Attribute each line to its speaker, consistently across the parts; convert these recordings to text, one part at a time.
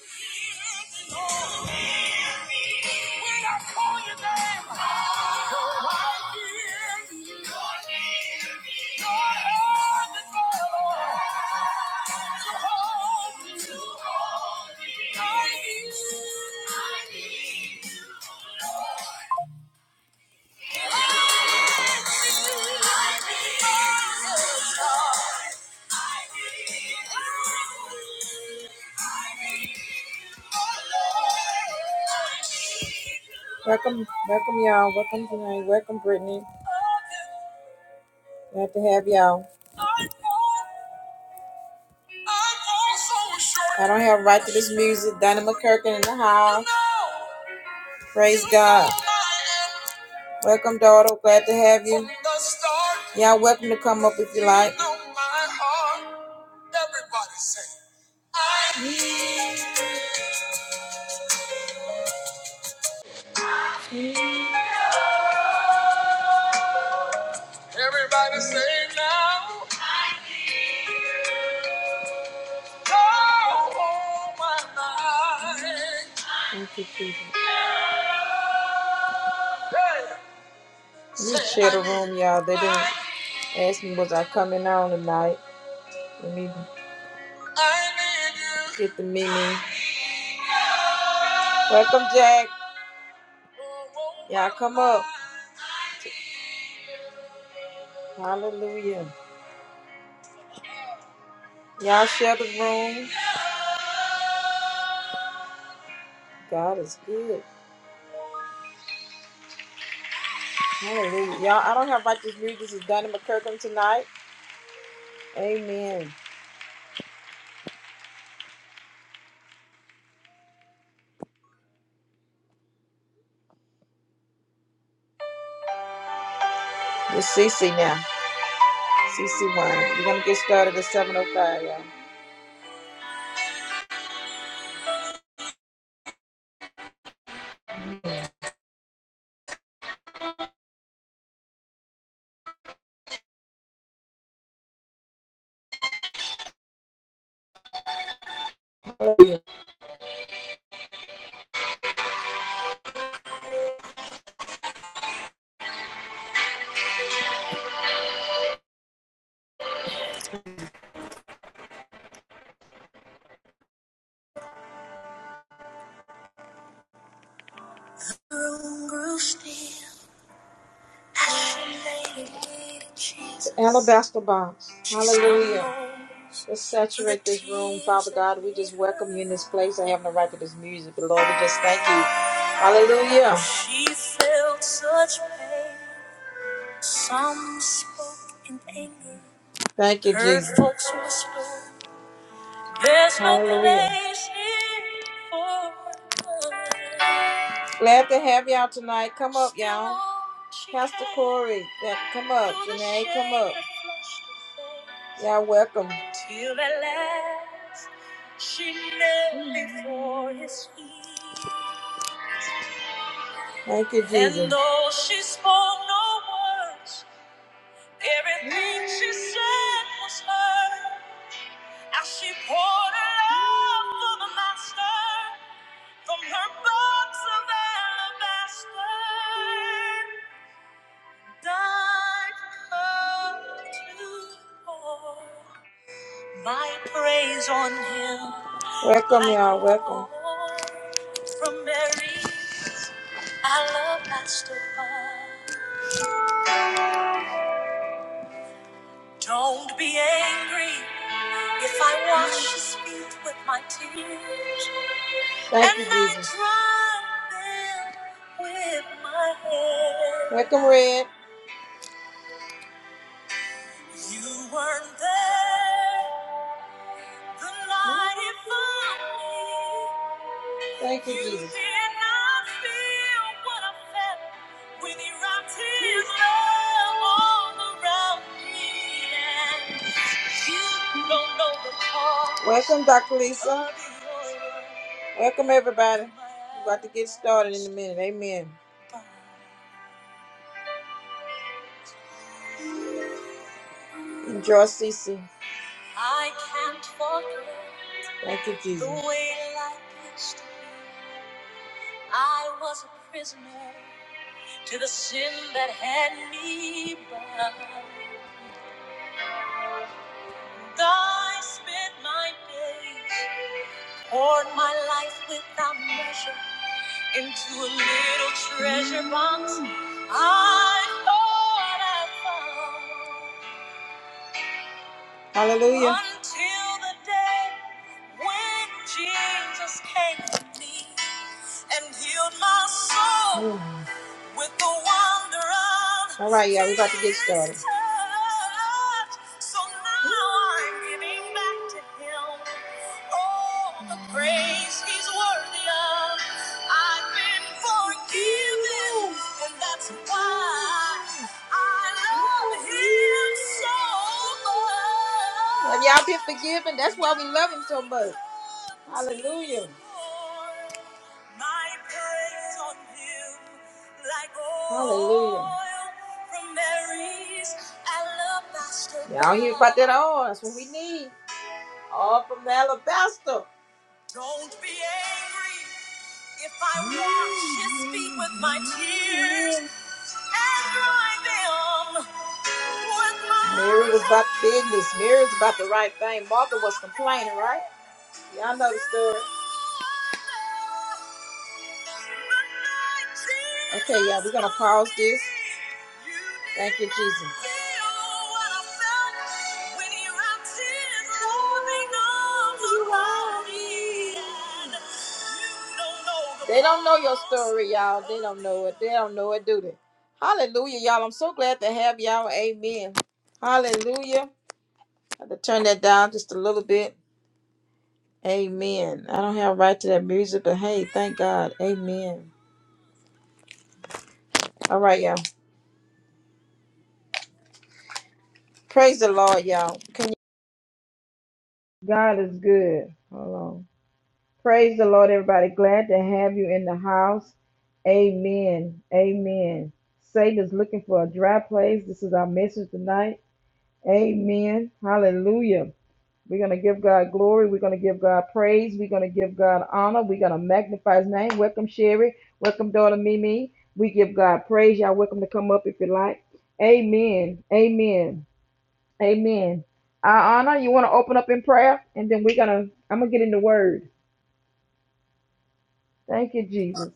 Speaker 1: When you're right here. You're undeniable. You me. you. I need you, Lord. Welcome, welcome y'all. Welcome tonight. Welcome Brittany. Glad to have y'all. I don't have a right to this music. Donna McKirkin in the house. Praise God. Welcome, daughter. Glad to have you. Y'all welcome to come up if you like. Everybody say I need. Everybody say now. Oh, my mind. Thank you, Jesus. Hey, We share the room, y'all. They didn't ask me was I coming on tonight. Let me get the Mimi. Welcome, Jack. Oh, oh, Y'all come up. Hallelujah. Y'all share the room. God is good. Hallelujah. Y'all, I don't have about this music. This is Donna McCurkin tonight. Amen. It's CC now. CC1. We're going to get started at 7.05, y'all. Hallelujah. Room grew still as she laid it at Jesus. The alabaster box. Hallelujah. Let's saturate this room, Father God. We just welcome you in this place. I have no right to this music, but Lord, we just thank you. Hallelujah. She felt such pain. Some spoke in anger. Thank you, Heard Jesus. folks whisper, There's no Hallelujah. place here for us." Glad to have y'all tonight. Come up, Still y'all. She Pastor came Corey, yeah, come up. through the Janae, come shade up. That flushed her face. Y'all welcome. Till at last she knelt before his feet. Thank you, Jesus. And Jesus. though she spoke no words, Everything she said was heard as she poured her love for the master from her box of alabaster. Died for to pour my praise on him. Welcome, y'all. Welcome. From Mary's alabaster. bowl. Don't be angry. If I wash his feet with my tears, Thank and you, I Jesus. And I dry them with my hair, Welcome, Red. you weren't there the night it found me. Thank you, Jesus. Welcome, Dr. Lisa. Welcome, everybody. We're about to get started in a minute. Amen. Enjoy, Cece. I can't forget. Thank you, Jesus. The way life used to be. I was a prisoner. to the sin that had me bound. And I spent my days, poured my life without measure into a little treasure box. I thought I found. Hallelujah. Until the day when Jesus came to me. and healed my soul Mm. with the wonder of alright yeah, we about to get started. his touch. So now I'm giving back to him all the praise he's worthy of. I've been forgiven, and that's why I love him so much. Have y'all been forgiven? That's why we love him so much. Hallelujah. My praise on him like Hallelujah. oil from Mary's alabaster. Y'all hear about that oil? That's what we need. All from the alabaster. Don't be angry if I wash his feet with my tears and dry them with my Mary was about business. Mary was about the right thing. Martha was complaining, right? Y'all know the story. Okay, y'all, we're gonna pause this. Thank you, Jesus. They don't know your story, y'all. They don't know it. They don't know it, do they? Hallelujah, y'all. I'm so glad to have y'all. Amen. Hallelujah. I had to turn that down just a little bit. Amen. I don't have a right to that music, but hey, thank God. Amen. All right, y'all. Praise the Lord, y'all. Can you- God is good. Hold on. Praise the Lord, everybody. Glad to have you in the house. Amen. Amen. Satan is looking for a dry place. This is our message tonight. Amen. Hallelujah. We're going to give God glory. We're going to give God praise. We're going to give God honor. We're going to magnify his name. Welcome, Sherry. Welcome, daughter Mimi. We give God praise. Y'all welcome to come up if you like. Amen. Amen. Amen. Uh, Anna, you want to open up in prayer? And then we're going to, I'm going to get in the word. Thank you, Jesus.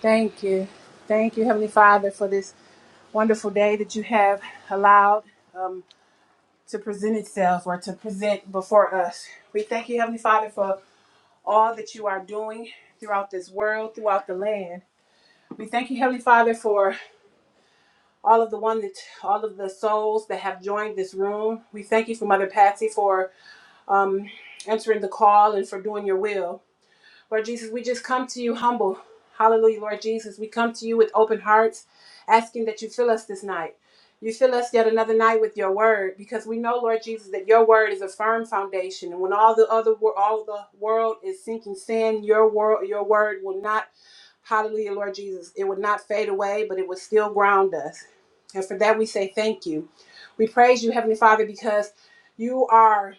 Speaker 2: Thank you. Thank you, Heavenly Father, for this wonderful day that you have allowed um, to present itself or to present before us. We thank you, Heavenly Father, for all that you are doing throughout this world, throughout the land. We thank you, Heavenly Father, for all of the one that all of the souls that have joined this room. We thank you for Mother Patsy for um, answering the call and for doing your will. Lord Jesus, we just come to you humble. Hallelujah, Lord Jesus. We come to you with open hearts, asking that you fill us this night. You fill us yet another night with your word, because we know, Lord Jesus, that your word is a firm foundation. And when all the other wor- all the world is sinking sand, your word, your word will not, hallelujah, Lord Jesus, it will not fade away, but it will still ground us. And for that we say thank you. We praise you, Heavenly Father, because you are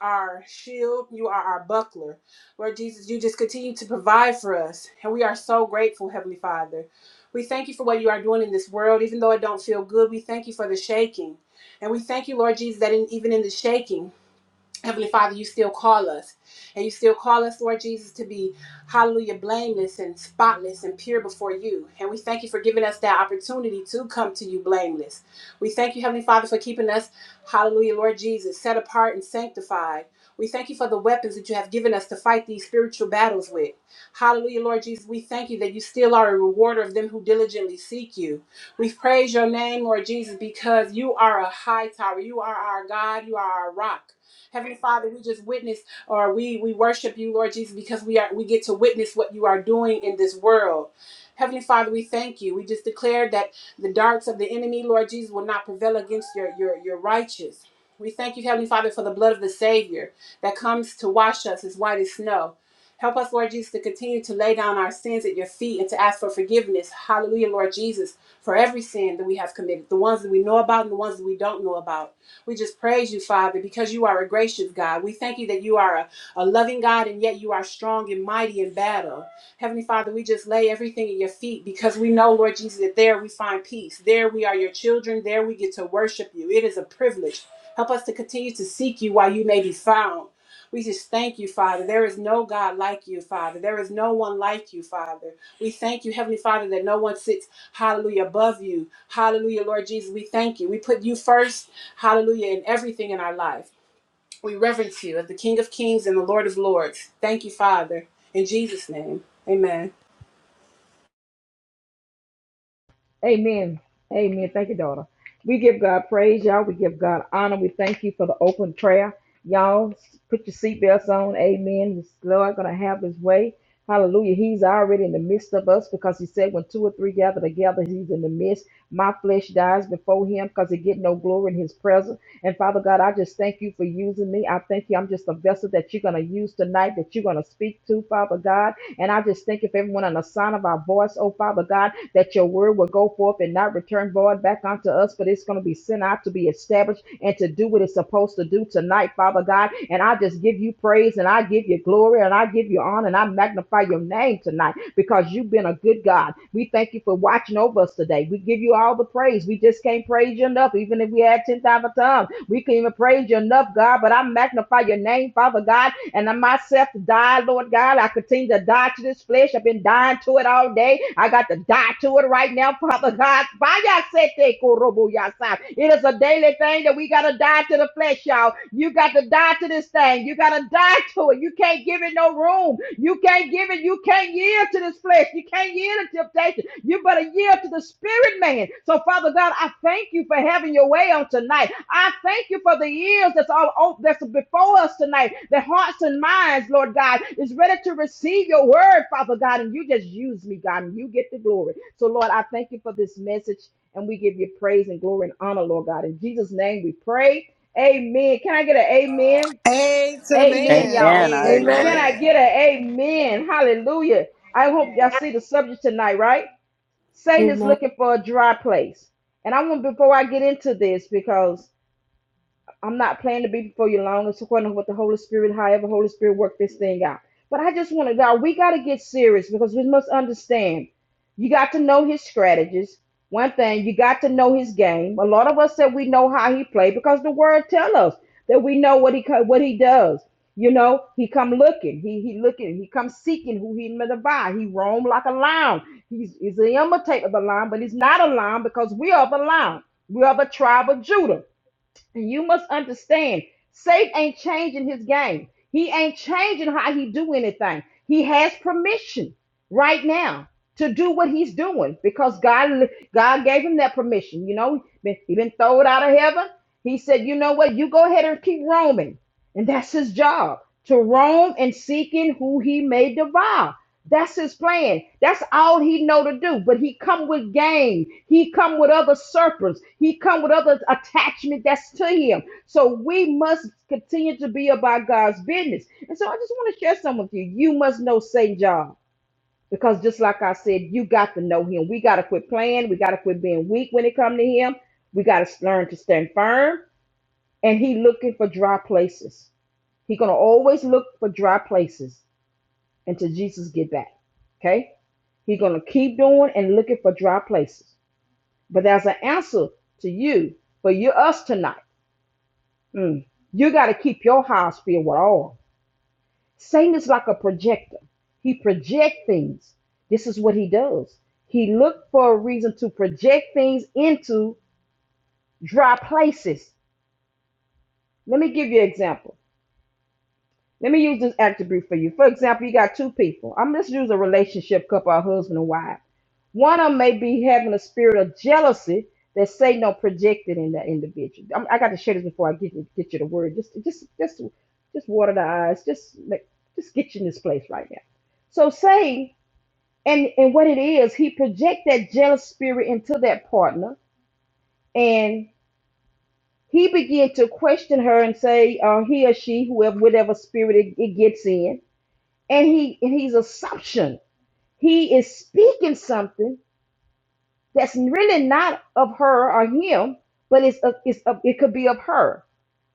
Speaker 2: our shield, you are our buckler. Lord Jesus, you just continue to provide for us. And we are so grateful, Heavenly Father. We thank you for what you are doing in this world, even though it don't feel good. We thank you for the shaking. And we thank you, Lord Jesus, that in, even in the shaking. Heavenly Father, you still call us. And you still call us, Lord Jesus, to be, hallelujah, blameless and spotless and pure before you. And we thank you for giving us that opportunity to come to you blameless. We thank you, Heavenly Father, for keeping us, hallelujah, Lord Jesus, set apart and sanctified. We thank you for the weapons that you have given us to fight these spiritual battles with. Hallelujah, Lord Jesus. We thank you that you still are a rewarder of them who diligently seek you. We praise your name, Lord Jesus, because you are a high tower. You are our God. You are our rock. Heavenly Father, we just witness or we we worship you, Lord Jesus, because we are we get to witness what you are doing in this world. Heavenly Father, we thank you. We just declare that the darts of the enemy, Lord Jesus, will not prevail against your your your righteous. We thank you, Heavenly Father, for the blood of the Savior that comes to wash us as white as snow. Help us, Lord Jesus, to continue to lay down our sins at your feet and to ask for forgiveness. Hallelujah, Lord Jesus, for every sin that we have committed, the ones that we know about and the ones that we don't know about. We just praise you, Father, because you are a gracious God. We thank you that you are a, a loving God and yet you are strong and mighty in battle. Heavenly Father, we just lay everything at your feet because we know, Lord Jesus, that there we find peace. There we are your children. There we get to worship you. It is a privilege. Help us to continue to seek you while you may be found. We just thank you, Father. There is no God like you, Father. There is no one like you, Father. We thank you, Heavenly Father, that no one sits, hallelujah, above you. Hallelujah, Lord Jesus. We thank you. We put you first Hallelujah, in everything in our life. We reverence you as the King of Kings and the Lord of Lords. Thank you, Father. In Jesus' name, amen.
Speaker 1: Amen. Amen. Thank you, daughter. We give God praise, y'all. We give God honor. We thank you for the open prayer. Y'all, put your seatbelts on. Amen. This Lord going to have his way. Hallelujah. He's already in the midst of us because he said when two or three gather together, he's in the midst. My flesh dies before him because it get no glory in his presence. And Father God, I just thank you for using me. I thank you. I'm just a vessel that you're going to use tonight, that you're going to speak to, Father God. And I just thank you for everyone on the sound of our voice, oh Father God that your word will go forth and not return void back unto us, but it's going to be sent out to be established and to do what it's supposed to do tonight, Father God. And I just give you praise and I give you glory and I give you honor and I magnify your name tonight because you've been a good God. We thank you for watching over us today. We give you all the praise. We just can't praise you enough, even if we had 10,000 tongues. We can not even praise you enough, God. But I magnify your name, Father God and I myself to die, Lord God. I continue to die to this flesh. I've been dying to it all day. I got to die to it right now, Father God. Vayasete korobo yasa. It is a daily thing that we got to die to the flesh, y'all. You got to die to this thing. You got to die to it. You can't give it no room. You can't give it. You can't yield to this flesh. You can't yield to temptation. You better yield to the spirit man. So, Father God, I thank you for having your way on tonight. I thank you for the ears that's all open, that's before us tonight. The hearts and minds, Lord God, is ready to receive your word, Father God. And you just use me, God, and you get the glory. So, Lord, I thank you for this message, and we give you praise and glory and honor, Lord God. In Jesus' name, we pray. Amen. Can I get an amen?
Speaker 3: A to the
Speaker 1: Amen,
Speaker 3: man.
Speaker 1: y'all.
Speaker 4: Amen. I
Speaker 5: Amen.
Speaker 1: Can
Speaker 4: agree.
Speaker 1: I
Speaker 3: Amen.
Speaker 1: get an amen? Hallelujah. I hope y'all see the subject tonight, right? Satan is
Speaker 6: Amen.
Speaker 1: looking for a dry place. And I want before I get into this because I'm not planning to be before you long. It's according to what the Holy Spirit, however, Holy Spirit work this thing out. But I just want to, God, we got to get serious because we must understand. You got to know his strategies. One thing, you got to know his game. A lot of us said we know how he played because the word tell us that we know what he what he does. You know, he come looking, he he looking, he come seeking who he may divide. He roam like a lion. He's, he's an imitator of the lion, but he's not a lion because we are the lion. We are the tribe of Judah you must understand, Satan ain't changing his game. He ain't changing how he do anything. He has permission right now to do what he's doing because God God gave him that permission. You know, he been he been thrown out of heaven. He said, you know what? You go ahead and keep roaming. And that's his job to roam and seeking who he may devour. That's his plan. That's all he know to do. But he come with game. He come with other serpents. He come with other attachment that's to him. So we must continue to be about God's business. And so I just want to share some with you. You must know Saint John. Because just like I said, you got to know him. We got to quit playing. We got to quit being weak when it come to him. We got to learn to stand firm. And he looking for dry places. He's gonna always look for dry places until Jesus get back. Okay? He's gonna keep doing and looking for dry places. But there's an answer to you for you us tonight. Mm. You gotta keep your house filled with oil. Satan is like a projector. He project things. This is what he does. He look for a reason to project things into dry places. Let me give you an example. Let me use this attribute for you. For example, you got two people. I'm just use a relationship couple, a husband and wife. One of them may be having a spirit of jealousy that Satan projected in that individual. I'm, I got to share this before I get you, get you the word. Just just just just water the eyes. Just make, just get you in this place right now. So Satan and and what it is, he project that jealous spirit into that partner, and he began to question her and say, uh, he or she, whoever, whatever spirit it, it gets in and he and he's assumption. He is speaking something that's really not of her or him, but it's of, it's of, it could be of her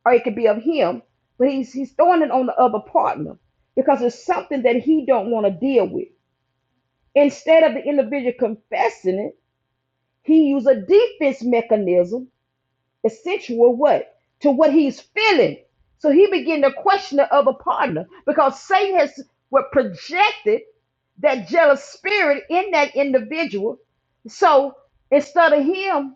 Speaker 1: or it could be of him, but he's he's throwing it on the other partner because it's something that he don't want to deal with. Instead of the individual confessing it, he used a defense mechanism Essential what? To what he's feeling. So he began to question the other partner because Satan has what projected that jealous spirit in that individual. So instead of him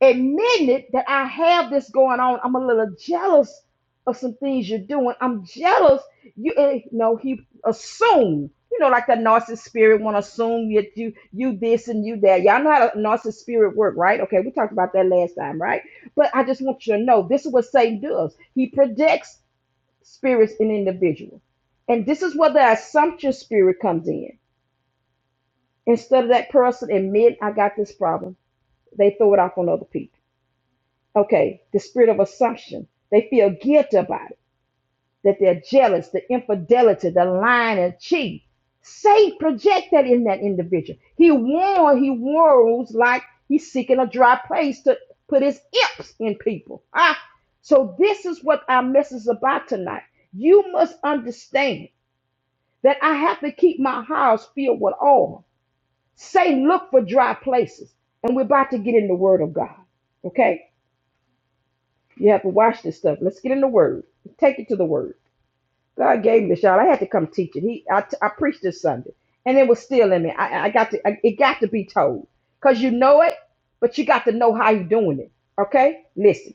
Speaker 1: admitting it that I have this going on. I'm a little jealous of some things you're doing. I'm jealous. You, eh, you know, he assume. You know, like the narcissist spirit want to assume that you you this and you that. Y'all know how the narcissist spirit work, right? Okay, we talked about that last time, right? But I just want you to know this is what Satan does. He projects spirits in individuals, and this is where the assumption spirit comes in. Instead of that person admitting I got this problem, they throw it off on other people Okay, the spirit of assumption. They feel guilty about it, that they're jealous, the infidelity, the lying and cheat. Satan project that in that individual. He warns, he warns like he's seeking a dry place to put his imps in people. Ah, so this is what our message is about tonight. You must understand that I have to keep my house filled with oil. Say, look for dry places. And we're about to get in the word of God. Okay? You have to watch this stuff. Let's get in the Word. Take it to the Word. God gave me the shot. I had to come teach it. He, I, I preached this Sunday, and it was still in me. I, I got to. I, it got to be told, cause you know it, but you got to know how you're doing it. Okay, listen.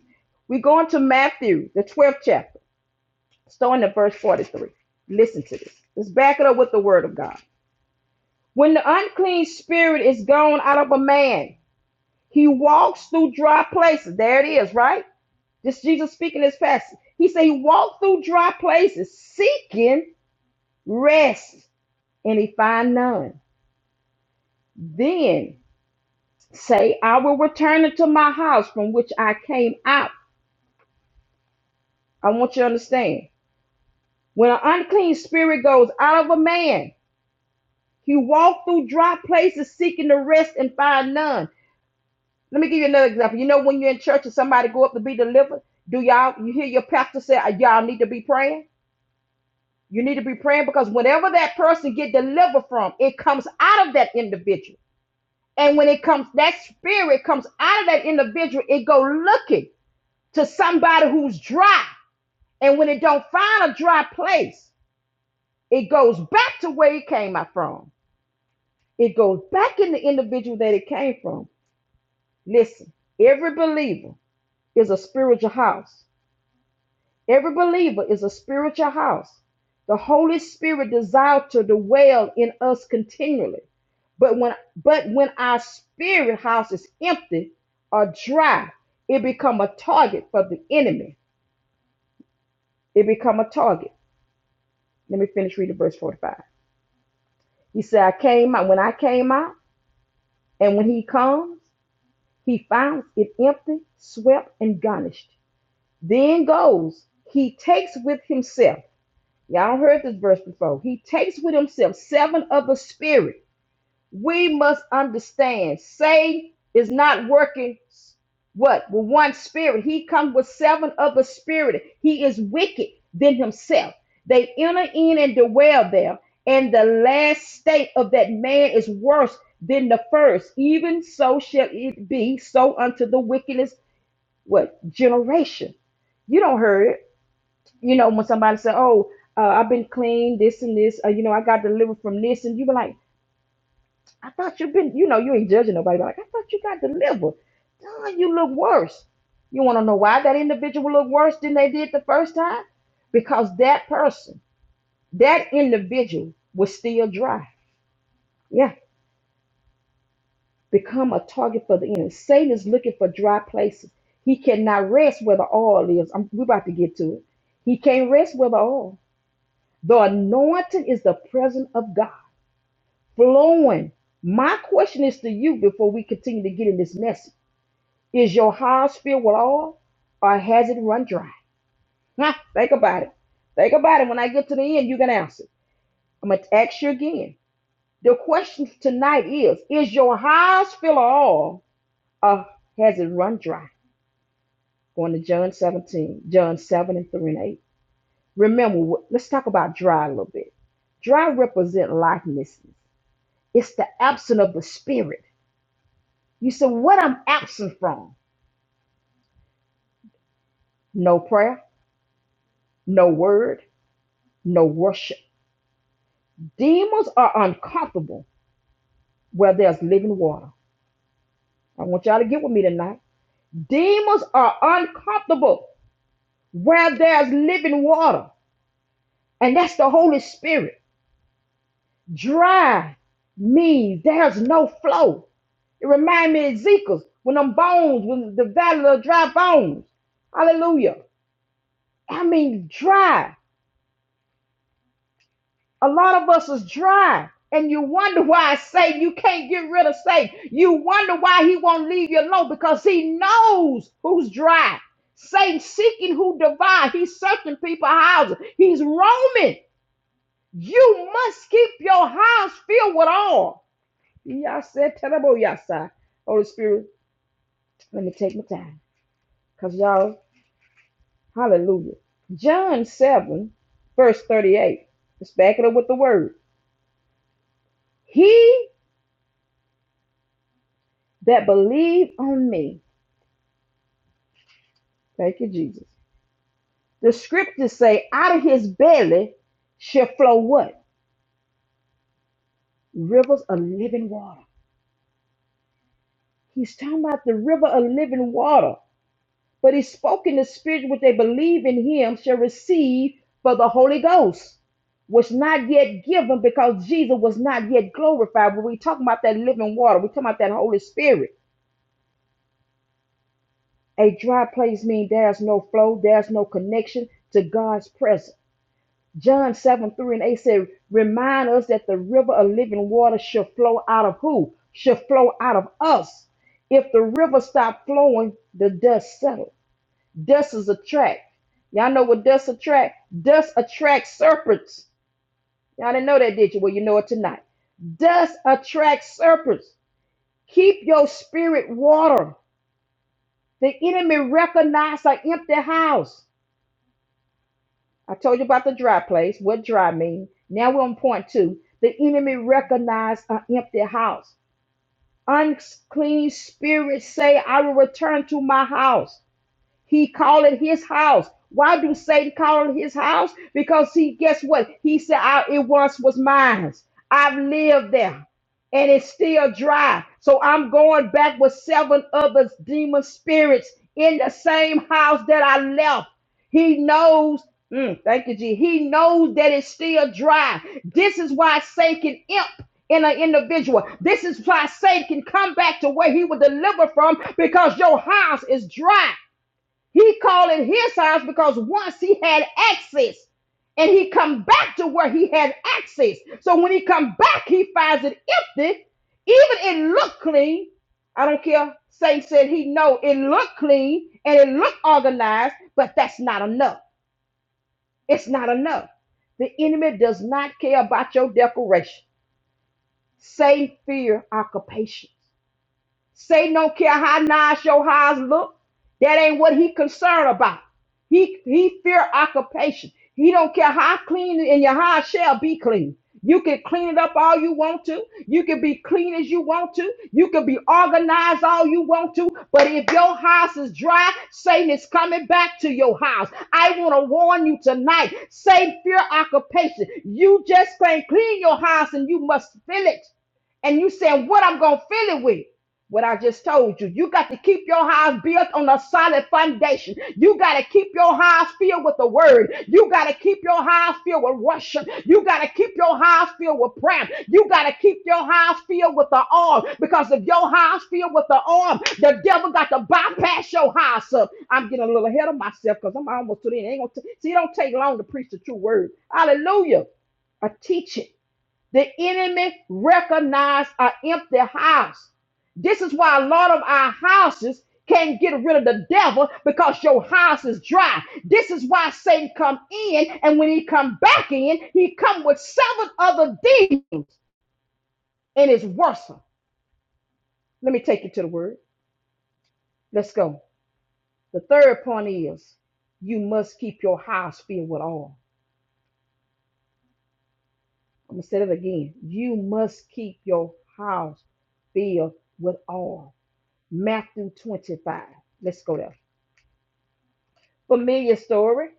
Speaker 1: We're going to Matthew, the 12th chapter, starting at verse 43. Listen to this. Let's back it up with the Word of God. When the unclean spirit is gone out of a man, he walks through dry places. There it is, right? This Jesus speaking this passage. He said he walked through dry places seeking rest, and he find none. Then say, I will return into my house from which I came out. I want you to understand. When an unclean spirit goes out of a man, he walked through dry places seeking to rest and find none. Let me give you another example. You know when you're in church and somebody go up to be delivered, do y'all you hear your pastor say, y'all need to be praying? You need to be praying because whenever that person get delivered from, it comes out of that individual. And when it comes, that spirit comes out of that individual, it go looking to somebody who's dry. And when it don't find a dry place, it goes back to where it came out from. It goes back in the individual that it came from. Listen, every believer is a spiritual house. Every believer is a spiritual house. The Holy Spirit desires to dwell in us continually. But when but when our spirit house is empty or dry, it becomes a target for the enemy. It becomes a target. Let me finish reading verse 45. He said, I came out when I came out, and when he comes, he finds it empty, swept, and garnished. Then goes, he takes with himself. Y'all heard this verse before. He takes with himself seven other the spirit. We must understand. Say is not working what? With one spirit. He comes with seven other the spirit. He is wicked than himself. They enter in and dwell there. And the last state of that man is worse than the first. Even so shall it be so unto the wickedness, what? Generation. You don't hear it you know, when somebody said, "Oh, uh, I've been clean, this and this," uh, you know, I got delivered from this, and you be like, "I thought you've been," you know, you ain't judging nobody, but like, "I thought you got delivered." Duh, you look worse. You want to know why that individual looked worse than they did the first time? Because that person, that individual, was still dry. Yeah, become a target for the enemy. Satan is looking for dry places. He cannot rest where the oil is. I'm, we're about to get to it. He can't rest where the oil. The anointing is the presence of God flowing. My question is to you before we continue to get in this message. Is your house filled with oil or has it run dry? Huh, think about it. Think about it. When I get to the end, you can answer. I'm going to ask you again. The question tonight is Is your house filled with oil or has it run dry? Going to John 17, John 7 and 3 and 8. Remember, let's talk about dry a little bit. Dry represent lifelessness. It's the absence of the spirit. You say What I'm absent from? No prayer, no word, no worship. Demons are uncomfortable where there's living water. I want y'all to get with me tonight. Demons are uncomfortable where there's living water, and that's the Holy Spirit. Dry means there's no flow. It reminds me of Ezekiel's when them bones, when the valley of dry bones. Hallelujah. I mean, dry. A lot of us is dry. And you wonder why Satan, you can't get rid of Satan. You wonder why he won't leave you alone because he knows who's dry. Satan seeking who divide. He's searching people's houses. He's roaming. You must keep your house filled with all. Y'all said terrible, y'all said. Holy Spirit, let me take my time. Because y'all, hallelujah. John 7, verse 38. Let's back it up with the word. He that believe on me. Thank you, Jesus. The scriptures say, out of his belly shall flow what? Rivers of living water. He's talking about the river of living water. But he spoke in the spirit, which they believe in him shall receive for the Holy Ghost, was not yet given because Jesus was not yet glorified. When we talking about that living water, we talking about that Holy Spirit. A dry place means there's no flow, there's no connection to God's presence. John 7 3 and 8 said, Remind us that the river of living water shall flow out of who? Shall flow out of us. If the river stopped flowing, the dust settled. Dust is attract. Y'all know what dust attract? Dust attracts serpents. Y'all didn't know that, did you? Well, you know it tonight. Dust attracts serpents. Keep your spirit water. The enemy recognizes an empty house. I told you about the dry place, what dry mean. Now we're on point two. The enemy recognized an empty house. Unclean spirits say, I will return to my house. He called it his house. Why do Satan call it his house? Because he, guess what? He said, I, it once was mine. I've lived there and it's still dry. So I'm going back with seven other demon spirits in the same house that I left. He knows, mm, thank you, G. He knows that it's still dry. This is why Satan can imp in an individual. This is why Satan can come back to where he was delivered from because your house is dry. He called it his house because once he had access and he come back to where he had access. So when he come back, he finds it empty. Even it looked clean. I don't care. Saint said he know it looked clean and it looked organized, but that's not enough. It's not enough. The enemy does not care about your decoration. Satan fear occupation. Satan don't care how nice your house look. That ain't what he concerned about. He he fear occupation. He don't care how clean and your house shall be clean. You can clean it up all you want to. You can be clean as you want to. You can be organized all you want to. But if your house is dry, Satan is coming back to your house. I want to warn you tonight. Satan fear occupation. You just can't clean your house and you must fill it. And you saying what I'm gonna fill it with what I just told you. You got to keep your house built on a solid foundation. You got to keep your house filled with the word. You got to keep your house filled with worship. You got to keep your house filled with prayer. You got to keep your house filled with the arm because if your house filled with the arm, the devil got to bypass your house up. I'm getting a little ahead of myself because I'm almost to the end. Ain't gonna t- See, it don't take long to preach the true word. Hallelujah. I teach it. The enemy recognized an empty house. This is why a lot of our houses can't get rid of the devil because your house is dry. This is why Satan come in, and when he come back in, he come with seven other demons, and it's worse. Let me take you to the word. Let's go. The third point is you must keep your house filled with oil. I'm gonna say that again. You must keep your house filled with oil. Matthew 25. Let's go there. Familiar story.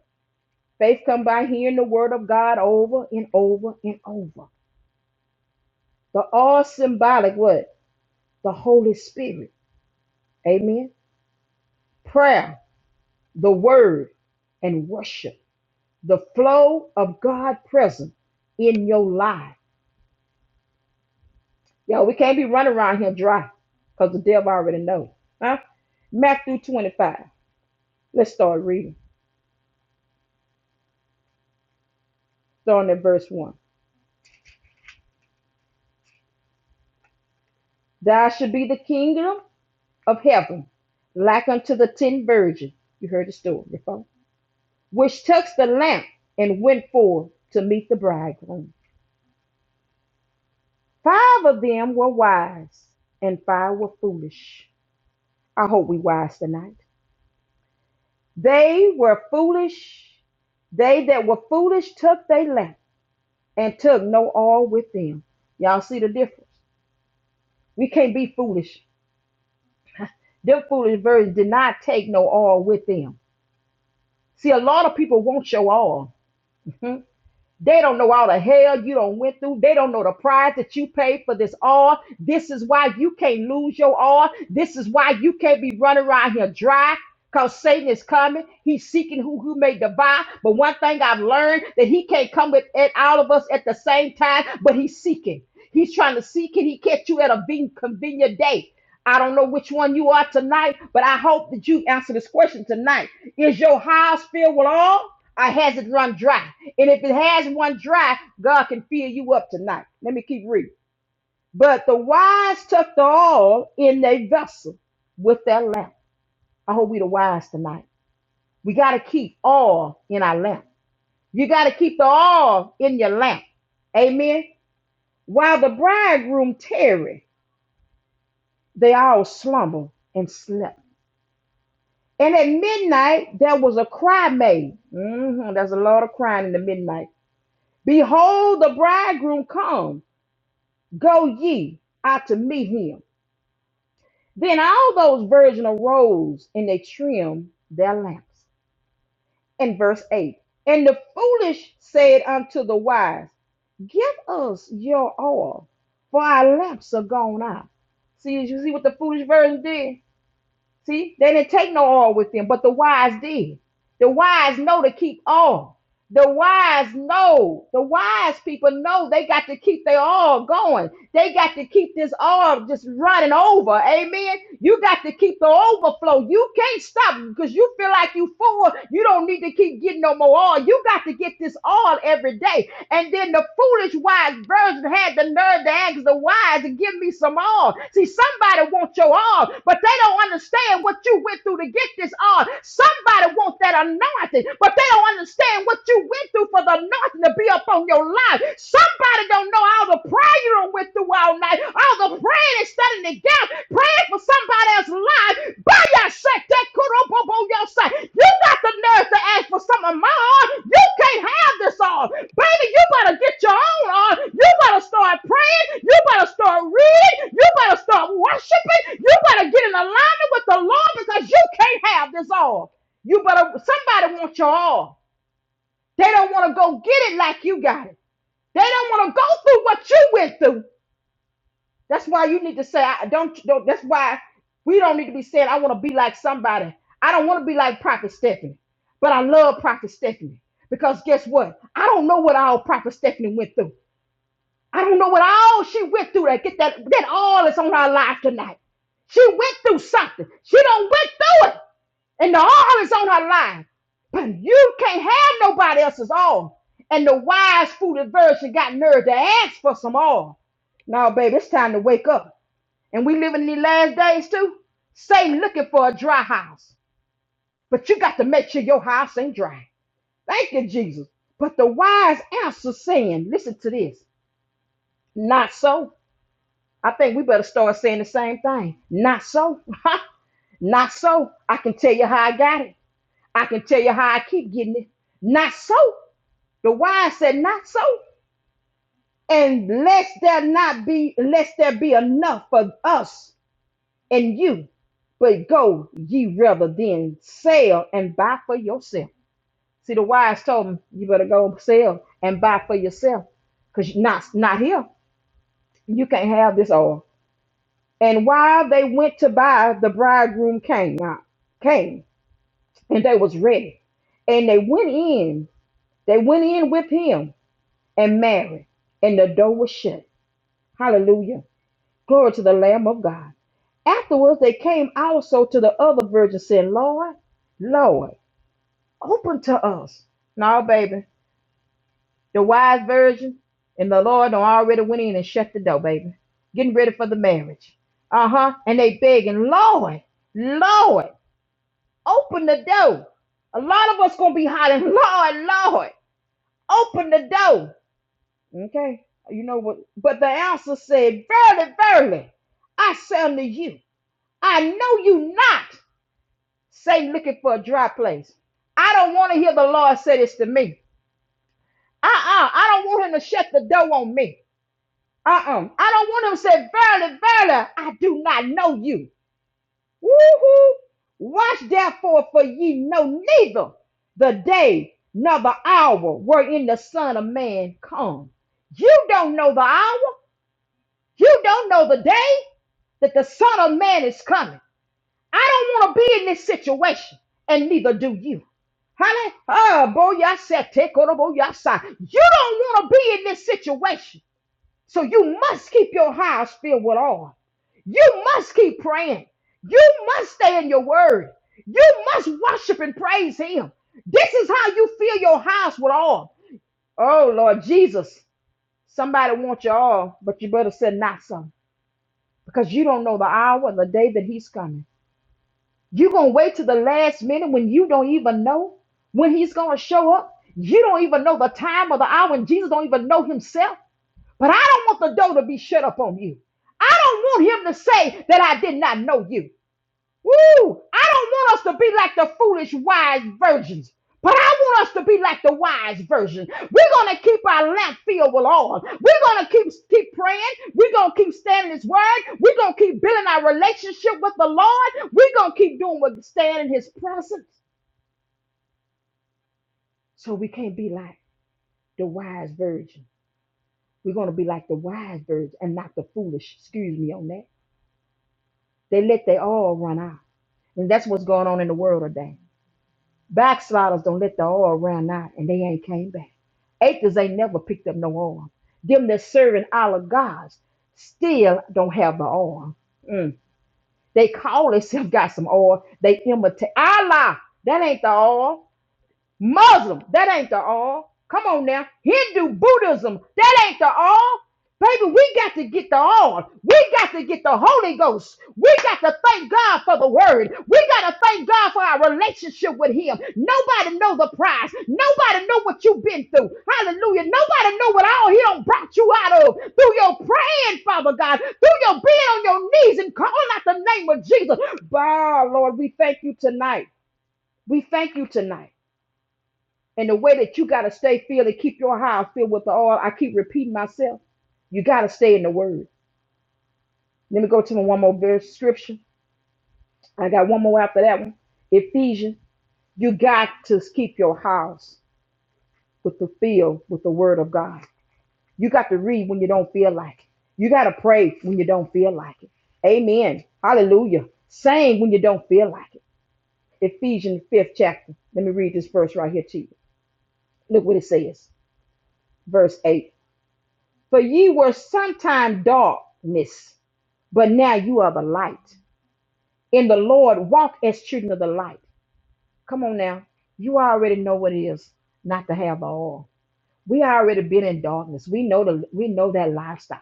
Speaker 1: Faith come by hearing the word of God over and over and over. The all symbolic what? The Holy Spirit. Amen. Prayer, the word, and worship. The flow of God present in your life. Yo, we can't be running around here dry because the devil already knows. Huh? Matthew 25. Let's start reading. Starting at verse 1. Thou should be the kingdom of heaven, like unto the ten virgins. You heard the story before. Which took the lamp and went forth to meet the bridegroom. Five of them were wise, and five were foolish. I hope we wise tonight. They were foolish. They that were foolish took their lamp and took no oil with them. Y'all see the difference? We can't be foolish. Them foolish virgins did not take no oil with them. See, a lot of people want your oil. They don't know all the hell you don't went through. They don't know the price that you paid for this all. This is why you can't lose your all. This is why you can't be running around here dry. Cause Satan is coming. He's seeking who who may divide. But one thing I've learned that he can't come with at all of us at the same time, but he's seeking. He's trying to seek it. he catch you at a be- convenient day. I don't know which one you are tonight, but I hope that you answer this question tonight. Is your house filled with all? I has it run dry. And if it has run dry, God can fill you up tonight. Let me keep reading. But the wise took the oil in their vessel with their lamp. I hope we the wise tonight. We got to keep oil in our lamp. You got to keep the oil in your lamp. Amen. While the bridegroom tarried, they all slumbered and slept. And at midnight there was a cry made. Mhm, There's a lot of crying in the midnight. Behold, the bridegroom come Go ye out to meet him. Then all those virgins arose and they trimmed their lamps. In verse 8 And the foolish said unto the wise, Give us your oil, for our lamps are gone out. See, you see what the foolish virgin did? See, they didn't take no oil with them, but the wise did. The wise know to keep oil. The wise know, the wise people know they got to keep their oil going. They got to keep this oil just running over. Amen. You got to keep the overflow. You can't stop because you feel like you full. You don't need to keep getting no more oil. You got to get this oil every day. And then the foolish wise virgin had the nerve to ask the wise to give me some oil. See, somebody wants your oil, but they don't understand what you went through to get this oil. Somebody wants that anointing, but they don't understand what you went through for the anointing to be upon your life. Somebody don't know all the prayer you done went through all night, all the praying and stuff setting the gap, praying for somebody else's life. By your shake, that kurobobo your side. You got the nerve to ask for some of my arm. You can't have this arm. Baby, you better get your own arm. You better start praying. You better start reading. You better start worshiping. You better get in alignment with the Lord because you can't have this arm. You better, somebody wants your arm. They don't want to go get it like you got it. They don't want to go through what you went through. That's why you need to say, I don't, don't that's why we don't need to be saying, I want to be like somebody. I don't want to be like Prophet Stephanie, but I love Prophet Stephanie because guess what? I don't know what all Prophet Stephanie went through. I don't know what all she went through that get that, that all is on her life tonight. She went through something. She don't went through it and the all is on her life. But you can't have nobody else's all. And the wise, foolish virgin got nerve to ask for some all. Now, baby, it's time to wake up and we live in the last days too, Satan looking for a dry house. But you got to make sure your house ain't dry. Thank you, Jesus. But the wise answer saying, listen to this, not so. I think we better start saying the same thing. Not so. Not so. I can tell you how I got it. I can tell you how I keep getting it. Not so. The wise said, not so. And lest there not be, lest there be enough for us and you. But go ye rather than sell and buy for yourself. See, the wise told him, you better go sell and buy for yourself, because not, not here. You can't have this oil. And while they went to buy, the bridegroom came, now, came, and they was ready. And they went in, they went in with him and married, and the door was shut. Hallelujah. Glory to the Lamb of God. Afterwards, they came also to the other virgins, saying, Lord, Lord, open to us. No, baby. The wise virgin and the Lord done already went in and shut the door, baby. Getting ready for the marriage. Uh huh. And they begging, Lord, Lord, open the door. A lot of us gonna be hollering, Lord, Lord, open the door. Okay, you know what? But the answer said, Verily, verily, I say unto you. I know you not. Say looking for a dry place. I don't want to hear the Lord say this to me. Uh-uh. I don't want him to shut the door on me. Uh-uh. I don't want him to say, Verily, verily, I do not know you. Woo-hoo. Watch therefore, for ye know neither the day nor the hour wherein the Son of Man come. You don't know the hour. You don't know the day that the Son of Man is coming. I don't want to be in this situation, and neither do you. Honey, oh boy, I said take on a boy, I said you don't want to be in this situation, so you must keep your house filled with oil. You must keep praying. You must stay in your word. You must worship and praise Him. This is how you fill your house with oil. Oh Lord Jesus, somebody wants your oil, but you better send not some because you don't know the hour and the day that He's coming. You're going to wait to the last minute when you don't even know when he's going to show up. You don't even know the time or the hour, and Jesus don't even know himself. But I don't want the door to be shut up on you. I don't want him to say that I did not know you. Woo! I don't want us to be like the foolish wise virgins, but I want us to be like the wise virgin. We're gonna keep our lamp filled with oil. We're gonna keep keep praying. We're gonna keep standing His word. We're gonna keep building our relationship with the Lord. We're gonna keep doing what standing in His presence. So we can't be like the wise virgin. We're gonna be like the wise virgin and not the foolish. Excuse me on that. They let their oil run out, and that's what's going on in the world today. Backsliders don't let the oil run out and they ain't came back. Acres ain't never picked up no oil. Them that serving our gods still don't have the oil. Mm. They call themselves got some oil. They imitate Allah. That ain't the oil. Muslim, that ain't the all. Come on now. Hindu Buddhism, that ain't the all. Baby, we got to get the all. We got to get the Holy Ghost. We got to thank God for the word. We got to thank God for our relationship with him. Nobody know the prize. Nobody know what you've been through. Hallelujah. Nobody know what all he done brought you out of through your praying, Father God, through your being on your knees and calling out the name of Jesus. Wow, Lord, we thank you tonight. We thank you tonight. And the way that you got to stay filled and keep your house filled with the oil, I keep repeating myself, you got to stay in the word. Let me go to my one more verse scripture. I got one more after that one. Ephesians, you got to keep your house with the field with the word of God. You got to read when you don't feel like it. You got to pray when you don't feel like it. Amen. Hallelujah. Sing when you don't feel like it. Ephesians 5th chapter. Let me read this verse right here to you. Look what it says. Verse 8. For ye were sometime darkness, but now you are the light. In the Lord, walk as children of the light. Come on now. You already know what it is not to have the oil. We already been in darkness. We know the we know that lifestyle.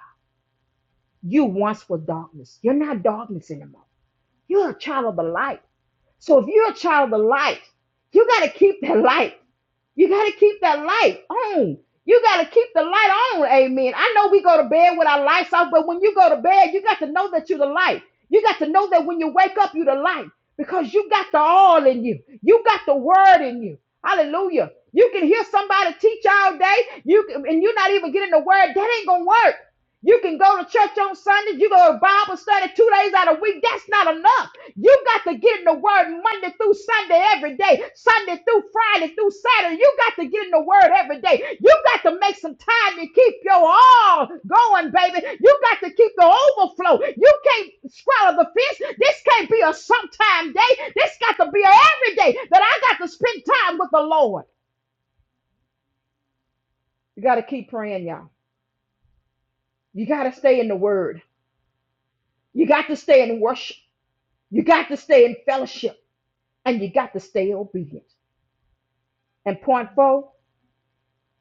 Speaker 1: You once was darkness. You're not darkness anymore. You're a child of the light. So if you're a child of the light, you gotta keep that light. You got to keep that light on. You got to keep the light on. Amen. I know we go to bed with our lights off, but when you go to bed, you got to know that you're the light. You got to know that when you wake up, you're the light because you got the all in you. You got the word in you. Hallelujah. You can hear somebody teach all day, you can, and you're not even getting the word. That ain't gonna work. You can go to church on Sunday. You go to Bible study two days out of the week. That's not enough. You got to get in the word Monday through Sunday every day, Sunday through Friday through Saturday. You got to get in the word every day. You got to make some time to keep your all going, baby. You got to keep the overflow. You can't swallow the fish. This can't be a sometime day. This got to be a every day that I got to spend time with the Lord. You got to keep praying, y'all. You got to stay in the word. You got to stay in worship. You got to stay in fellowship. And you got to stay obedient. And point four.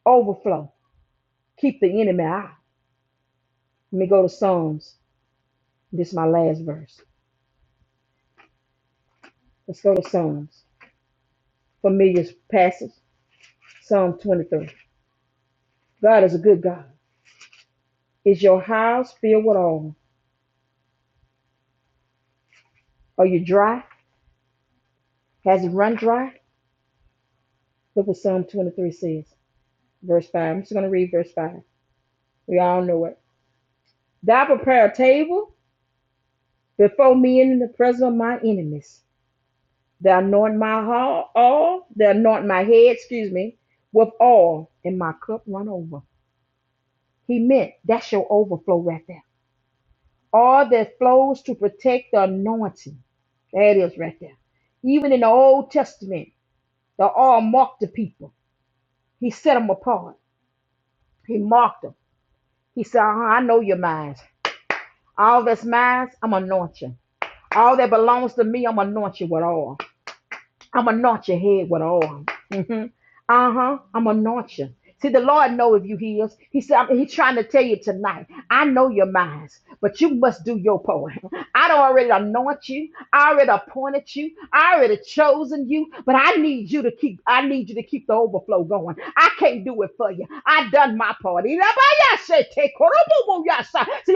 Speaker 1: Overflow. Keep the enemy out. Let me go to Psalms. This is my last verse. Let's go to Psalms. Familiar passage. Psalm 23. God is a good God. Is your house filled with oil? Are you dry? Has it run dry? Look what Psalm 23 says. Verse 5. I'm just going to read verse 5. We all know it. Thou prepare a table before me in the presence of my enemies. Thou anoint my hall, all, thou anoint my head, excuse me, with oil, and my cup run over. He meant that's your overflow right there. All that flows to protect the anointing. That is right there. Even in the Old Testament, the all marked the people. He set them apart. He marked them. He said, "Uh-huh, I know your minds. All that's mine, I'm anointing. All that belongs to me, I'm anointing with all. I'm gonna knock your head with an oil. hmm Uh huh. I'm gonna knock you. See, the Lord know if you heals. He said I mean, He's trying to tell you tonight. I know your minds, but you must do your part. I don't already anoint you. I already appointed you. I already chosen you. But I need you to keep. I need you to keep the overflow going. I can't do it for you. I done my part. See,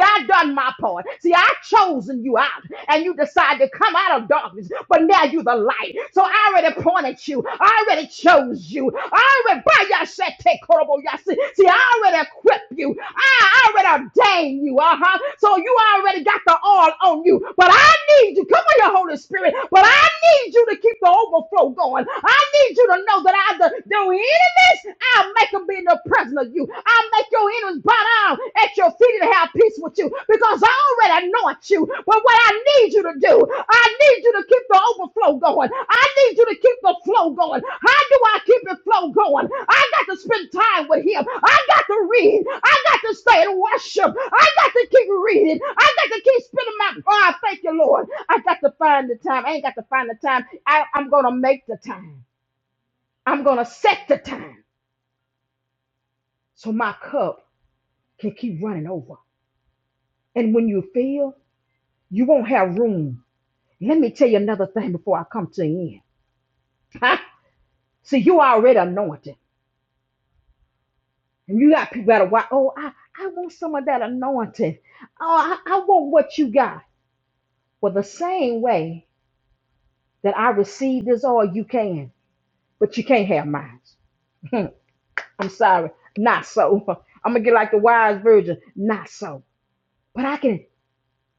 Speaker 1: I done my part. See, I chosen you out, and you decided. God, to come out of darkness, but now you the light. So I already appointed you. I already chose you. I already by your shit, take horrible y'all. See, see, I already equipped you. I already ordained you. Uh-huh. So you already got the all on you. But I need you. Come on, your Holy Spirit. But I need you to keep the overflow going. I need you to know that I do do enemies, I'll make them be in the presence of you. I'll make your enemies Bow down at your feet to have peace with you because I already anoint you. But what I need you to do, I need you to keep the overflow going. I need you to keep the flow going. How do I keep the flow going? I got to spend time with Him. I got to read. I got to stay and worship. I got to keep reading. I got to keep spending my. Oh, I thank you, Lord. I got to find the time. I ain't got to find the time. I, I'm going to make the time. I'm going to set the time so my cup can keep running over. And when you feel You won't have room. Let me tell you another thing before I come to an end. See, you already anointed. And you got people that are, wa- oh, I, I want some of that anointing. Oh, I, I want what you got. Well, the same way that I received is all you can, but you can't have mine. I'm sorry. Not so. I'm going to get like the wise virgin. Not so. But I can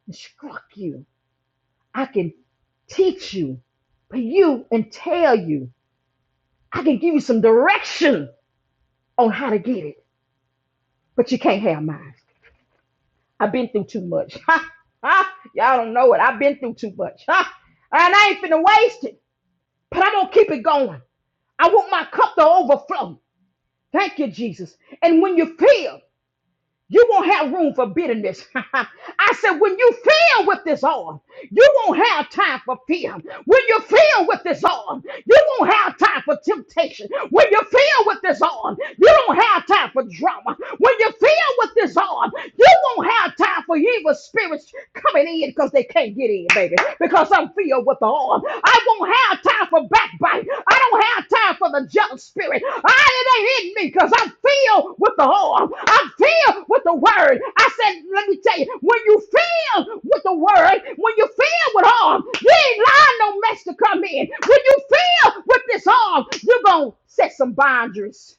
Speaker 1: instruct you. I can teach you. But you and tell you. I can give you some direction on how to get it, but you can't have mine. I've been through too much. Ha, ha. Y'all don't know it. I've been through too much. Ha. And I ain't finna waste it, but I'm gonna keep it going. I want my cup to overflow. Thank you, Jesus. And when you feel You won't have room for bitterness. I said, when you fill with this oil, you won't have time for fear. When you fill with this oil, you won't have time for temptation. When you fill with this oil, you don't have time for drama. When you fill with this oil, you won't have time for evil spirits coming in because they can't get in, baby. Because I'm feeling. Filled with the arm. I won't have time for backbite. I don't have time for the jealous spirit. I, it ain't in me because I'm filled with the arm. I'm filled with the word. I said, let me tell you, when you filled with the word, when you filled with arm, you ain't lying no mess to come in. When you filled with this arm, you're going to set some boundaries.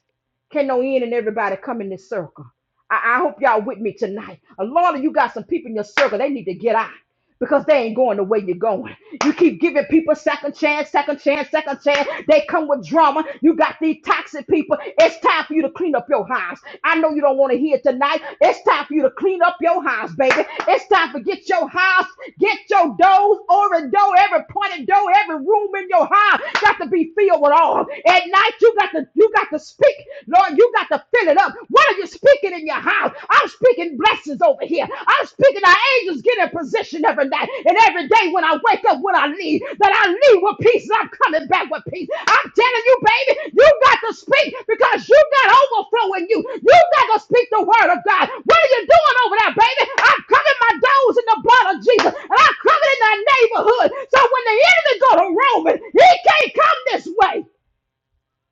Speaker 1: Can no end and everybody come in this circle. I, I hope y'all with me tonight. A lot of you got some people in your circle. They need to get out because they ain't going the way you're going. You keep giving people second chance, second chance, second chance. They come with drama. You got these toxic people. It's time for you to clean up your house. I know you don't want to hear it tonight. It's time for you to clean up your house, baby. It's time for get your house, get your doors, every door, every pointed door, every room in your house got to be filled with all. At night, you got to you got to speak, Lord. You got to fill it up. What are you speaking? speaking in your house. I'm speaking blessings over here. I'm speaking our angels get in position every night and every day when I wake up, when I leave, that I leave with peace and I'm coming back with peace. I'm telling you, baby, you got to speak because you got overflow in you. You got to speak the word of God. What are you doing over there, baby? I'm covering my doors in the blood of Jesus and I'm covering in that neighborhood. So when the enemy go to Roman, he can't come this way.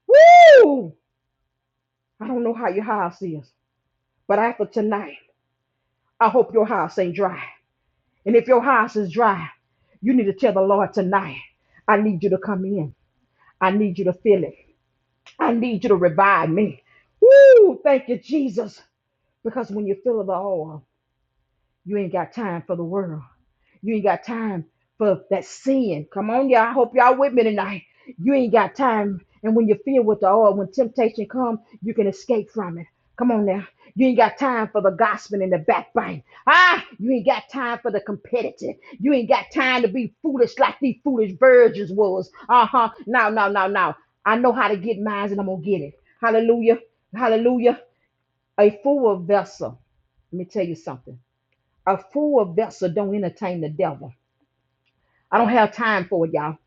Speaker 1: Woo! I don't know how your house is, but after tonight, I hope your house ain't dry. And if your house is dry, you need to tell the Lord tonight, I need you to come in. I need you to feel it. I need you to revive me. Woo! Thank you, Jesus. Because when you feel the oil, you ain't got time for the world. You ain't got time for that sin. Come on, y'all. I hope y'all with me tonight. You ain't got time. And when you feel with the oil, when temptation comes, you can escape from it. Come on now. You ain't got time for the gossiping and the backbiting. Ah, you ain't got time for the competitive. You ain't got time to be foolish like these foolish virgins was. Uh-huh. No, no, no, no. I know how to get mine and I'm gonna get it. Hallelujah. Hallelujah. A fool vessel. Let me tell you something. A fool vessel don't entertain the devil. I don't have time for it, y'all.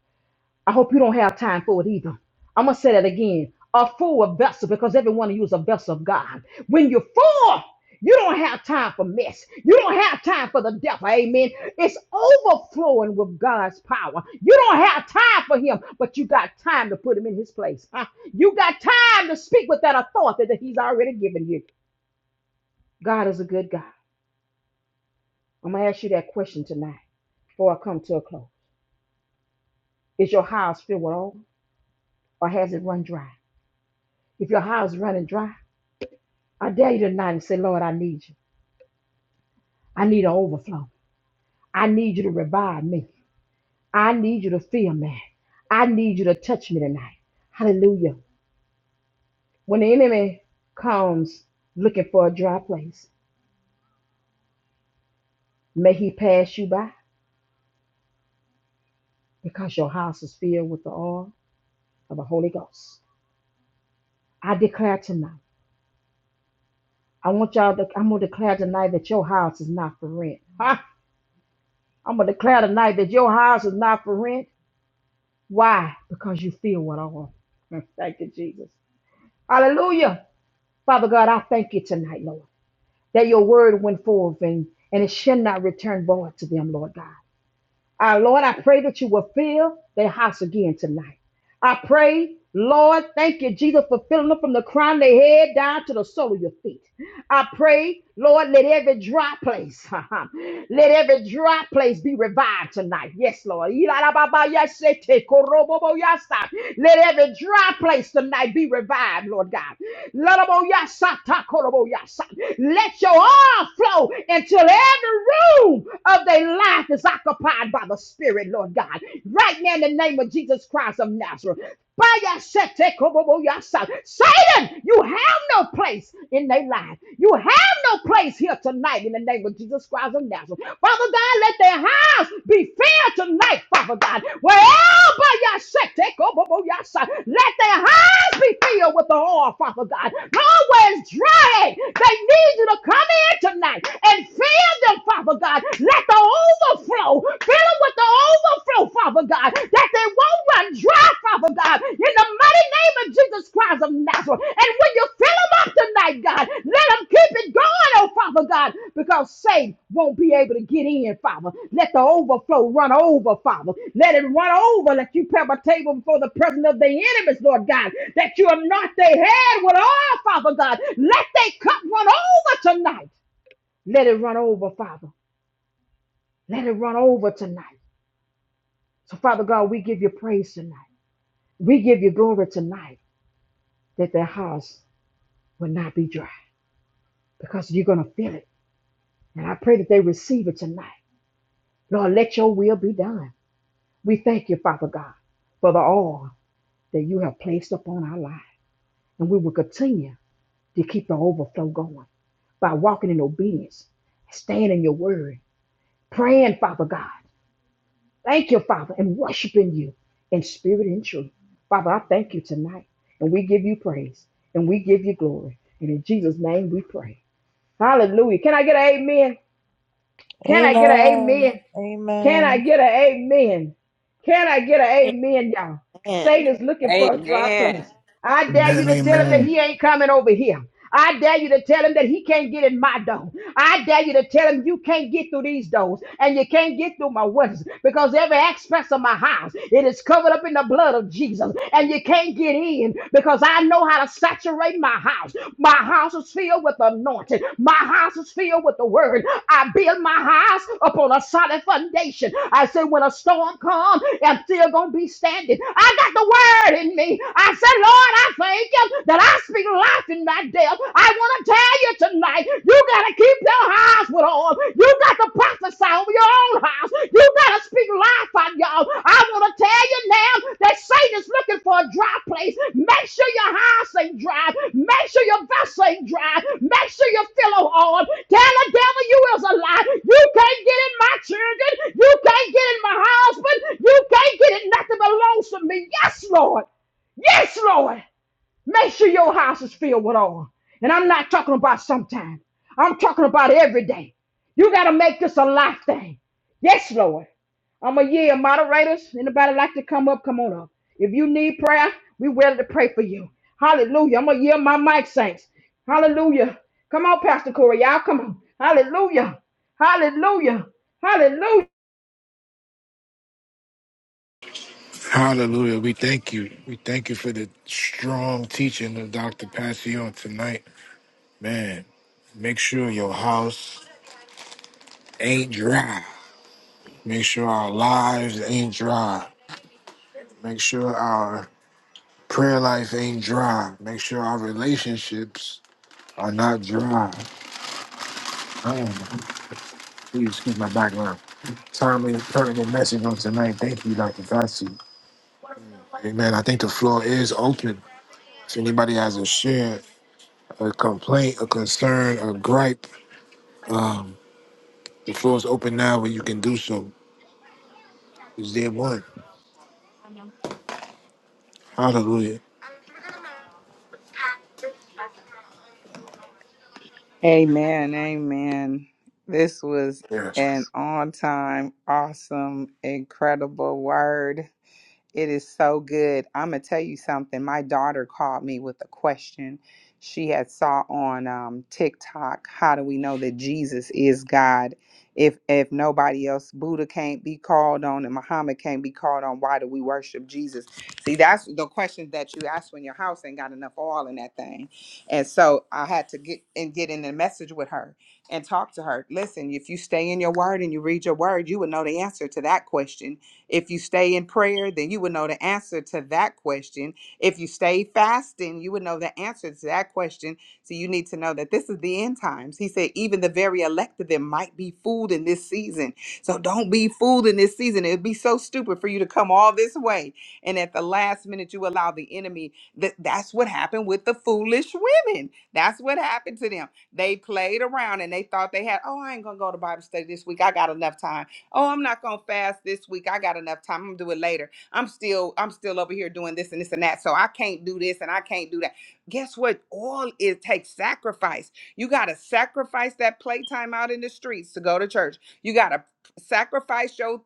Speaker 1: I hope you don't have time for it either. I'm gonna say that again. A full vessel, because every one of you is a vessel of God. When you're full, you don't have time for mess. You don't have time for the devil. Amen. It's overflowing with God's power. You don't have time for him, but you got time to put him in his place. Huh? You got time to speak with that authority that he's already given you. God is a good God. I'm gonna ask you that question tonight before I come to a close. Is your house filled with oil or has it run dry? If your house is running dry, I dare you tonight and say, Lord, I need you. I need an overflow. I need you to revive me. I need you to fill me. I need you to touch me tonight. Hallelujah. When the enemy comes looking for a dry place, may he pass you by because your house is filled with the oil of the Holy Ghost. I declare tonight. I want y'all to, I'm going to declare tonight that your house is not for rent. Ha! I'm going to declare tonight that your house is not for rent. Why? Because you feel what I want. Mm, thank you, Jesus. Hallelujah. Father God, I thank you tonight, Lord, that your word went forth and, and it shall not return void to them, Lord God. Our Lord, I pray that you will fill their house again tonight. I pray, Lord, thank you, Jesus, for filling them from the crown of their head down to the sole of your feet. I pray, Lord, let every dry place, let every dry place be revived tonight. Yes, Lord. Ilarababayasete Let every dry place tonight be revived, Lord God. Laraboyasata koroboyasa. Let your oil flow until every room of their life is occupied by the Spirit, Lord God. Right now, in the name of Jesus Christ of Nazareth. Baya sete kobobo yasa. Satan, you have no place in their life. You have no place here tonight in the name of Jesus Christ of Nazareth. Father God, let their house be filled tonight, Father God. Wherever yasa, kobobo yasa, let their house Always be filled with the oil, Father God. Always dry. They need you to come in tonight and fill them, Father God. Let the overflow. Fill them with the overflow, Father God. That they won't run dry, Father God. In the mighty name of Jesus Christ of Nazareth. And when you fill them up tonight night, God. Let them keep it going, oh Father God, because saved won't be able to get in, Father. Let the overflow run over, Father. Let it run over. Let you prepare a table before the presence of the enemies, Lord God, that you anoint their head with oil, Father God. Let their cup run over tonight. Let it run over, Father. Let it run over tonight. So, Father God, we give you praise tonight. We give you glory tonight that their house will not be dry because you're going to fill it. And I pray that they receive it tonight. Lord, let your will be done. We thank you, Father God, for the oil that you have placed upon our lives. And we will continue to keep the overflow going by walking in obedience, staying in your word, praying, Father God. Thank you, Father, and worshiping you in spirit and truth. Father, I thank you tonight. And we give you praise and we give you glory. And in Jesus' name we pray. Hallelujah. Can I get an amen? Can I get an
Speaker 7: Amen.
Speaker 1: amen? Can I
Speaker 7: Amen.
Speaker 1: get an amen? Can I get an amen, y'all?
Speaker 6: Amen.
Speaker 1: Satan is looking for a dry
Speaker 4: Amen.
Speaker 1: place. I dare you
Speaker 8: Amen,
Speaker 1: to tell him that
Speaker 8: amen.
Speaker 1: he ain't coming over here. I dare you to tell him that he can't get in my door. I dare you to tell him you can't get through these doors and you can't get through my windows because every aspect of my house it is covered up in the blood of Jesus and you can't get in because I know how to saturate my house house. My house is filled with anointing. My house is filled with the word. I build my house upon a solid foundation. I said, when a storm comes, I'm still going to be standing. I got the word in me. I said, Lord, I thank you that I speak life in my death. I want to tell you tonight, you got to keep your eyes with on. You got to prophesy. Over your own house. You better speak life on y'all. I want to tell you now that Satan is looking for a dry place. Make sure your house ain't dry. Make sure your vessel ain't dry. Make sure your pillow on. Tell the devil you is a lie. You can't get in my children. You can't get in my husband. You can't get in nothing belongs to me. Yes, Lord. Yes, Lord. Make sure your house is filled with oil. And I'm not talking about sometime. I'm talking about every day. You got to make this a life thing. Yes, Lord. I'm a year moderators. Anybody like to come up? Come on up. If you need prayer, we ready to pray for you. Hallelujah. I'm a year my mic saints. Hallelujah. Come on, Pastor Corey. Y'all come on. Hallelujah. Hallelujah. Hallelujah.
Speaker 8: Hallelujah. We thank you. We thank you for the strong teaching of Dr. Passy on tonight. Man, make sure your house ain't dry. Make sure our lives ain't dry. Make sure our prayer life ain't dry. Make sure our relationships are not dry. Um, please excuse my background. Timely, pertinent message on tonight. Thank you, Dr. Passy. Amen. I think the floor is open. If anybody has a share, a complaint, a concern, a gripe. The floor is open now where you can do so. Is there one? Hallelujah.
Speaker 4: Amen. Amen. This was
Speaker 8: Yes.
Speaker 4: an on time, awesome, incredible word. It is so good. I'm gonna tell you something. My daughter called me with a question. She had saw on um, TikTok. How do we know that Jesus is God? If if nobody else, Buddha can't be called on, and Muhammad can't be called on. Why do we worship Jesus? See, that's the question that you ask when your house ain't got enough oil in that thing. And so I had to get and get in the message with her and talk to her. Listen, if you stay in your word and you read your word, you would know the answer to that question if you stay in prayer, then you would know the answer to that question. If you stay fasting, you would know the answer to that question. So you need to know that this is the end times. He said, even the very elect of them might be fooled in this season. So don't be fooled in this season. It'd be so stupid for you to come all this way. And at the last minute, you allow the enemy. That, that's what happened with the foolish women. That's what happened to them. They played around and they thought they had, oh, I ain't going to go to Bible study this week. I got enough time. Oh, I'm not gonna fast this week. I got enough time. I'm gonna do it later. I'm still, I'm still over here doing this and this and that. So I can't do this and I can't do that. Guess what? All it takes sacrifice. You gotta sacrifice that playtime out in the streets to go to church. You gotta sacrifice your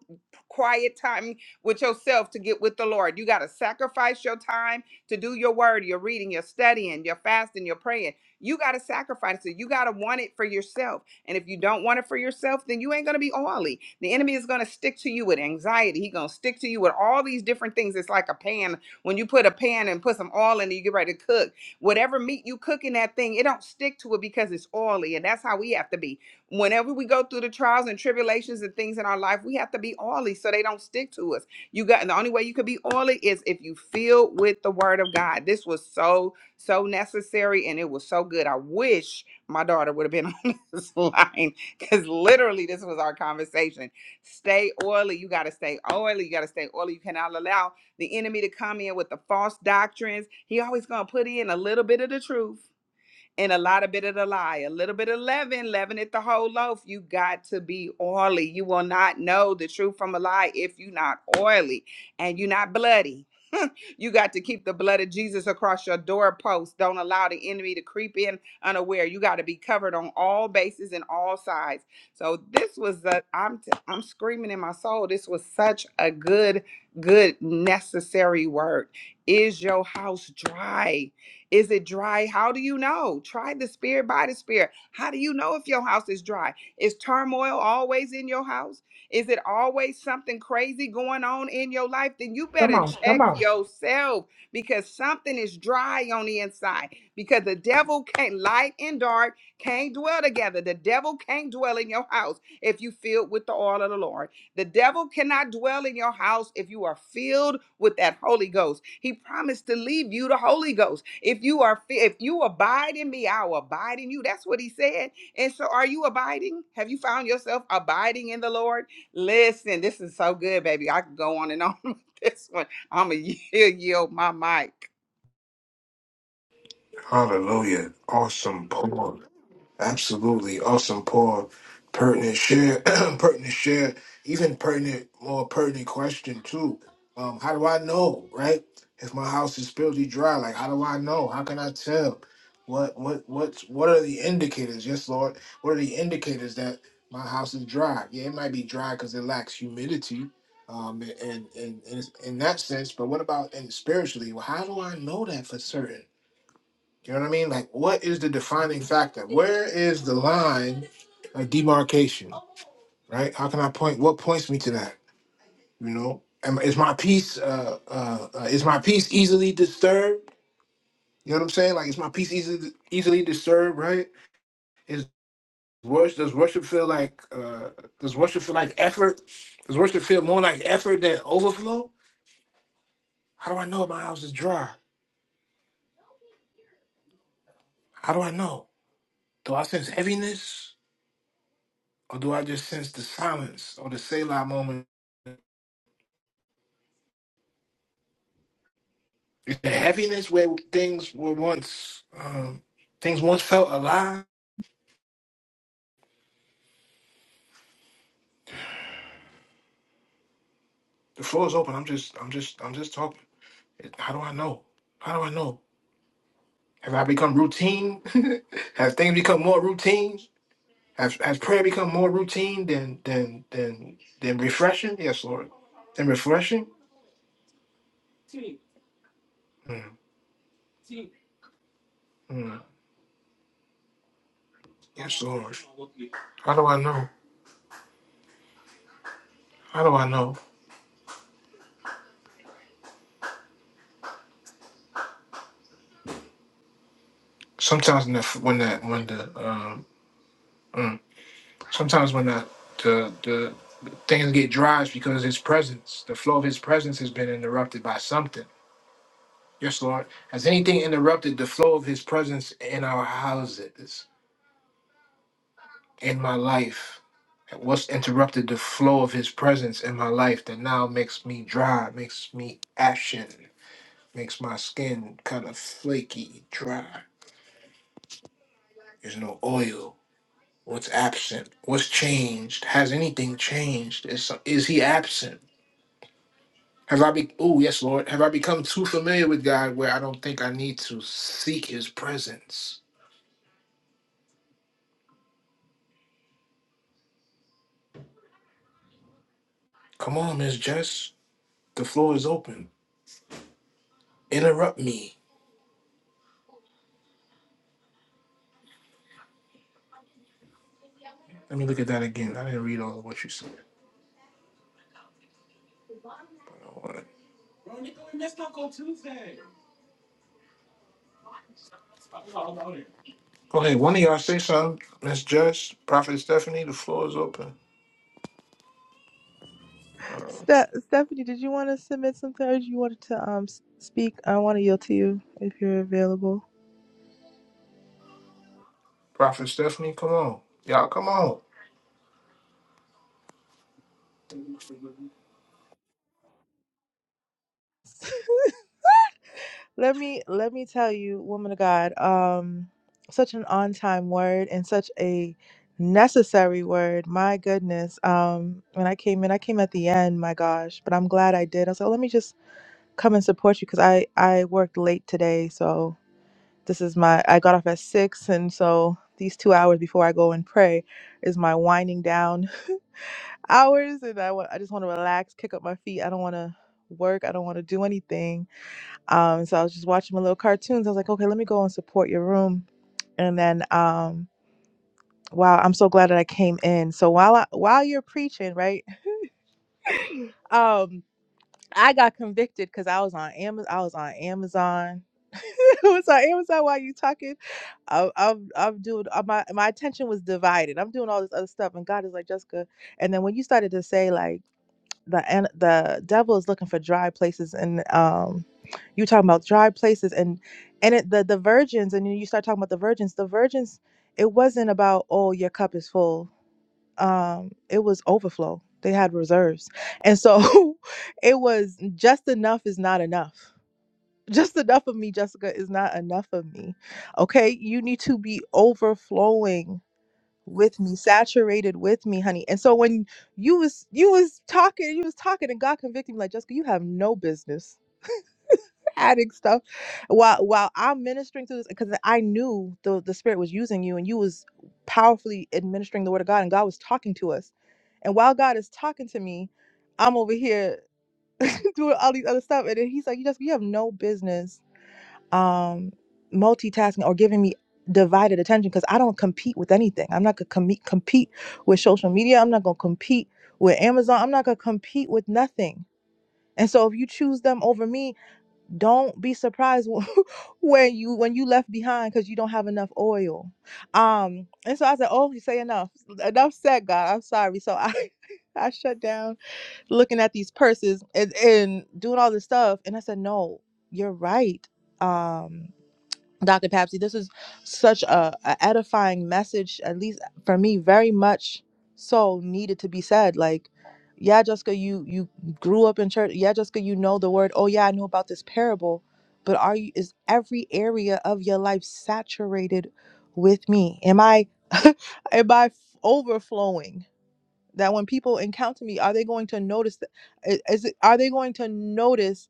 Speaker 4: quiet time with yourself to get with the Lord. You gotta sacrifice your time to do your word, your reading, your studying, your fasting, your praying. You gotta sacrifice it. You gotta want it for yourself. And if you don't want it for yourself, then you ain't going to be oily. The enemy is going to stick to you with anxiety. He going to stick to you with all these different things. It's like a pan. When you put a pan and put some oil in it, you get ready to cook. Whatever meat you cook in that thing, it don't stick to it because it's oily. And that's how we have to be. Whenever we go through the trials and tribulations and things in our life, we have to be oily so they don't stick to us. You got and the only way you could be oily is if you fill with the word of God. This was so, so necessary and it was so good. I wish my daughter would have been on this line because literally this was our conversation. Stay oily. You got to stay oily. You got to stay oily. You cannot allow the enemy to come in with the false doctrines. He always going to put in a little bit of the truth and a lot of bit of the lie, a little bit of leaven, leaven it the whole loaf. You got to be oily. You will not know the truth from a lie if you're not oily and you're not bloody. you got to keep the blood of Jesus across your doorpost. Don't allow the enemy to creep in unaware. You got to be covered on all bases and all sides. So this was the I'm t- I'm screaming in my soul. This was such a good, good necessary word. Is your house dry? Is it dry? How do you know? Try the spirit by the spirit. How do you know if your house is dry? Is turmoil always in your house? Is it always something crazy going on in your life? Then you
Speaker 1: Come
Speaker 4: better Come
Speaker 1: on.
Speaker 4: on,
Speaker 1: Come
Speaker 4: check come on.
Speaker 1: on.
Speaker 4: yourself because something is dry on the inside. Because the devil can't, light and dark can't dwell together. The devil can't dwell in your house if you filled with the oil of the Lord. The devil cannot dwell in your house if you are filled with that Holy Ghost. He promised to leave you the Holy Ghost. If you are fi- if you abide in me, I will abide in you. That's what he said. And so are you abiding? Have you found yourself abiding in the Lord? Listen, this is so good, baby. I could go on and on with this one. I'm going to yield my mic.
Speaker 8: Hallelujah. Awesome. Paul. Absolutely. Awesome, Paul. Pertinent share, pertinent share, even pertinent, more pertinent question too. Um, how do I know, right? If my house is filthy dry, like how do I know? How can I tell? What what what's what are the indicators? Yes, Lord. What are the indicators that my house is dry? Yeah, it might be dry because it lacks humidity. Um, and and, and and in that sense, but what about and spiritually? Well, how do I know that for certain? You know what I mean? Like, what is the defining factor? Where is the line of demarcation? Right? How can I point? What points me to that? You know, Am- is my peace uh, uh, uh, is my peace easily disturbed? You know what I'm saying? Like, is my peace easily easily disturbed? Right? Is worship does worship feel like uh, does worship feel like effort? Does worship feel more like effort than overflow? How do I know if my house is dry? How do I know? Do I sense heaviness, or do I just sense the silence or the Selah moment? the heaviness where things were once um, things once felt alive. The floor is open. I'm just I'm just I'm just talking. It- How do I know? How do I know? Have I become routine? Have things become more routine? Has, has prayer become more routine than than than than refreshing? Yes, Lord. Than refreshing? Mm, mm. Yes, Lord. How do I know? How do I know? Sometimes when the when the when the um, mm, sometimes when the the, the Things get dry is because his presence, the flow of his presence has been interrupted by something. Yes, Lord. Has anything interrupted the flow of his presence in our houses, in my life? What's interrupted the flow of his presence in my life that now makes me dry, makes me ashen, makes my skin kind of flaky, dry? There's no oil. What's absent? What's changed? Has anything changed? Is, is he absent? Have I be oh yes, Lord. Have I become too familiar with God where I don't think I need to seek his presence? Come on, Miss Jess. The floor is open. Interrupt me. Let me look at that again. I didn't read all of what you said. Okay, One of y'all say something. Miss Jess, Prophet Stephanie, the floor is open. Uh,
Speaker 7: Ste- Stephanie, did you want to submit something or you wanted to um s- speak? I want to yield to you if you're available.
Speaker 8: Prophet Stephanie, come on. Y'all come on.
Speaker 7: let me let me tell you, woman of God, um such an on-time word and such a necessary word. My goodness. Um when I came in, I came at the end, my gosh, but I'm glad I did. I was like, "Oh, let me just come and support you because I I worked late today, so this is my i got off at six and so these two hours before i go and pray is my winding down hours and i want i just want to relax kick up my feet i don't want to work i don't want to do anything um so i was just watching my little cartoons i was like okay let me go and support your room and then um wow i'm so glad that i came in so while i while you're preaching right um I got convicted because I was on Amazon. I was on Amazon. I was on Amazon while you talking. I, I'm I'm doing uh, my my attention was divided. I'm doing all this other stuff, and God is like Jessica. And then when you started to say like the an- the devil is looking for dry places, and um, you were talking about dry places, and and it, the the virgins, and then you start talking about the virgins. The virgins, it wasn't about oh your cup is full um it was overflow they had reserves and so it was just enough is not enough just enough of me jessica is not enough of me okay you need to be overflowing with me saturated with me honey and so when you was you was talking you was talking and god convicted me like jessica you have no business adding stuff while while I'm ministering through this because I knew the the spirit was using you and you was powerfully administering the word of God and God was talking to us. And while God is talking to me, I'm over here doing all these other stuff. And then he's like, You just you have no business um multitasking or giving me divided attention because I don't compete with anything. I'm not gonna com- compete with social media. I'm not gonna compete with Amazon. I'm not gonna compete with nothing. And so if you choose them over me, don't be surprised when you when you left behind because you don't have enough oil um and so i said oh you say enough enough said god i'm sorry so i i shut down looking at these purses and, and doing all this stuff and i said no you're right um Dr. Papsy, this is such a, a edifying message, at least for me, very much so needed to be said. Like, yeah, Jessica, you you grew up in church. Yeah, Jessica, you know the word. Oh yeah, I know about this parable, but are you is every area of your life saturated with me? Am I am I overflowing? That when people encounter me, are they going to notice that is is it, are they going to notice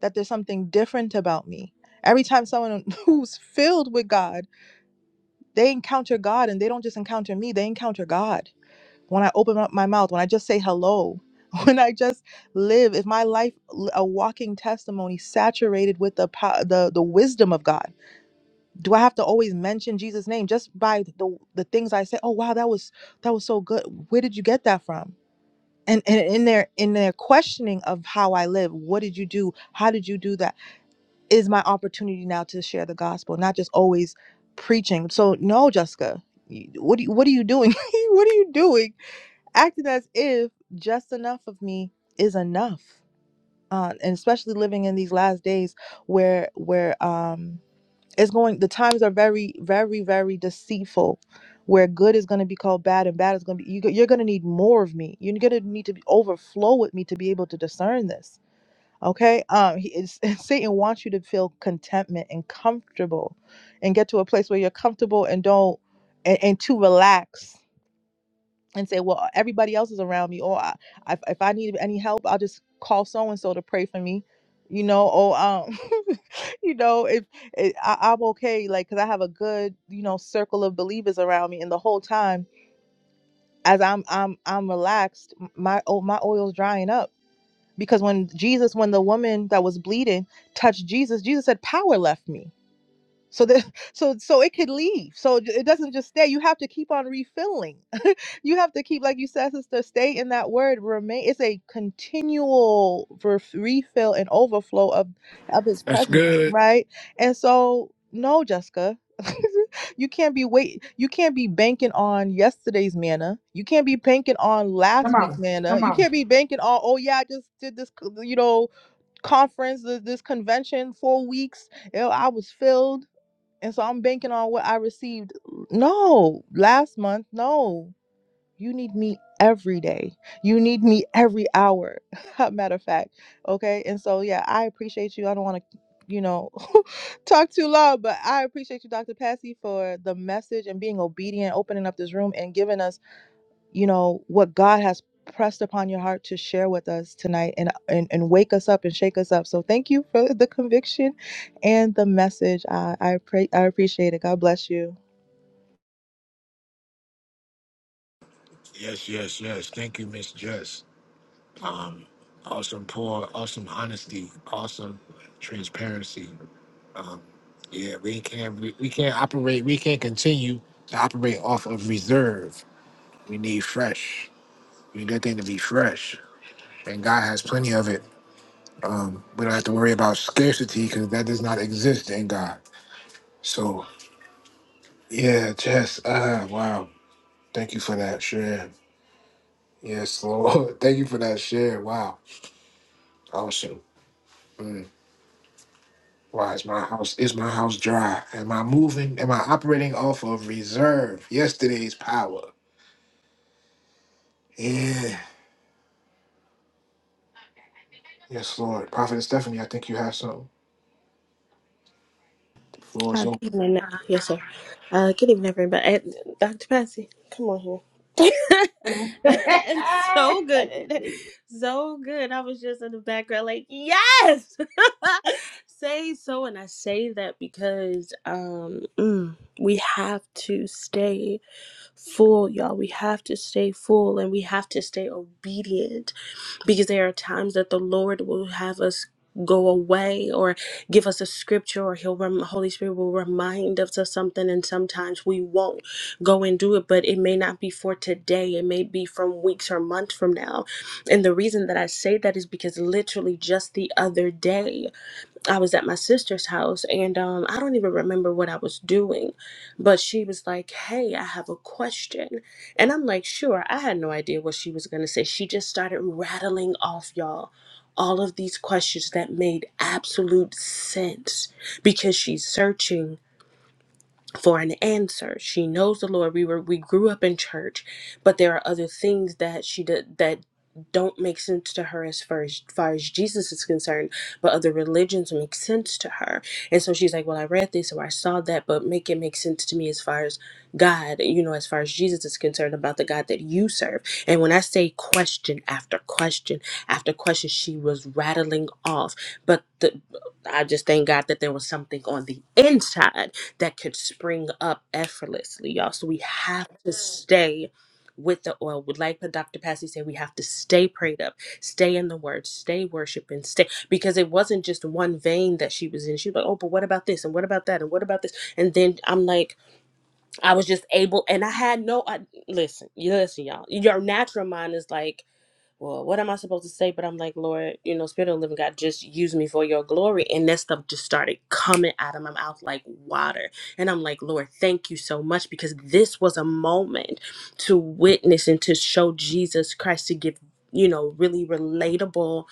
Speaker 7: that there's something different about me. Every time someone who's filled with God, they encounter God and they don't just encounter me, they encounter God. When I open up my mouth, when I just say hello, when I just live, if my life l- a walking testimony saturated with the po- the the wisdom of God. Do I have to always mention Jesus name just by the the things I say, "Oh wow, that was that was so good. Where did you get that from?" And, and in their in their questioning of how I live, what did you do? How did you do that? is my opportunity now to share the gospel, not just always preaching. So no, Jessica, you- what do you, what are you doing? what are you doing? Acting as if just enough of me is enough, uh, and especially living in these last days where where um it's going. The times are very very very deceitful. Where good is going to be called bad and bad is going to be, you, you're going to need more of me. You're going to need to be overflow with me to be able to discern this Okay. Um, he is, Satan wants you to feel contentment and comfortable and get to a place where you're comfortable and don't and, and to relax and say, well, everybody else is around me. Or I, if, if I need any help, I'll just call so and so to pray for me. You know, or um, you know, if it, I, I'm okay, like, cause I have a good, you know, circle of believers around me, and the whole time, as I'm, I'm, I'm relaxed, my, oh, my oil's drying up because when Jesus, when the woman that was bleeding touched Jesus, Jesus said, Power left me so that so so it could leave so it doesn't just stay you have to keep on refilling you have to keep like you said sister stay in that word remain it's a continual ref- refill and overflow of of his
Speaker 8: That's
Speaker 7: presence
Speaker 8: good.
Speaker 7: right and so no jessica you can't be wait you can't be banking on yesterday's manna you can't be banking on last
Speaker 1: Come
Speaker 7: week's
Speaker 1: on.
Speaker 7: manna
Speaker 1: Come
Speaker 7: you can't be banking on oh yeah i just did this you know conference this this convention four weeks you know, i was filled and so I'm banking on what I received. No, last month, no. You need me every day. You need me every hour. Matter of fact. Okay. And so, yeah, I appreciate you. I don't want to, you know, talk too long, but I appreciate you, Dr. Passy, for the message and being obedient, opening up this room and giving us you know what god has pressed upon your heart to share with us tonight and, and and wake us up and shake us up so thank you for the conviction and the message i i pray i appreciate it god bless you
Speaker 8: Yes, yes, yes. Thank you, Miss Jess. Awesome pour, awesome honesty, awesome transparency. Yeah, we can't we, we can't operate. We can't continue to operate off of reserve. We need fresh. We need that thing to be fresh, and God has plenty of it. Um, we don't have to worry about scarcity because that does not exist in God. So yeah, Jess. Uh, wow. Thank you for that share. Yes, Lord. Thank you for that share. Wow. Awesome. Mm. Why is my house is my house dry? Am I moving? Am I operating off of reserve? Yesterday's power. Yeah. Yes, Lord. Prophet Stephanie, I think you have something. The floor is
Speaker 6: Uh, good
Speaker 8: open.
Speaker 6: evening. Yes, sir. Uh, good evening, everybody. Uh, Dr. Patsy, come on here.
Speaker 1: on.
Speaker 6: it's so good. So good. I was just in the background, like, yes! say so. And I say that because um, mm, we have to stay full, y'all. We have to stay full and we have to stay obedient because there are times that the Lord will have us go away or give us a scripture or he'll rem- holy spirit will remind us of something and sometimes we won't go and do it but it may not be for today it may be from weeks or months from now and the reason that i say that is because literally just the other day I was at my sister's house and um I don't even remember what I was doing, but she was like, "Hey, I have a question." And I'm like, "Sure." I had no idea what she was going to say. She just started rattling off y'all all of these questions that made absolute sense because she's searching for an answer. She knows the Lord. We were we grew up in church, but there are other things that she did that don't make sense to her as far as, far as Jesus is concerned, but other religions make sense to her. And so she's like, Well, I read this or I saw that, but make it make sense to me as far as God, you know, as far as Jesus is concerned about the God that you serve. And when I say question after question after question, she was rattling off. But the I just thank God that there was something on the inside that could spring up effortlessly, y'all. So we have to stay with the oil. Would like what Dr. Passy said, we have to stay prayed up, stay in the word, stay worshiping, stay because it wasn't just one vein that she was in. She was like, Oh, but what about this? And what about that? And what about this? And then I'm like, I was just able and I had no I, listen, you listen, y'all. Your natural mind is like well, what am I supposed to say? But I'm like, Lord, you know, Spirit of the Living God, just use me for your glory. And that stuff just started coming out of my mouth like water. And I'm like, Lord, thank you so much because this was a moment to witness and to show Jesus Christ to give you know really relatable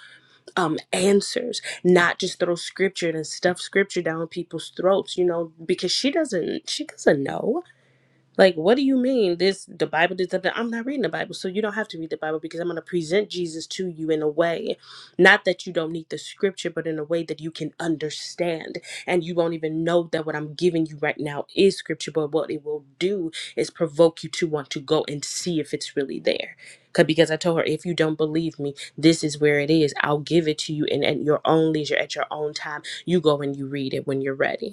Speaker 6: um answers not just throw scripture and stuff scripture down people's throats you know because she doesn't she doesn't know like, what do you mean? This the Bible does that. I'm not reading the Bible, so you don't have to read the Bible because I'm going to present Jesus to you in a way, not that you don't need the scripture, but in a way that you can understand, and you won't even know that what I'm giving you right now is scripture. But what it will do is provoke you to want to go and see if it's really there. 'Cause- Because I told her, if you don't believe me, this is where it is. I'll give it to you, and at your own leisure, at your own time, you go and you read it when you're ready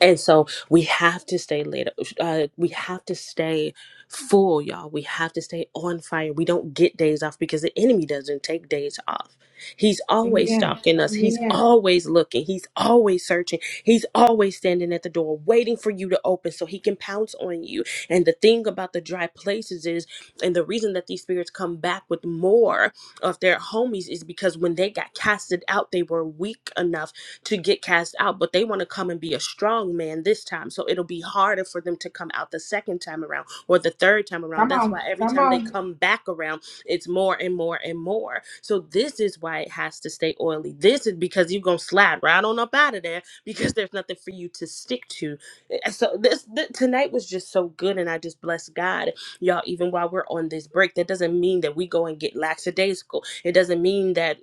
Speaker 6: and so we have to stay later. Uh, we have to stay full, y'all. We have to stay on fire. We don't get days off because the enemy doesn't take days off. He's always
Speaker 1: Amen.
Speaker 6: stalking us. He's
Speaker 1: Amen.
Speaker 6: always looking. He's always searching. He's always standing at the door waiting for you to open so he can pounce on you. And the thing about the dry places is, and the reason that these spirits come back with more of their homies is because when they got casted out, they were weak enough to get cast out, but they want to come and be a strong man this time. So it'll be harder for them to come out the second time around or the third time around.
Speaker 1: Come
Speaker 6: That's
Speaker 1: on,
Speaker 6: why every
Speaker 1: come
Speaker 6: time they
Speaker 1: on.
Speaker 6: come back around, it's more and more and more. So this is why it has to stay oily. This is because you're gonna slide right on up out of there because there's nothing for you to stick to. Eh, eh, So this th- tonight was just so good, and I just bless God, y'all. Even while we're on this break, that doesn't mean that we go and get lackadaisical. It doesn't mean that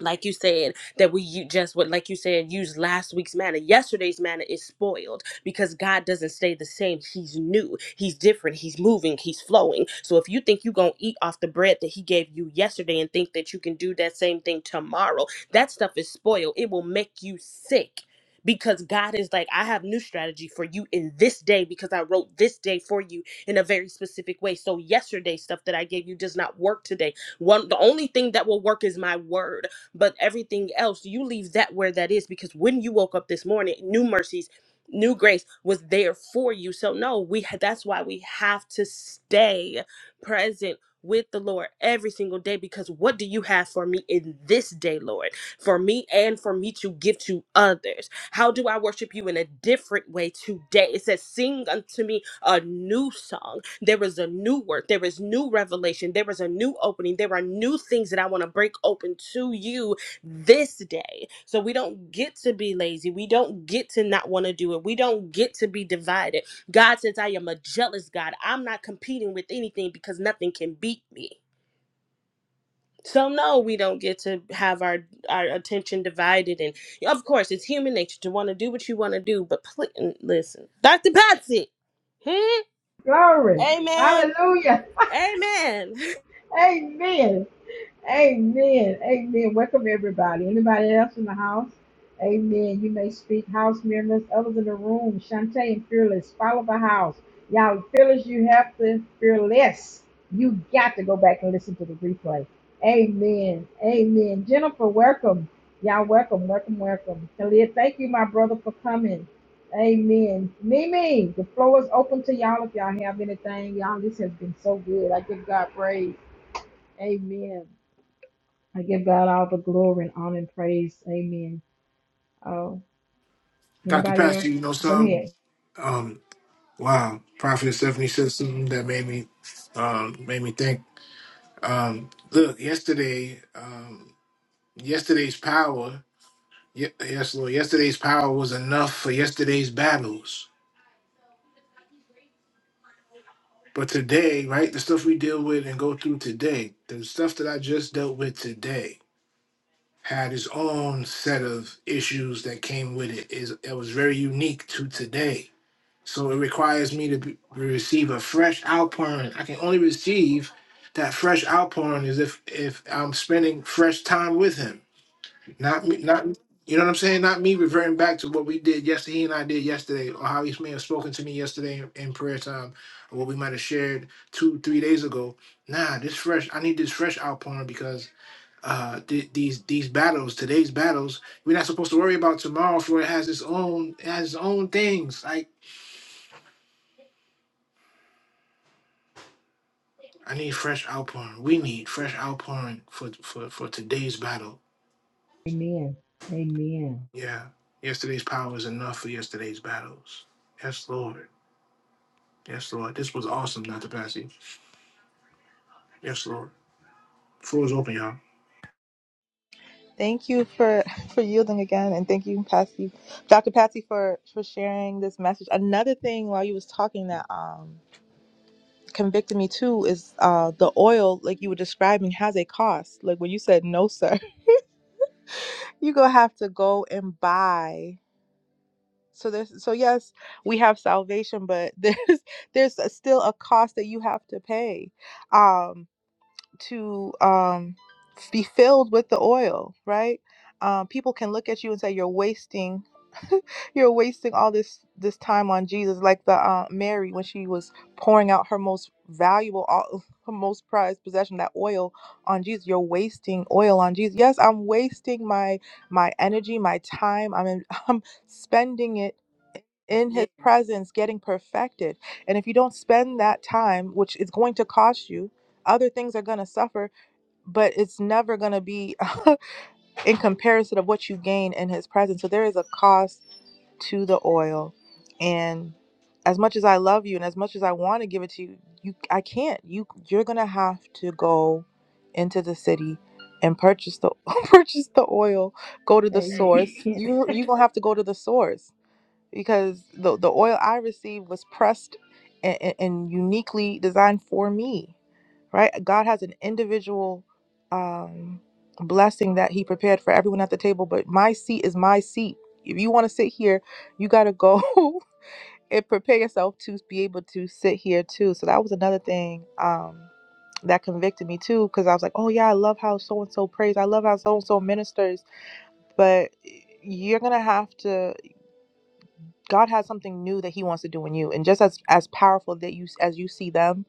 Speaker 6: like you said that we u- just what like you said use last week's manna yesterday's manna is spoiled because god doesn't stay the same he's new he's different he's moving he's flowing so if you think you're gonna eat off the bread that he gave you yesterday and think that you can do that same thing tomorrow that stuff is spoiled it will make you sick because God is like, I have new strategy for you in this day because I wrote this day for you in a very specific way. So yesterday stuff that I gave you does not work today. One the only thing that will work is my word but everything else, you leave that where that is because when you woke up this morning, new mercies, new grace was there for you. So no, we ha- that's why we have to stay present with the Lord every single day because what do you have for me in this day, Lord? For me and for me to give to others. How do I worship you in a different way today? It says, Sing unto me a new song. There is a new word. There is new revelation. There is a new opening. There are new things that I want to break open to you this day. So we don't get to be lazy. We don't get to not want to do it. We don't get to be divided. God says, I am a jealous God. I'm not competing with anything because nothing can beat me. So no, we don't get to have our our attention divided, and of course, it's human nature to want to do what you want to do. But pl- listen, Doctor Patsy, hmm?
Speaker 1: Glory.
Speaker 6: Amen,
Speaker 1: Hallelujah.
Speaker 6: Amen.
Speaker 1: Amen. Amen. Amen. Welcome everybody. Anybody else in the house? Amen. You may speak. House members, others in the room. Shantae and Fearless. Follow the house. Y'all, Fearless, you have to fearless. You got to go back and listen to the replay. Amen. Amen. Jennifer, welcome. Y'all, welcome, welcome, welcome. Khalid, thank you, my brother, for coming. Amen. Mimi, the floor is open to y'all if y'all have anything. Y'all, this has been so good. I give God praise. Amen. I give God all the glory and honor and praise. Amen. Oh,
Speaker 8: Dr.
Speaker 1: anybody
Speaker 8: Pastor,
Speaker 1: else?
Speaker 8: you know
Speaker 1: Go
Speaker 8: something?
Speaker 1: ahead.
Speaker 8: Um, wow, Prophet Stephanie said something that made me um made me think. Um look, yesterday, um yesterday's power, ye- yes, Lord, yesterday's power was enough for yesterday's battles. But today, right, the stuff we deal with and go through today, the stuff that I just dealt with today had its own set of issues that came with it. Is it was very unique to today So it requires me to be, receive a fresh outpouring. I can only receive that fresh outpouring is if if I'm spending fresh time with Him. Not me, not you know what I'm saying. Not me reverting back to what we did yesterday. He and I did yesterday, or how He may have spoken to me yesterday in, in prayer time, or what we might have shared two three days ago. Nah, this fresh. I need this fresh outpouring because uh th- these these battles today's battles we're not supposed to worry about tomorrow for it has its own it has its own things like I need fresh outpouring. We need fresh outpouring for for for today's battle.
Speaker 1: Amen. Amen.
Speaker 8: Yeah, yesterday's power is enough for yesterday's battles. Yes, Lord. Yes, Lord. This was awesome, Dr. Passy. Yes, Lord. Floor is open, y'all.
Speaker 7: thank you for for yielding again and thank you patsy dr patsy for for sharing this message another thing while you was talking that um convicted me too is uh the oil like you were describing has a cost like when you said no sir you gonna have to go and buy so there's so yes we have salvation but there's there's a- still a cost that you have to pay um to um, be filled with the oil, right? Um, people can look at you and say you're wasting, you're wasting all this this time on Jesus, like the uh, Mary when she was pouring out her most valuable, all, her most prized possession, that oil on Jesus. You're wasting oil on Jesus. Yes, I'm wasting my my energy, my time. I'm in, I'm spending it in his Yeah. presence getting perfected and if you don't spend that time which is going to cost you other things are going to suffer but it's never going to be in comparison of what you gain in his presence so there is a cost to the oil and as much as i love you and as much as i want to give it to you you i can't you you're going to have to go into the city and purchase the purchase the oil go to the source
Speaker 1: Amen.
Speaker 7: you you're going to have to go to the source because the the oil I received was pressed and, and, uniquely designed for me, right? God has an individual um, blessing that He prepared for everyone at the table, but my seat is my seat. If you want to sit here, you got to go and prepare yourself to be able to sit here too. So that was another thing. Um, that convicted me too because I was like, oh yeah, I love how so and so prays. I love how so and so ministers. But eh, you're gonna have to. God has something new that He wants to do in you, and just as as powerful that you as you see them,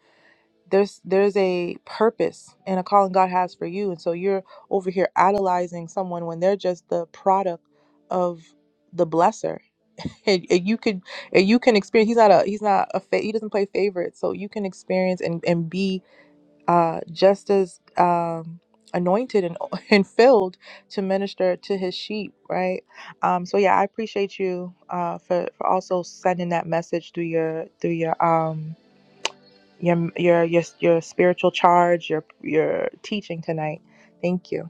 Speaker 7: there's there's a purpose and a calling God has for you, and so you're over here idolizing someone when they're just the product of the blesser. And, and you could and you can experience. He's not a he's not a fa- he doesn't play favorites, so you can experience and and be uh, just as um, anointed and, and filled to minister to his sheep, right? Um, so yeah, I appreciate you uh, for, for also sending that message through your through your um your your your, your spiritual charge, your your teaching tonight. Thank you.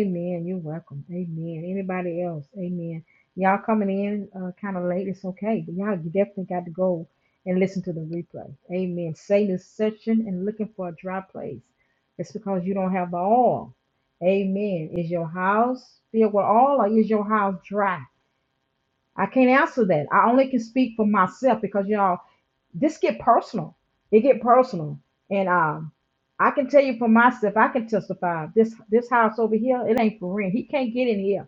Speaker 1: Amen. You're welcome. Amen. Anybody else? Amen. Y'all coming in uh, kind of late. It's okay, but y'all you definitely got to go and listen to the replay. Amen. Satan is searching and looking for a dry place. It's because you don't have the oil. Amen. Is your house filled with oil or is your house dry? I can't answer that. I only can speak for myself because y'all, this get personal. It get personal, and um, I can tell you for myself. I can testify. This this house over here, it ain't for rent. He can't get in here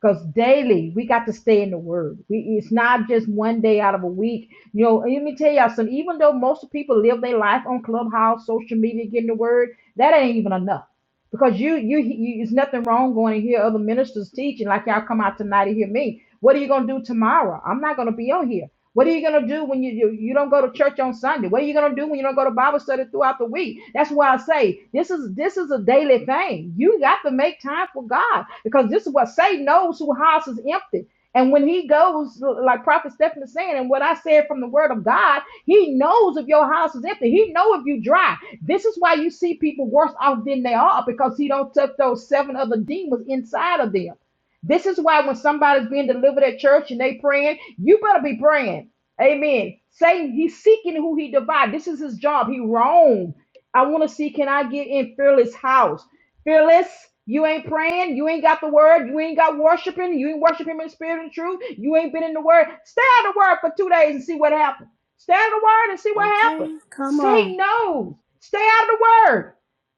Speaker 1: because daily we got to stay in the Word. We it's not just one day out of a week. You know, and let me tell y'all something. Even though most people live their life on Clubhouse, social media, getting the Word, that ain't even enough because you, you you it's nothing wrong going to hear other ministers teaching like y'all come out tonight to hear me what are you going to do tomorrow i'm not going to be on here what are you going to do when you, you you don't go to church on sunday what are you going to do when you don't go to bible study throughout the week that's why i say this is this is a daily thing you got to make time for god because this is what satan knows who house is empty and when he goes, like Prophet Stephen is saying, and what I said from the word of God, he knows if your house is empty. He knows if you dry. This is why you see people worse off than they are because he don't took those seven other demons inside of them. This is why when somebody's being delivered at church and they praying, you better be praying. Amen. Satan, he's seeking who he divide. This is his job. He wrong. I want to see, can I get in Fearless house? Fearless. You ain't praying. You ain't got the word. You ain't got worshiping. You ain't worshiping in spirit and truth. You ain't been in the word. Stay out of the word for two days and see what happens. Stay out of the word and see what happens.
Speaker 6: Okay, come on.
Speaker 1: Say no. Stay out of the word.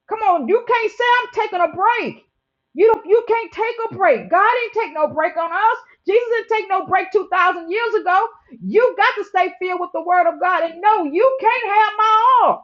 Speaker 1: Come on. You can't say I'm taking a break. You don't, you can't take a break. God ain't take no break on us. Jesus didn't take no break 2,000 years ago. You got to stay filled with the word of God and no, you can't have my all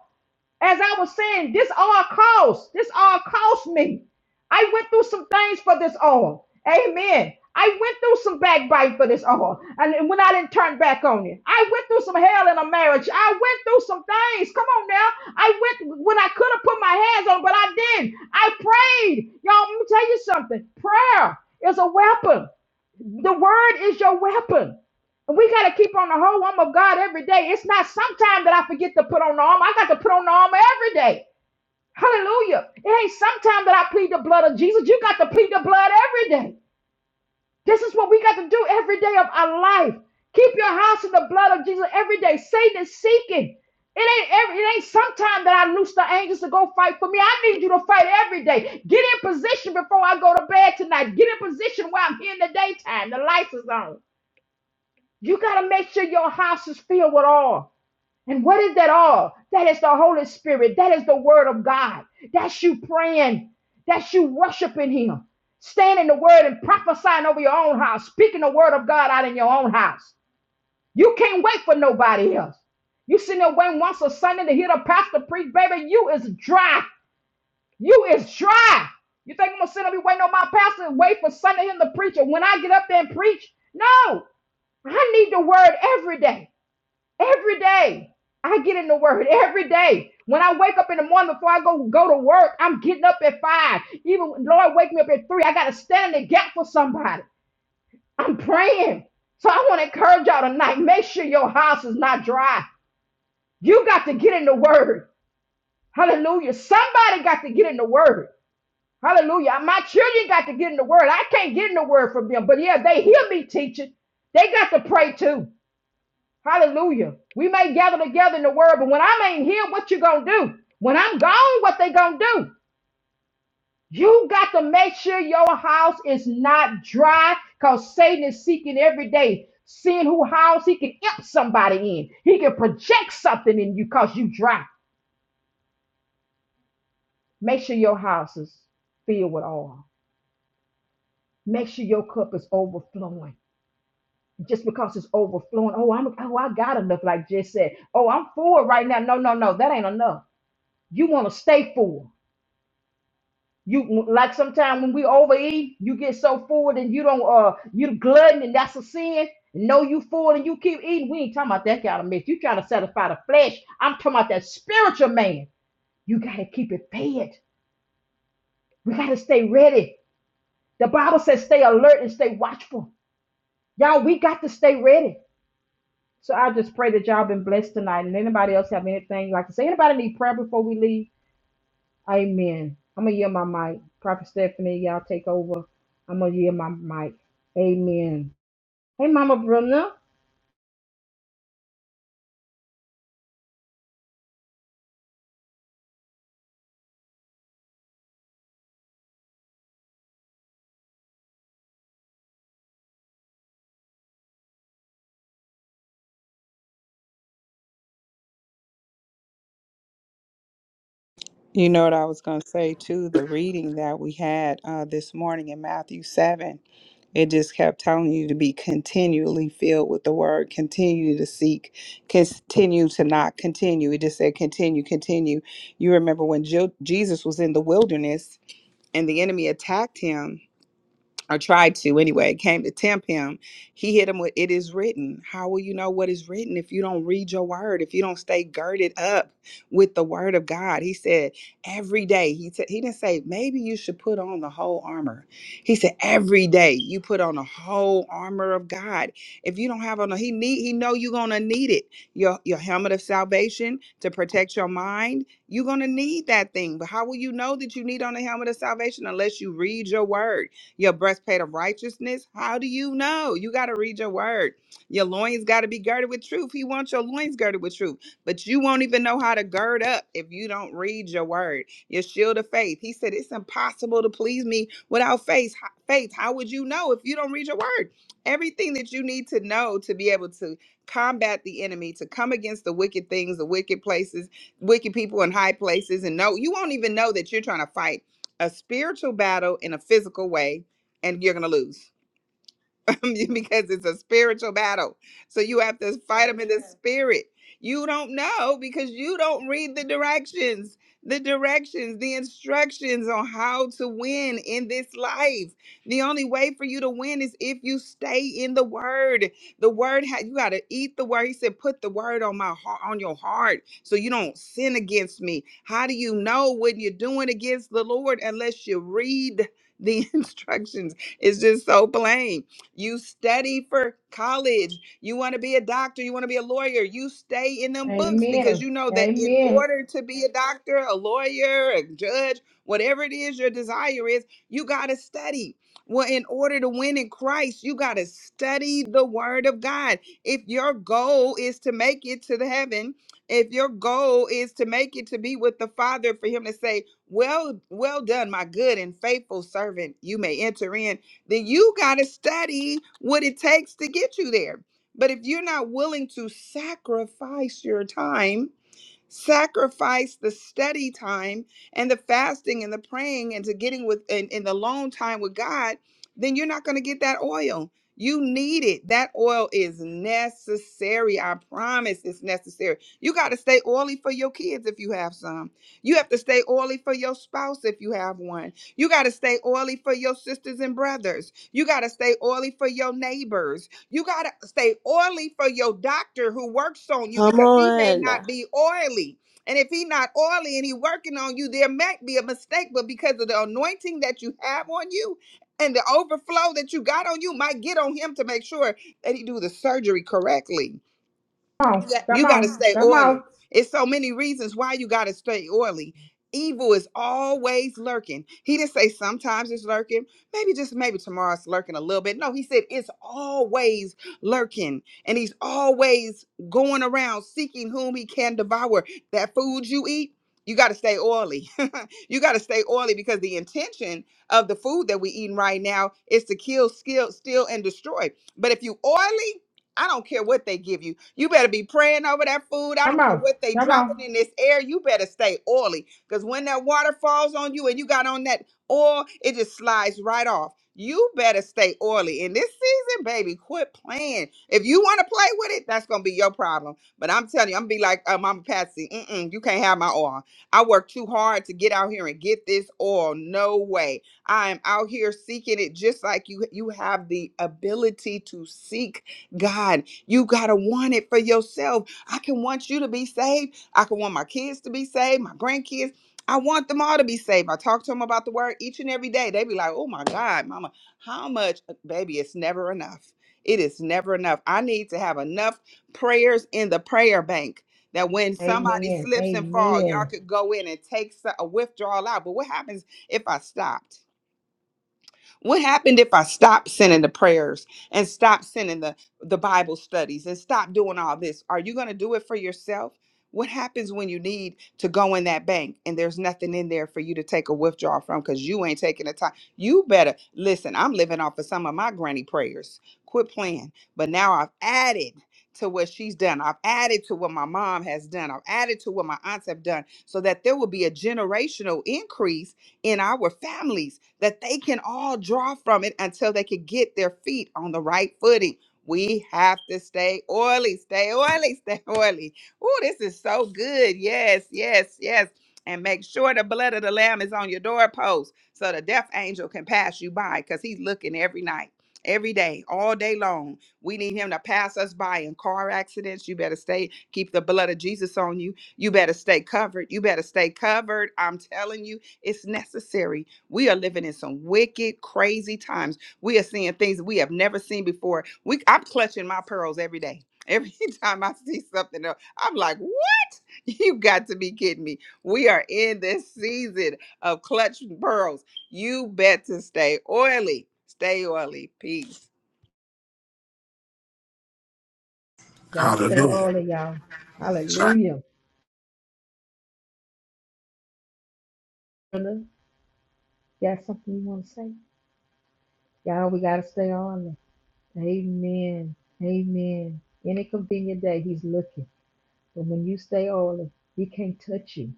Speaker 1: as I was saying, this all cost. This all cost me. I went through some things for this all. Amen. I went through some backbite for this all. And when I didn't turn back on it, I went through some hell in a marriage. I went through some things. Come on now. I went when I could have put my hands on, but I didn't. I prayed. Y'all, let me tell you something. Prayer is a weapon. The word is your weapon. And we got to keep on the whole arm of God every day. It's not sometime that I forget to put on the armor. I got to put on the armor every day. Hallelujah. It ain't sometime that I plead the blood of Jesus. You got to plead the blood every day. This is what we got to do every day of our life. Keep your house in the blood of Jesus every day. Satan is seeking. It ain't every, it ain't sometime that I loose the angels to go fight for me. I need you to fight every day. Get in position before I go to bed tonight. Get in position while I'm here in the daytime. The lights is on. You got to make sure your house is filled with all. And what is that all? That is the Holy Spirit. That is the Word of God. That's you praying. That's you worshiping Him. Stand in the Word and prophesying over your own house, speaking the Word of God out in your own house. You can't wait for nobody else. You sitting there waiting once a Sunday to hear the pastor preach, baby. You is dry. You is dry. You think I'm gonna sit up here waiting on my pastor and wait for Sunday him to preach? And when I get up there and preach, no, I need the word every day. Every day I get in the word every day. When I wake up in the morning before I go go to work, I'm getting up at five. Even when Lord wake me up at three. I gotta stand in the gap for somebody. I'm praying. So I want to encourage y'all tonight. Make sure your house is not dry. You got to get in the word. Hallelujah. Somebody got to get in the word. Hallelujah. My children got to get in the word. I can't get in the word from them. But yeah, they hear me teaching. They got to pray too. Hallelujah. We may gather together in the word, but when i ain't here, what you gonna do? When I'm gone, what they gonna do? You got to make sure your house is not dry because Satan is seeking every day, seeing who house he can imp somebody in. He can project something in you because you dry. Make sure your house is filled with oil. Make sure your cup is overflowing. Just because it's overflowing, oh, I'm oh, I got enough, like Jess said. Oh, I'm full right now. No, no, no, that ain't enough. You want to stay full. You like sometimes when we overeat, you get so full and you don't uh you glutton and that's a sin. No, you full and you keep eating. We ain't talking about that kind of mess. You trying to satisfy the flesh. I'm talking about that spiritual man. You gotta keep it fed. We gotta stay ready. The Bible says stay alert and stay watchful. Y'all, we got to stay ready. So I just pray that y'all been blessed tonight. And anybody else have anything like to say? Anybody need prayer before we leave? Amen. I'm gonna yield my mic. Prophet Stephanie, y'all take over. I'm gonna yield my mic. Amen. Hey, Mama Brenda.
Speaker 4: You know what I was going to say too? The reading that we had uh, this morning in Matthew 7, it just kept telling you to be continually filled with the word, continue to seek, continue to not continue. It just said continue, continue. You remember when Jo- Jesus was in the wilderness and the enemy attacked him or tried to anyway, came to tempt him. He hit him with, It is written. How will you know what is written if you don't read your word, if you don't stay girded up with the word of God? He said, Every day. He, said he didn't say, Maybe you should put on the whole armor. He said, Every day you put on the whole armor of God. If you don't have on, a- he need, he know you're going to need it. Your, your helmet of salvation to protect your mind. You're going to need that thing. But how will you know that you need on the helmet of salvation unless you read your word? your breastplate of righteousness. How do you know? You got to read your word. Your loins got to be girded with truth. He wants your loins girded with truth, but you won't even know how to gird up if you don't read your word. Your shield of faith. He said, It's impossible to please me without faith. How- Faith, how would you know if you don't read your word? Everything that you need to know to be able to combat the enemy, to come against the wicked things, the wicked places, wicked people in high places and no you won't even know that you're trying to fight a spiritual battle in a physical way and you're gonna lose. because it's a spiritual battle. So you have to fight them in the Amen. spirit. You don't know because you don't read the directions, the directions, the instructions on how to win in this life. The only way for you to win is if you stay in the word. The word ha- you got to eat the word. He said, "Put the word on my heart, on your heart, so you don't sin against me." How do you know when you're doing against the Lord unless you read the instructions? It's just so plain. You study for college. You want to be a doctor. You want to be a lawyer. You stay in them books because
Speaker 1: Amen.
Speaker 4: you know that in
Speaker 1: Amen.
Speaker 4: order to be a doctor, a lawyer, a judge, whatever it is your desire is, you got to study. Well, in order to win in Christ, you got to study the word of God. If your goal is to make it to the heaven, if your goal is to make it to be with the Father, for Him to say, well, well done, my good and faithful servant. You may enter in then you got to study what it takes to get you there. But if you're not willing to sacrifice your time sacrifice the study time and the fasting and the praying and to getting with and, and the long time with God, then you're not going to get that oil. You need it. That oil is necessary. I promise it's necessary. You got to stay oily for your kids if you have some. You have to stay oily for your spouse if you have one. You got to stay oily for your sisters and brothers. You got to stay oily for your neighbors. You got to stay oily for your doctor who works on you
Speaker 6: Come
Speaker 4: because he may
Speaker 6: on.
Speaker 4: not be oily. And if he not oily and he working on you, there might be a mistake, but because of the anointing that you have on you and the overflow that you got on you, might get on him to make sure that he do the surgery correctly.
Speaker 1: Come
Speaker 4: You
Speaker 1: on,
Speaker 4: got,
Speaker 1: come
Speaker 4: you got to
Speaker 1: on,
Speaker 4: stay
Speaker 1: come
Speaker 4: oily.
Speaker 1: on,
Speaker 4: It's so many reasons why you got to stay oily. Evil is always lurking. He didn't say sometimes it's lurking. Maybe just maybe tomorrow it's lurking a little bit. No, he said it's always lurking. And he's always going around seeking whom he can devour. That food you eat, you got to stay oily. you got to stay oily because the intention of the food that we eating right now is to kill, skill, steal, and destroy. But if you oily, I don't care what they give you. You better be praying over that food. I
Speaker 1: come
Speaker 4: don't care
Speaker 1: on,
Speaker 4: what they
Speaker 1: come
Speaker 4: dropping
Speaker 1: on.
Speaker 4: in this air. You better stay oily. Because when that water falls on you and you got on that oil, it just slides right off. You better stay oily. In this season, baby, quit playing. If you want to play with it, that's going to be your problem. But I'm telling you, I'm going to be like uh, Mama Patsy. Mm-mm, you can't have my oil. I worked too hard to get out here and get this oil. No way. I am out here seeking it just like you, you have the ability to seek God, you got to want it for yourself. I can want you to be saved. I can want my kids to be saved, my grandkids. I want them all to be saved. I talk to them about the word each and every day. They be like, oh my God, mama, how much? Uh, Baby, it's never enough. It is never enough. I need to have enough prayers in the prayer bank that when somebody
Speaker 1: Amen.
Speaker 4: slips and fall, y'all
Speaker 1: Amen.
Speaker 4: could go in and take so- a withdrawal out. But what happens if I stopped? What happened if I stopped sending the prayers and stopped sending the, the Bible studies and stopped doing all this? Are you going to do it for yourself? What happens when you need to go in that bank and there's nothing in there for you to take a withdrawal from because you ain't taking the time? You better listen. I'm living off of some of my granny prayers. Quit playing. But now I've added to what she's done. I've added to what my mom has done. I've added to what my aunts have done so that there will be a generational increase in our families that they can all draw from it until they can get their feet on the right footing. We have to stay oily, stay oily, stay oily. Oh, this is so good. Yes, yes, yes. And make sure the blood of the lamb is on your doorpost so the death angel can pass you by because he's looking every night, every day, all day long. We need him to pass us by in car accidents. You better stay, keep the blood of Jesus on you. You better stay covered. You better stay covered. I'm telling you it's necessary. We are living in some wicked, crazy times. We are seeing things we have never seen before. We, I'm clutching my pearls every day. Every time I see something else, I'm like, what? You got to be kidding me. We are in this season of clutching pearls. You better stay oily. Stay oily. Peace.
Speaker 1: Gotta stay
Speaker 8: Hallelujah.
Speaker 1: all of y'all.
Speaker 8: Sorry.
Speaker 1: Hallelujah. Brenda, you got something you wanna say? Y'all, we gotta stay on it. Amen. Amen. Any convenient day, he's looking. But when you stay on it, he can't touch you.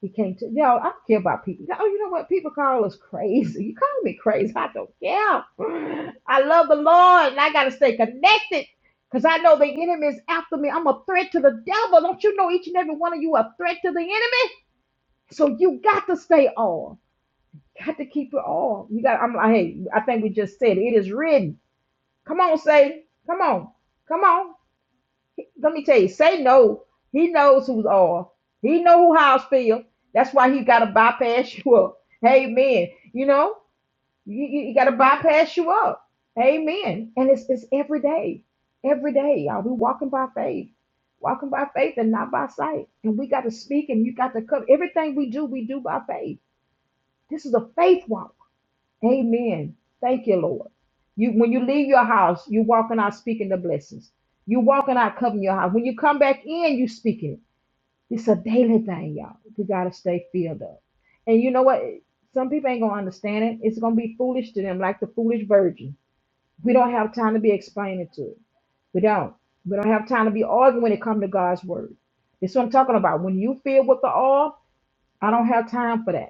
Speaker 1: He came to, yo, I don't care about people. Oh, you know what? People call us crazy. You call me crazy. I don't care. I love the Lord and I got to stay connected because I know the enemy is after me. I'm a threat to the devil. Don't you know each and every one of you are a threat to the enemy? So you got to stay on. Got to keep it on. You got, I'm like, hey, I think we just said it, it is written. Come on, Satan. Come on. Come on let me tell you, say no. He knows who's off. He know who house feel. That's why he gotta bypass you up. Amen. You know, you, you, you gotta bypass you up. Amen. And it's it's every day. Every day, y'all. We walking by faith. Walking by faith and not by sight. And we gotta speak and you got to cover everything we do, we do by faith. This is a faith walk. Amen. Thank you, Lord. You when you leave your house, you walking out speaking the blessings. You walking out covering your house. When you come back in, you speaking it. It's a daily thing, y'all. We gotta stay filled up. And you know what? Some people ain't gonna understand it. It's gonna be foolish to them, like the foolish virgin. We don't have time to be explaining to it. We don't. We don't have time to be arguing when it comes to God's word. That's what I'm talking about. When you filled with the all, I don't have time for that.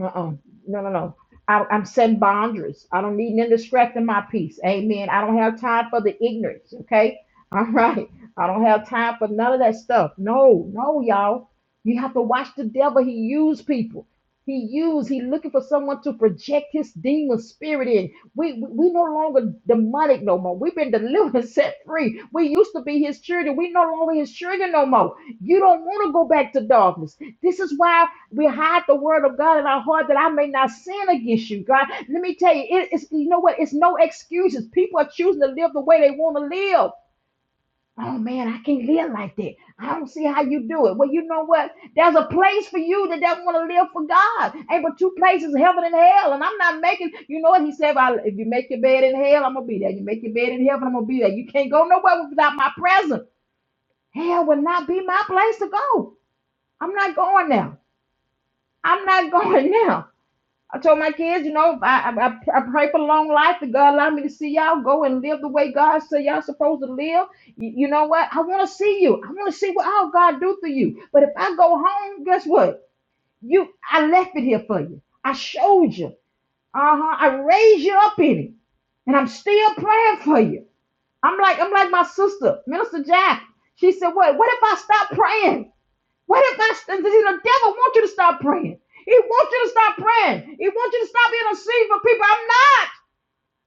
Speaker 1: Uh-uh. No, no, no. I, I'm setting boundaries. I don't need none distracting my peace. Amen. I don't have time for the ignorance. Okay. All right. I don't have time for none of that stuff. No, no, y'all. You have to watch the devil. He use people. He use. He looking for someone to project his demon spirit in. We, we we no longer demonic no more. We've been delivered, and set free. We used to be his children. We no longer his children no more. You don't want to go back to darkness. This is why we hide the word of God in our heart that I may not sin against you, God. Let me tell you, it- it's you know what? It's no excuses. People are choosing to live the way they want to live. Oh man, I can't live like that. I don't see how you do it. Well, you know what? There's a place for you that doesn't want to live for God. Ain't but two places, heaven and hell. And I'm not making, you know what? He said, if, I, if you make your bed in hell, I'm going to be there. You make your bed in heaven, I'm going to be there. You can't go nowhere without my presence. Hell will not be my place to go. I'm not going there. I'm not going now. I told my kids, you know, I, I, I pray for long life that God allow me to see y'all go and live the way God said y'all supposed to live. You, you know what? I want to see you. I want to see what all God do for you. But if I go home, guess what? You, I left it here for you. I showed you. Uh huh. I raised you up in it, and I'm still praying for you. I'm like, I'm like my sister, Minister Jack. She said, "What? What if I stop praying? What if that's the the- devil wants you to stop praying? He wants you to stop praying. He wants you to stop interceding for people. I'm not.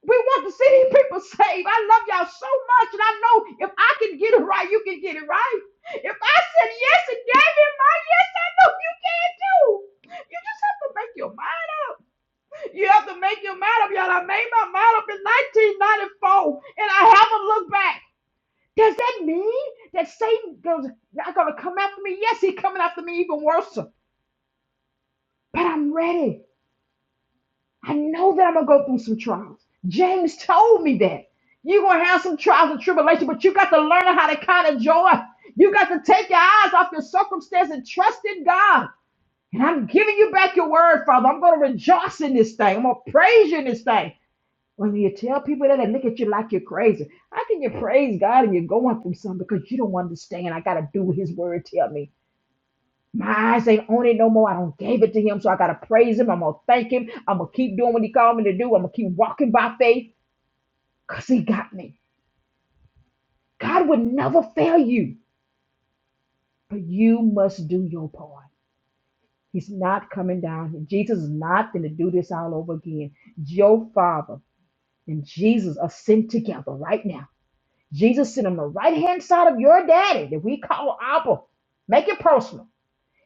Speaker 1: We want to see these people saved. I love y'all so much, and I know if I can get it right, you can get it right. If I said yes and gave him my yes, I know you can too. You just have to make your mind up. You have to make your mind up, y'all. I made my mind up in 1994, and I haven't looked back. Does that mean that Satan goes not gonna come after me? Yes, he's coming after me even worse. but I'm ready. I know that I'm gonna go through some trials. James told me that. You're gonna have some trials and tribulation, but you got to learn how to kind of joy. You got to take your eyes off your circumstance and trust in God. And I'm giving you back your word, Father. I'm gonna rejoice in this thing. I'm gonna praise you in this thing. When you tell people that they look at you like you're crazy, how can you praise God and you're going through something because you don't understand? I gotta do what his word tell me. My eyes ain't on it no more. I don't gave it to him, so I gotta praise him. I'm gonna thank him. I'm gonna keep doing what he called me to do. I'm gonna keep walking by faith because he got me. God would never fail you, but you must do your part. He's not coming down here. Jesus is not gonna do this all over again. Your Father and Jesus are sent together right now. Jesus sent on the right hand side of your daddy that we call Abba. Make it personal.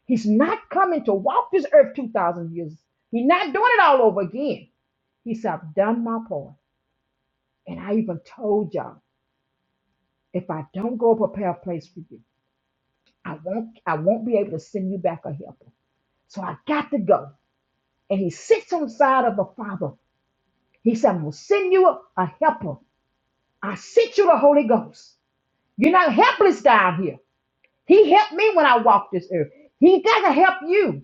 Speaker 1: He's not coming to walk this earth 2,000 years. He's not doing it all over again. He said, I've done my part. And I even told y'all, if I don't go prepare a place for you, I won't I won't be able to send you back a helper. So I got to go. And he sits on the side of the Father. He said, I'm gonna send you a, a helper. I sent you the Holy Ghost. You're not helpless down here. He helped me when I walked this earth. He doesn't help you.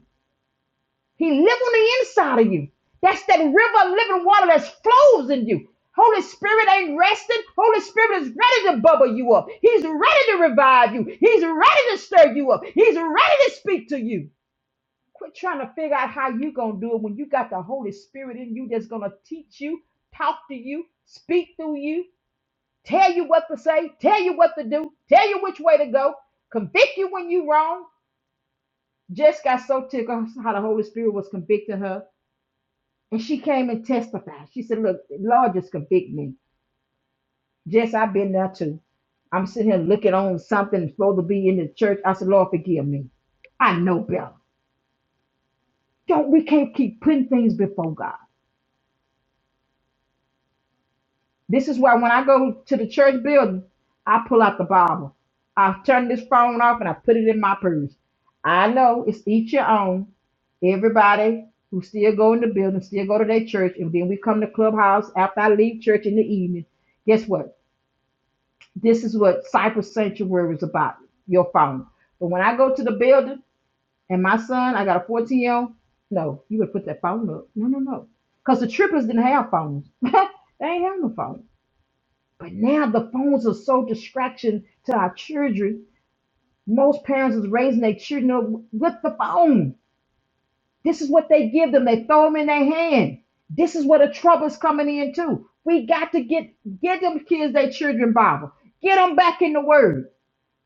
Speaker 1: He lives on the inside of you. That's that river of living water that flows in you. Holy Spirit ain't resting. Holy Spirit is ready to bubble you up. He's ready to revive you. He's ready to stir you up. He's ready to speak to you. Quit trying to figure out how you going to do it when you got the Holy Spirit in you that's going to teach you, talk to you, speak through you, tell you what to say, tell you what to do, tell you which way to go, convict you when you are wrong. Jess got so tickled how the Holy Spirit was convicting her. And she came and testified. She said, Look, Lord just convict me. Jess, I've been there too. I'm sitting here looking on something that's supposed to be in the church. I said, Lord, forgive me. I know better. Don't we can't keep putting things before God. This is why when I go to the church building, I pull out the Bible. I turn this phone off and I put it in my purse. I know it's each your own. Everybody who still go in the building, still go to their church, and then we come to clubhouse after I leave church in the evening. Guess what? this is what Cypress Sanctuary is about, your phone. But when I go to the building and my son, I got a 14 year old, no, you would put that phone up. No, no, no. Because the trippers didn't have phones. they ain't have no phone. But now the phones are so distraction to our children. Most parents is raising their children up with the phone. This is what they give them. They throw them in their hand. This is where the trouble's coming in too. We got to get get them kids their children Bible. Get them back in the word.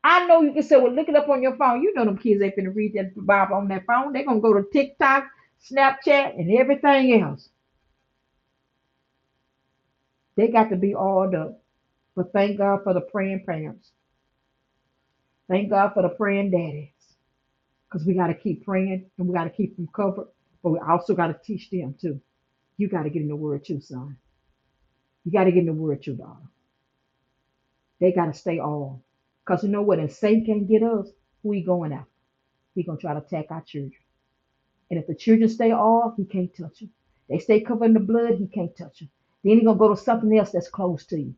Speaker 1: I know you can say, well, look it up on your phone. You know them kids ain't finna read that Bible on their phone. They're gonna go to TikTok, Snapchat, and everything else. They got to be all up. But thank God for the praying parents. Thank God for the praying daddies. Because we gotta keep praying and we gotta keep them covered. But we also gotta teach them too. You gotta get in the word too, son. You gotta get in the word too, daughter. They gotta stay on. Because you know what? If Satan can't get us, who he going after? He gonna try to attack our children. And if the children stay off, he can't touch them. They stay covered in the blood, he can't touch them. Then he gonna go to something else that's close to you.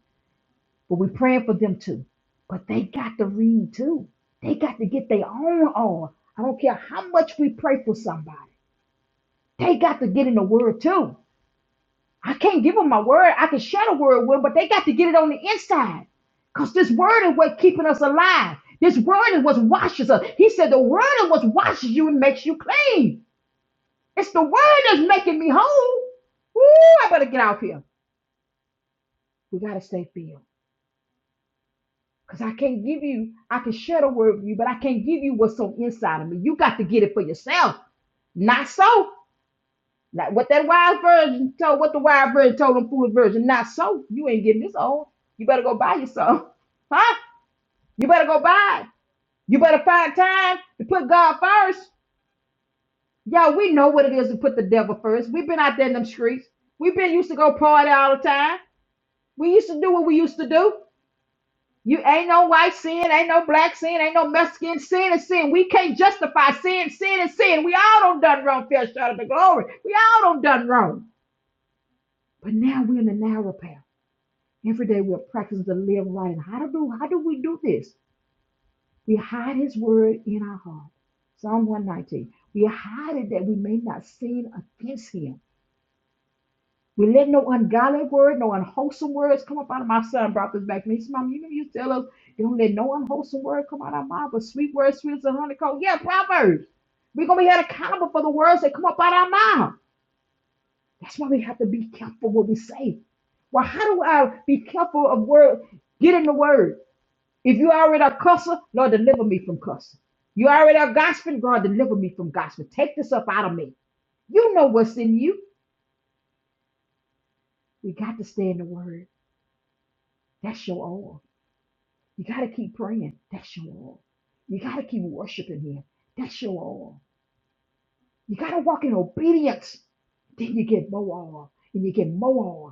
Speaker 1: But we are praying for them too. But they got to read too. They got to get their own on. I don't care how much we pray for somebody. They got to get in the word too. I can't give them my word. I can share the word with them, but they got to get it on the inside. Because this word is what keeping us alive. This word is what washes us. He said the word is what washes you and makes you clean. It's the word that's making me whole. Ooh, I better get out here. We gotta stay filled. Cause I can't give you, I can share the word with you, but I can't give you what's on inside of me. You got to get it for yourself. Not so. Not what that wise virgin told, what the wise virgin told them foolish virgin. Not so. You ain't getting this old. You better go buy yourself. Huh? You better go buy. it. You better find time to put God first. Y'all, we know what it is to put the devil first. We've been out there in them streets. We've been used to go party all the time. We used to do what we used to do. You ain't no white sin, ain't no black sin, ain't no Mexican sin is sin. We can't justify sin, sin is sin. We all done done wrong, fell short of the glory. We all done done wrong. But now we're in the narrow path. Every day we're practicing to live right. And how to do how do we do this? We hide his word in our heart. Psalm 119. We hide it that we may not sin against him. We let no ungodly word, no unwholesome words come up out of my son. Brought this back to me. He said, Mom, you know you tell us you don't let no unwholesome word come out of my mouth, but sweet words, sweet as a honeycomb. Yeah, Proverbs. We're gonna be held accountable for the words that come up out of our mouth. That's why we have to be careful what we say. Well, how do I be careful of word? Get in the word. If you already a cusser, Lord, deliver me from cussing. You already a gossiping, God, deliver me from gossiping. Take this up out of me. You know what's in you. We got to stay in the word. That's your oil. You got to keep praying. That's your all. You got to keep worshiping Him. That's your all. You got to walk in obedience. Then you get more oil. And you get more oil.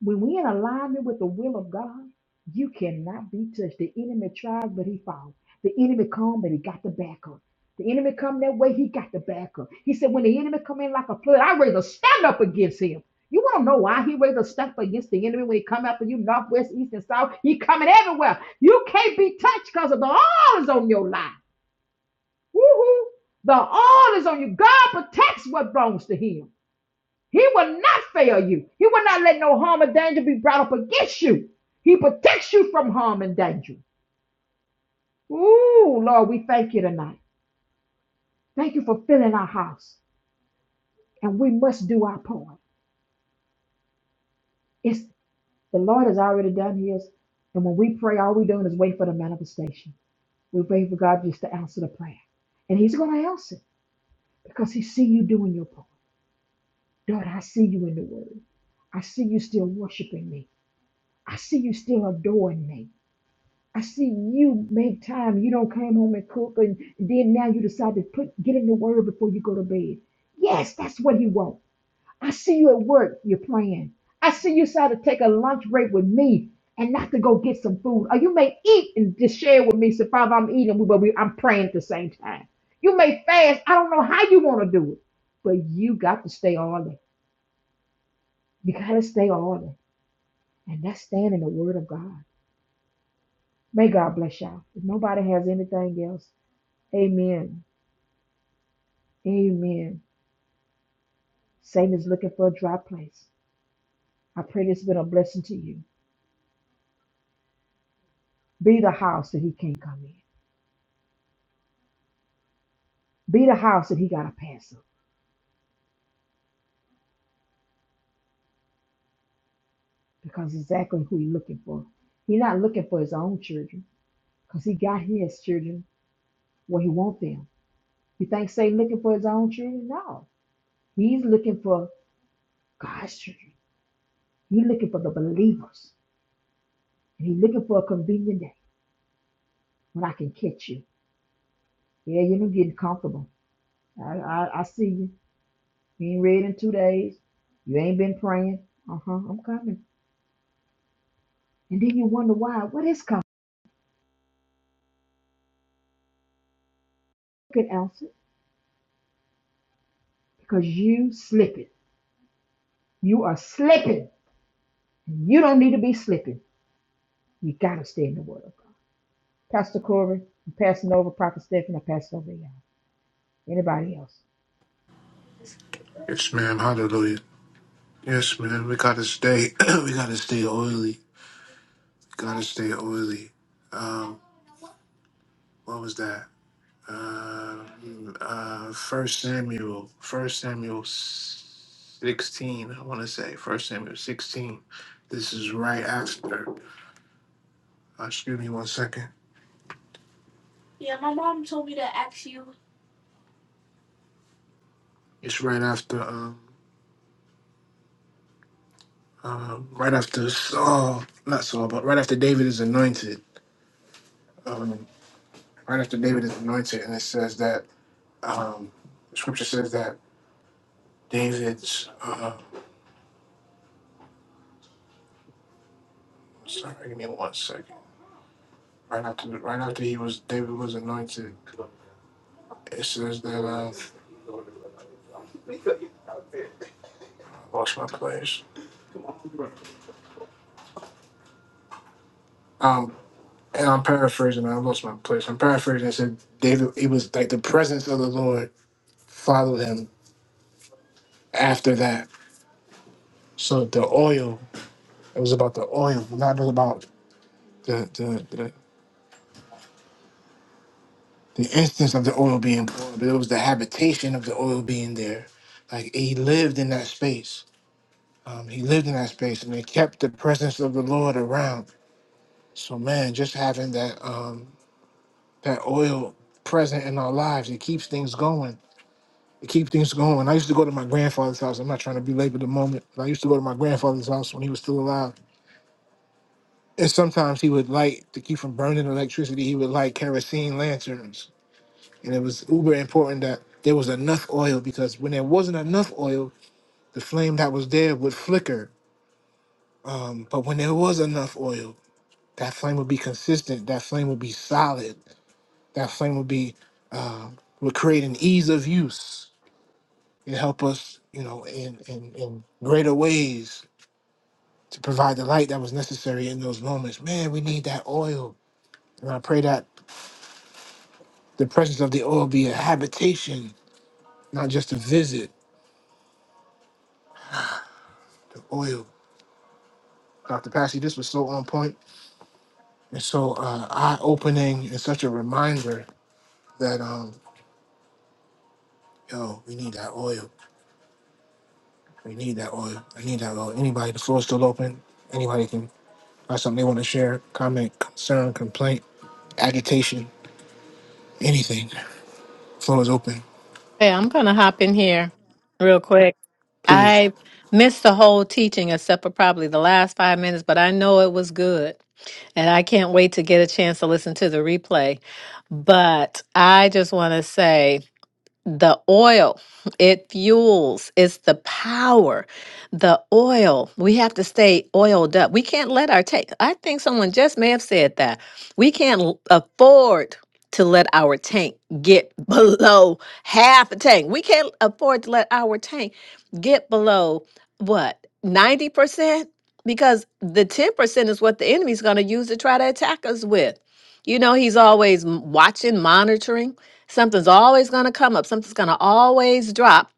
Speaker 1: When we're in alignment with the will of God, you cannot be touched. The enemy tries, but he falls. The enemy come, but he got the back up. The enemy come that way, he got the back up. He said, when the enemy come in like a flood, I rather stand up against him. You want to know why he rather stand up against the enemy when he come after you, north, west, east, and south. He coming everywhere. You can't be touched because of the oil is on your life. Woo-hoo. The oil is on you. God protects what belongs to him. He will not fail you. He will not let no harm or danger be brought up against you. He protects you from harm and danger. Ooh, Lord, we thank you tonight. Thank you for filling our house. And we must do our part. It's the Lord has already done his. And when we pray, all we're doing is wait for the manifestation. We wait for God just to answer the prayer. And He's gonna answer because He see you doing your part. Lord, I see you in the word. I see you still worshiping me. I see you still adoring me. I see you make time. You don't come home and cook, and then now you decide to put get in the word before you go to bed. Yes, that's what he wants. I see you at work. You're praying. I see you decide to take a lunch break with me and not to go get some food. Or you may eat and just share with me. So Father, I'm eating, but we, I'm praying at the same time. You may fast. I don't know how you want to do it, but you got to stay on it. You got to stay on it, and that's staying in the Word of God. May God bless y'all. If nobody has anything else. Amen. Amen. Satan is looking for a dry place. I pray this has been a blessing to you. Be the house that he can't come in. Be the house that he got to pass up because exactly who he's looking for. He's not looking for his own children because he got his children where he want them. You think Satan looking for his own children? No. He's looking for God's children. He's looking for the believers. And he's looking for a convenient day when I can catch you. Yeah, you're getting comfortable. I, I, I see you. You ain't read in two days. You ain't been praying. Uh huh. I'm coming. And then you wonder why. What is coming? You can answer because you slipping. You are slipping. You don't need to be slipping. You gotta stay in the Word of God. Pastor Corey, I'm passing over Prophet Stephen. I pass over y'all. Anybody else?
Speaker 8: Yes, ma'am. Hallelujah. Yes, man. We gotta stay. we gotta stay oily. gotta stay oily. Um, what was that? Um, uh, First Samuel, First Samuel sixteen. I want to say First Samuel sixteen. This is right after. Uh, excuse me one second. Yeah, my mom told me to ask you. It's right after. Um, uh, right after Saul, not Saul, but right after David is anointed. Um, right after David is anointed, and it says that um, Scripture says that David's. Uh, sorry, give me one second. Right after, right after he was David was anointed It says that uh, I lost my place. Um, and I'm paraphrasing. I lost my place. I'm paraphrasing. It said David. It was like the presence of the Lord followed him after that. So the oil. It was about the oil, not about the the the, the instance of the oil being poured, but it was the habitation of the oil being there. Like he lived in that space. Um, he lived in that space, and they kept the presence of the Lord around. So man, just having that. Um, that oil present in our lives. It keeps things going. It keeps things going. I used to go to my grandfather's house. I'm not trying to belabor the moment, but I used to go to my grandfather's house when he was still alive. And sometimes he would light to keep from burning electricity. He would light kerosene lanterns, and it was uber important that there was enough oil because when there wasn't enough oil, the flame that was there would flicker. Um, but when there was enough oil, that flame would be consistent. That flame would be solid. That flame would be uh, would create an ease of use You help us, you know, in, in, in greater ways to provide the light that was necessary in those moments. Man, we need that oil. And I pray that the presence of the oil be a habitation, not just a visit. The oil. Dr. Passy, this was so on point and so uh, eye opening and such a reminder that, um, yo, we need that oil. We need that oil. I need that oil. Anybody, the floor is still open. Anybody can have something they want to share, comment, concern, complaint, agitation, anything. Floor is open.
Speaker 9: Hey, I'm going to hop in here real quick.
Speaker 8: Please.
Speaker 9: I missed the whole teaching except for probably the last five minutes, but I know it was good. And I can't wait to get a chance to listen to the replay. But I just want to say the oil it fuels it's the power the oil we have to stay oiled up we can't let our tank i think someone just may have said that we can't l- afford to let our tank get below half a tank we can't afford to let our tank get below what 90% because the 10% is what the enemy's going to use to try to attack us with you know he's always m- watching monitoring Something's always going to come up. Something's going to always drop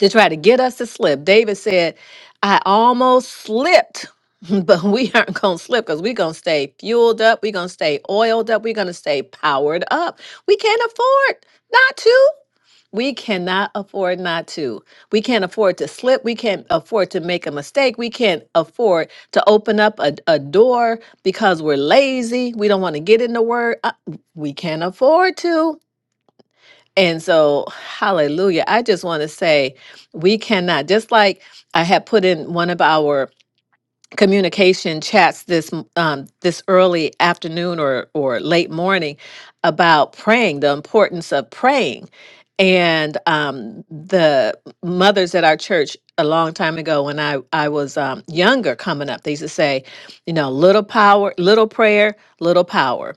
Speaker 9: to try to get us to slip. David said, I almost slipped, but we aren't going to slip because we're going to stay fueled up. We're going to stay oiled up. We're going to stay powered up. We can't afford not to. We cannot afford not to. We can't afford to slip. We can't afford to make a mistake. We can't afford to open up a, a door because we're lazy. We don't want to get in the word. Uh, We can't afford to. And so, hallelujah. I just want to say we cannot, just like I had put in one of our communication chats this m- um, this early afternoon or or late morning about praying, the importance of praying. And um, the mothers at our church a long time ago when I, I was um, younger coming up, they used to say, you know, little power, little prayer, little power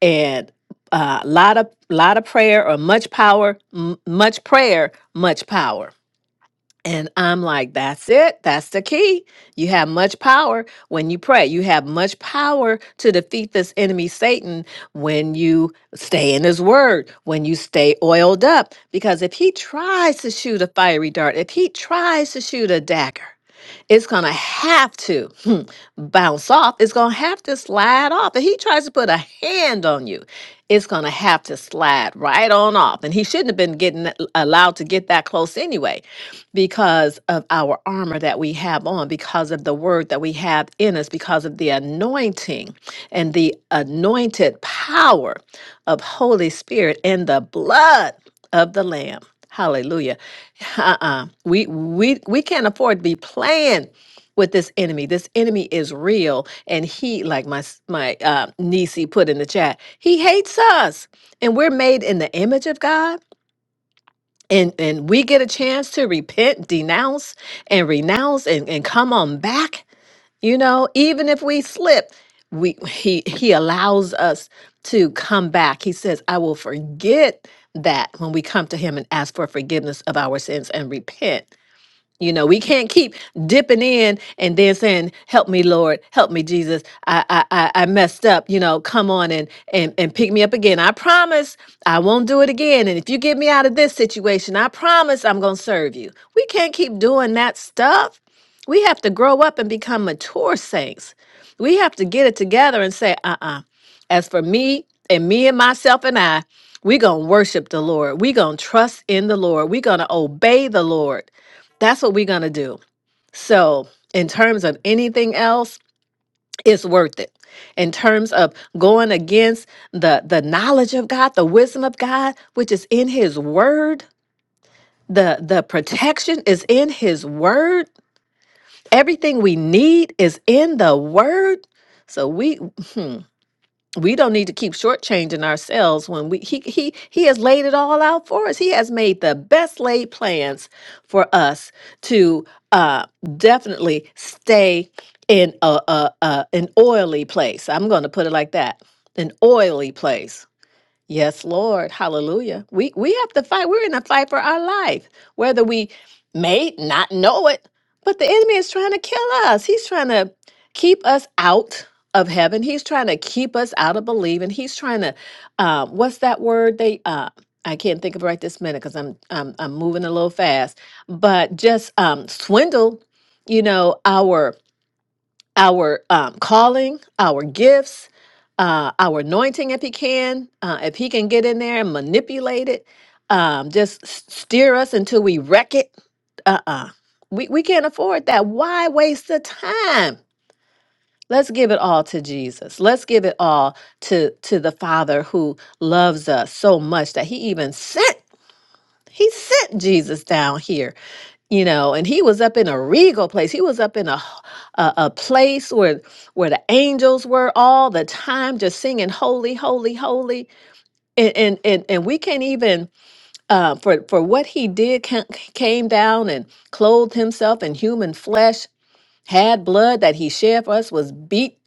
Speaker 9: and a uh, lot of lot of prayer or much power m- much prayer much power and i'm like that's it that's the key you have much power when you pray you have much power to defeat this enemy satan when you stay in his word when you stay oiled up because if he tries to shoot a fiery dart if he tries to shoot a dagger it's going to have to hmm, bounce off. It's going to have to slide off. If he tries to put a hand on you, it's going to have to slide right on off. And he shouldn't have been getting that- allowed to get that close anyway because of our armor that we have on, because of the word that we have in us, because of the anointing and the anointed power of Holy Spirit and the blood of the Lamb. Hallelujah. Uh-uh. We we we can't afford to be playing with this enemy. This enemy is real. And he, like my s- my uh niece he put in the chat, he hates us. And we're made in the image of God. And and we get a chance to repent, denounce, and renounce and, and come on back you know, even if we slip, we he he allows us to come back. He says, "I will forget that when we come to him and ask for forgiveness of our sins and repent." You know, we can't keep dipping in and then saying, "Help me, Lord, help me, Jesus. I I I I messed up. You know, come on and and and pick me up again. I promise I won't do it again. And if you get me out of this situation, I promise I'm gonna serve you." We can't keep doing that stuff. We have to grow up and become mature saints. We have to get it together and say, "Uh-uh. As for me and me and myself and I, we gonna worship the Lord. we gonna trust in the Lord. we gonna obey the Lord that's what we're going to do. So, in terms of anything else, it's worth it. In terms of going against the the knowledge of God, the wisdom of God, which is in his word, the the protection is in his word. Everything we need is in the word. So we hmm, we don't need to keep shortchanging ourselves when we he he he has laid it all out for us. He has made the best laid plans for us to uh definitely stay in a, a, a an oily place. I'm going to put it like that, an oily place Yes, Lord. Hallelujah. We we have to fight. We're in a fight for our life, whether we may not know it, but the enemy is trying to kill us. He's trying to keep us out of heaven. He's trying to keep us out of believing. He's trying to uh, what's that word they uh I can't think of it right this minute because I'm, I'm I'm moving a little fast, but just um swindle, you know, our our um, calling, our gifts, uh, our anointing if he can, uh, if he can get in there and manipulate it, um, just s- steer us until we wreck it. Uh uh We, we can't afford that. Why waste the time? Let's give it all to Jesus. Let's give it all to, to the Father who loves us so much that he even sent, he sent Jesus down here you know and he was up in a regal place he was up in a h- a, a place where where the angels were all the time just singing holy holy holy and and and, and we can't even uh for for what he did ca- came down and clothed himself in human flesh had blood that he shed for us was beat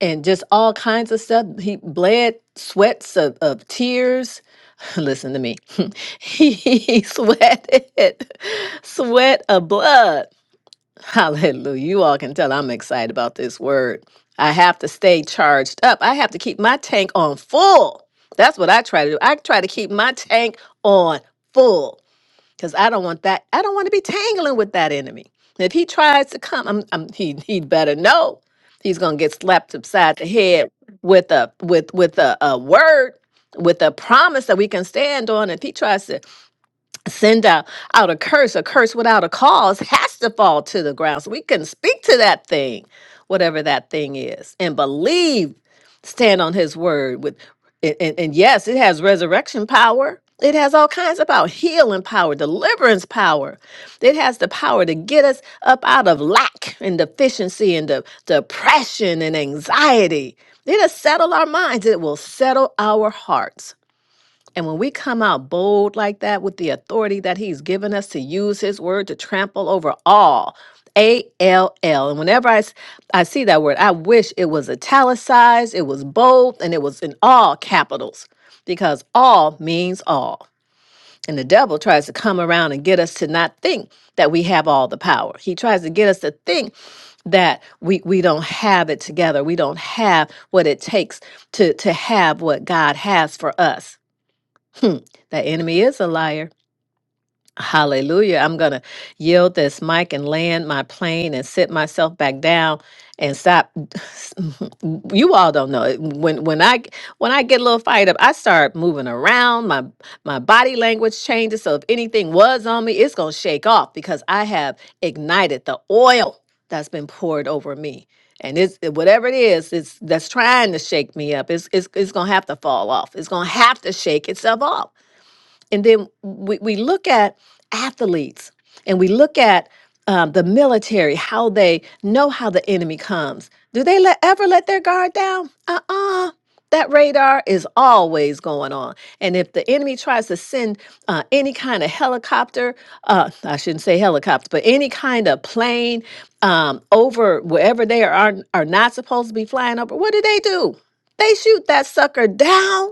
Speaker 9: and just all kinds of stuff he bled sweats of, of tears listen to me he sweated sweat of blood Hallelujah. You all can tell I'm excited about this word. I have to stay charged up. I have to keep my tank on full. That's what I try to do. I try to keep my tank on full because I don't want that. I don't want to be tangling with that enemy. If he tries to come, I'm, I'm, he he'd better know he's gonna get slapped upside the head with a with with a, a word with a promise that we can stand on. If he tries to send out, out a curse, a curse without a cause has to fall to the ground. So we can speak to that thing, whatever that thing is, and believe, stand on his word with and, and, and yes, it has resurrection power. It has all kinds of power, healing power, deliverance power. It has the power to get us up out of lack and deficiency and de- depression and anxiety. It'll settle our minds. It will settle our hearts. And when we come out bold like that with the authority that He's given us to use His word to trample over all, A L L. And whenever I, s- I see that word, I wish it was italicized, it was bold, and it was in all capitals because all means all. And the devil tries to come around and get us to not think that we have all the power. He tries to get us to think that we, we don't have it together. We don't have what it takes to, to have what God has for us. Hmm, the enemy is a liar. Hallelujah. I'm going to yield this mic and land my plane and sit myself back down and stop. you all don't know. it. When when I when I get a little fired up, I start moving around. My my body language changes. So if anything was on me, it's going to shake off because I have ignited the oil that's been poured over me. And it's whatever it is, it's that's trying to shake me up. It's it's, it's going to have to fall off. It's going to have to shake itself off and then we, we look at athletes and we look at um, the military, how they know how the enemy comes. Do they let, ever let their guard down? Uh uh That radar is always going on. And if the enemy tries to send uh, any kind of helicopter, uh, I shouldn't say helicopter, but any kind of plane um, over wherever they are, are, are not supposed to be flying over, what do they do? They shoot that sucker down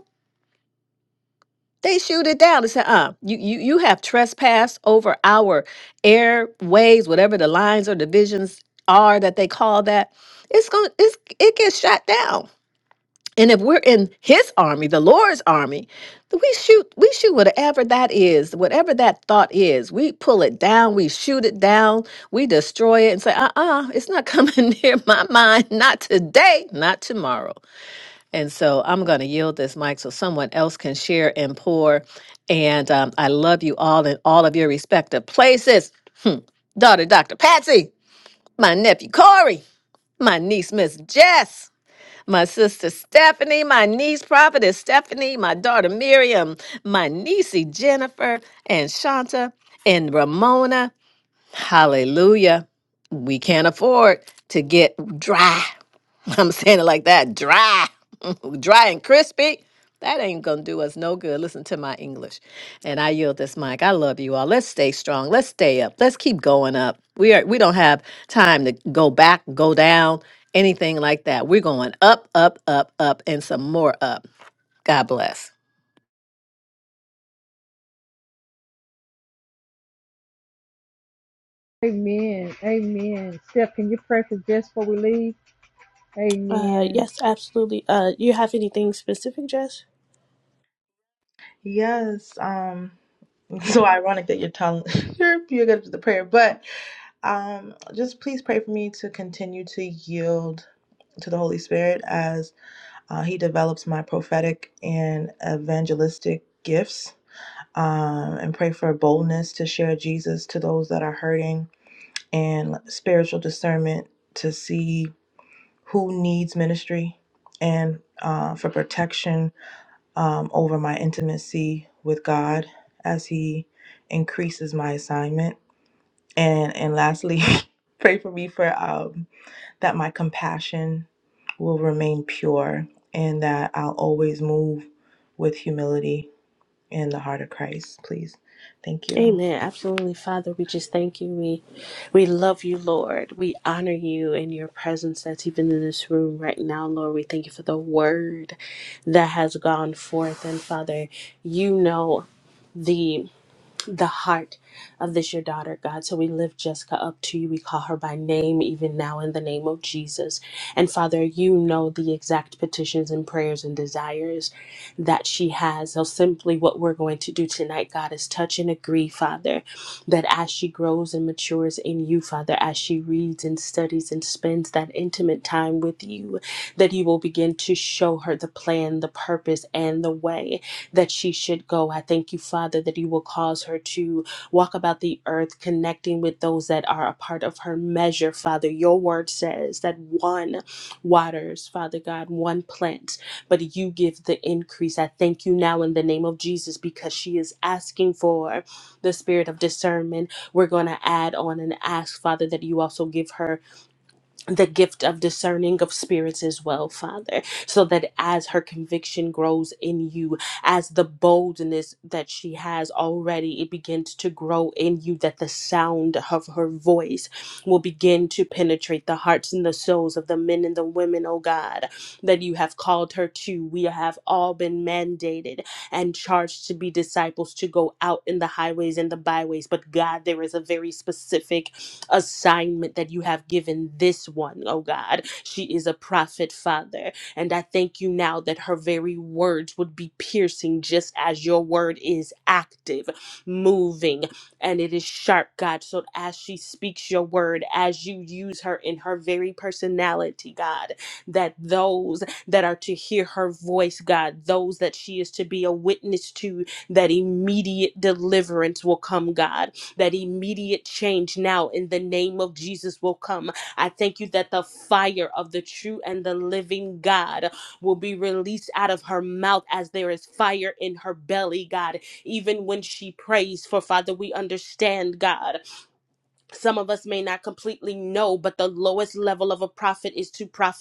Speaker 9: they shoot it down and say, uh, you, you, you have trespassed over our airways, whatever the lines or divisions are that they call that. It's going to, it's, it gets shot down. And if we're in his army, the Lord's army, then we shoot, we shoot whatever that is, whatever that thought is. We pull it down, we shoot it down, we destroy it and say, uh uh, it's not coming near my mind, not today, not tomorrow. And so I'm going to yield this mic so someone else can share and pour. And um, I love you all in all of your respective places. Daughter, Dr. Patsy, my nephew, Corey, my niece, Miss Jess. My sister Stephanie, my niece prophetess Stephanie, my daughter Miriam, my niecey Jennifer and Shanta and Ramona. Hallelujah. We can't afford to get dry. I'm saying it like that, dry, dry and crispy. That ain't gonna do us no good. Listen to my English. And I yield this mic. I love you all. Let's stay strong. Let's stay up. Let's keep going up. We are we don't have time to go back, go down, anything like that. We're going up, up, up, up, and some more up. God bless.
Speaker 1: Amen. Amen. Steph, can you pray for just before we leave?
Speaker 6: Uh,
Speaker 1: Amen.
Speaker 6: yes, absolutely. Uh, you have anything specific, Jess?
Speaker 7: Yes. Um. So ironic that your tongue you're you're good at the prayer, but um, just please pray for me to continue to yield to the Holy Spirit as. Uh, he develops my prophetic and evangelistic gifts um, and pray for boldness to share Jesus to those that are hurting and spiritual discernment to see who needs ministry and uh, for protection um, over my intimacy with God as He increases my assignment. And, and lastly, pray for me for. Um, that my compassion will remain pure and that I'll always move with humility in the heart of Christ, please. Thank you.
Speaker 6: Amen. Absolutely, Father. We just thank you. We we love you, Lord. We honor you and your presence that's even in this room right now, Lord. We thank you for the word that has gone forth. And Father, you know the the heart of this, your daughter, God. So we lift Jessica up to you. We call her by name, even now, in the name of Jesus. And Father, you know the exact petitions and prayers and desires that she has. So simply what we're going to do tonight, God, is touch and agree, Father, that as she grows and matures in you, Father, as she reads and studies and spends that intimate time with you, that you will begin to show her the plan, the purpose, and the way that she should go. I thank you, Father, that you will cause her to walk about the earth, connecting with those that are a part of her measure, Father. Your word says that one waters, Father God, one plants, but you give the increase. I thank you now in the name of Jesus because she is asking for the spirit of discernment. We're going to add on and ask, Father, that you also give her the gift of discerning of spirits as well, Father, so that as her conviction grows in you, as the boldness that she has already, it begins to grow in you, that the sound of her voice will begin to penetrate the hearts and the souls of the men and the women, oh God, that you have called her to. We have all been mandated and charged to be disciples, to go out in the highways and the byways. But God, there is a very specific assignment that you have given this one, oh God. She is a prophet, Father. And I thank you now that her very words would be piercing just as your word is active, moving, and it is sharp, God. So as she speaks your word, as you use her in her very personality, God, that those that are to hear her voice, God, those that she is to be a witness to, that immediate deliverance will come, God that immediate change now in the name of Jesus will come. I thank you that the fire of the true and the living God will be released out of her mouth as there is fire in her belly, God. Even when she prays, for Father, we understand, God some of us may not completely know, but the lowest level of a prophet is to prophesy.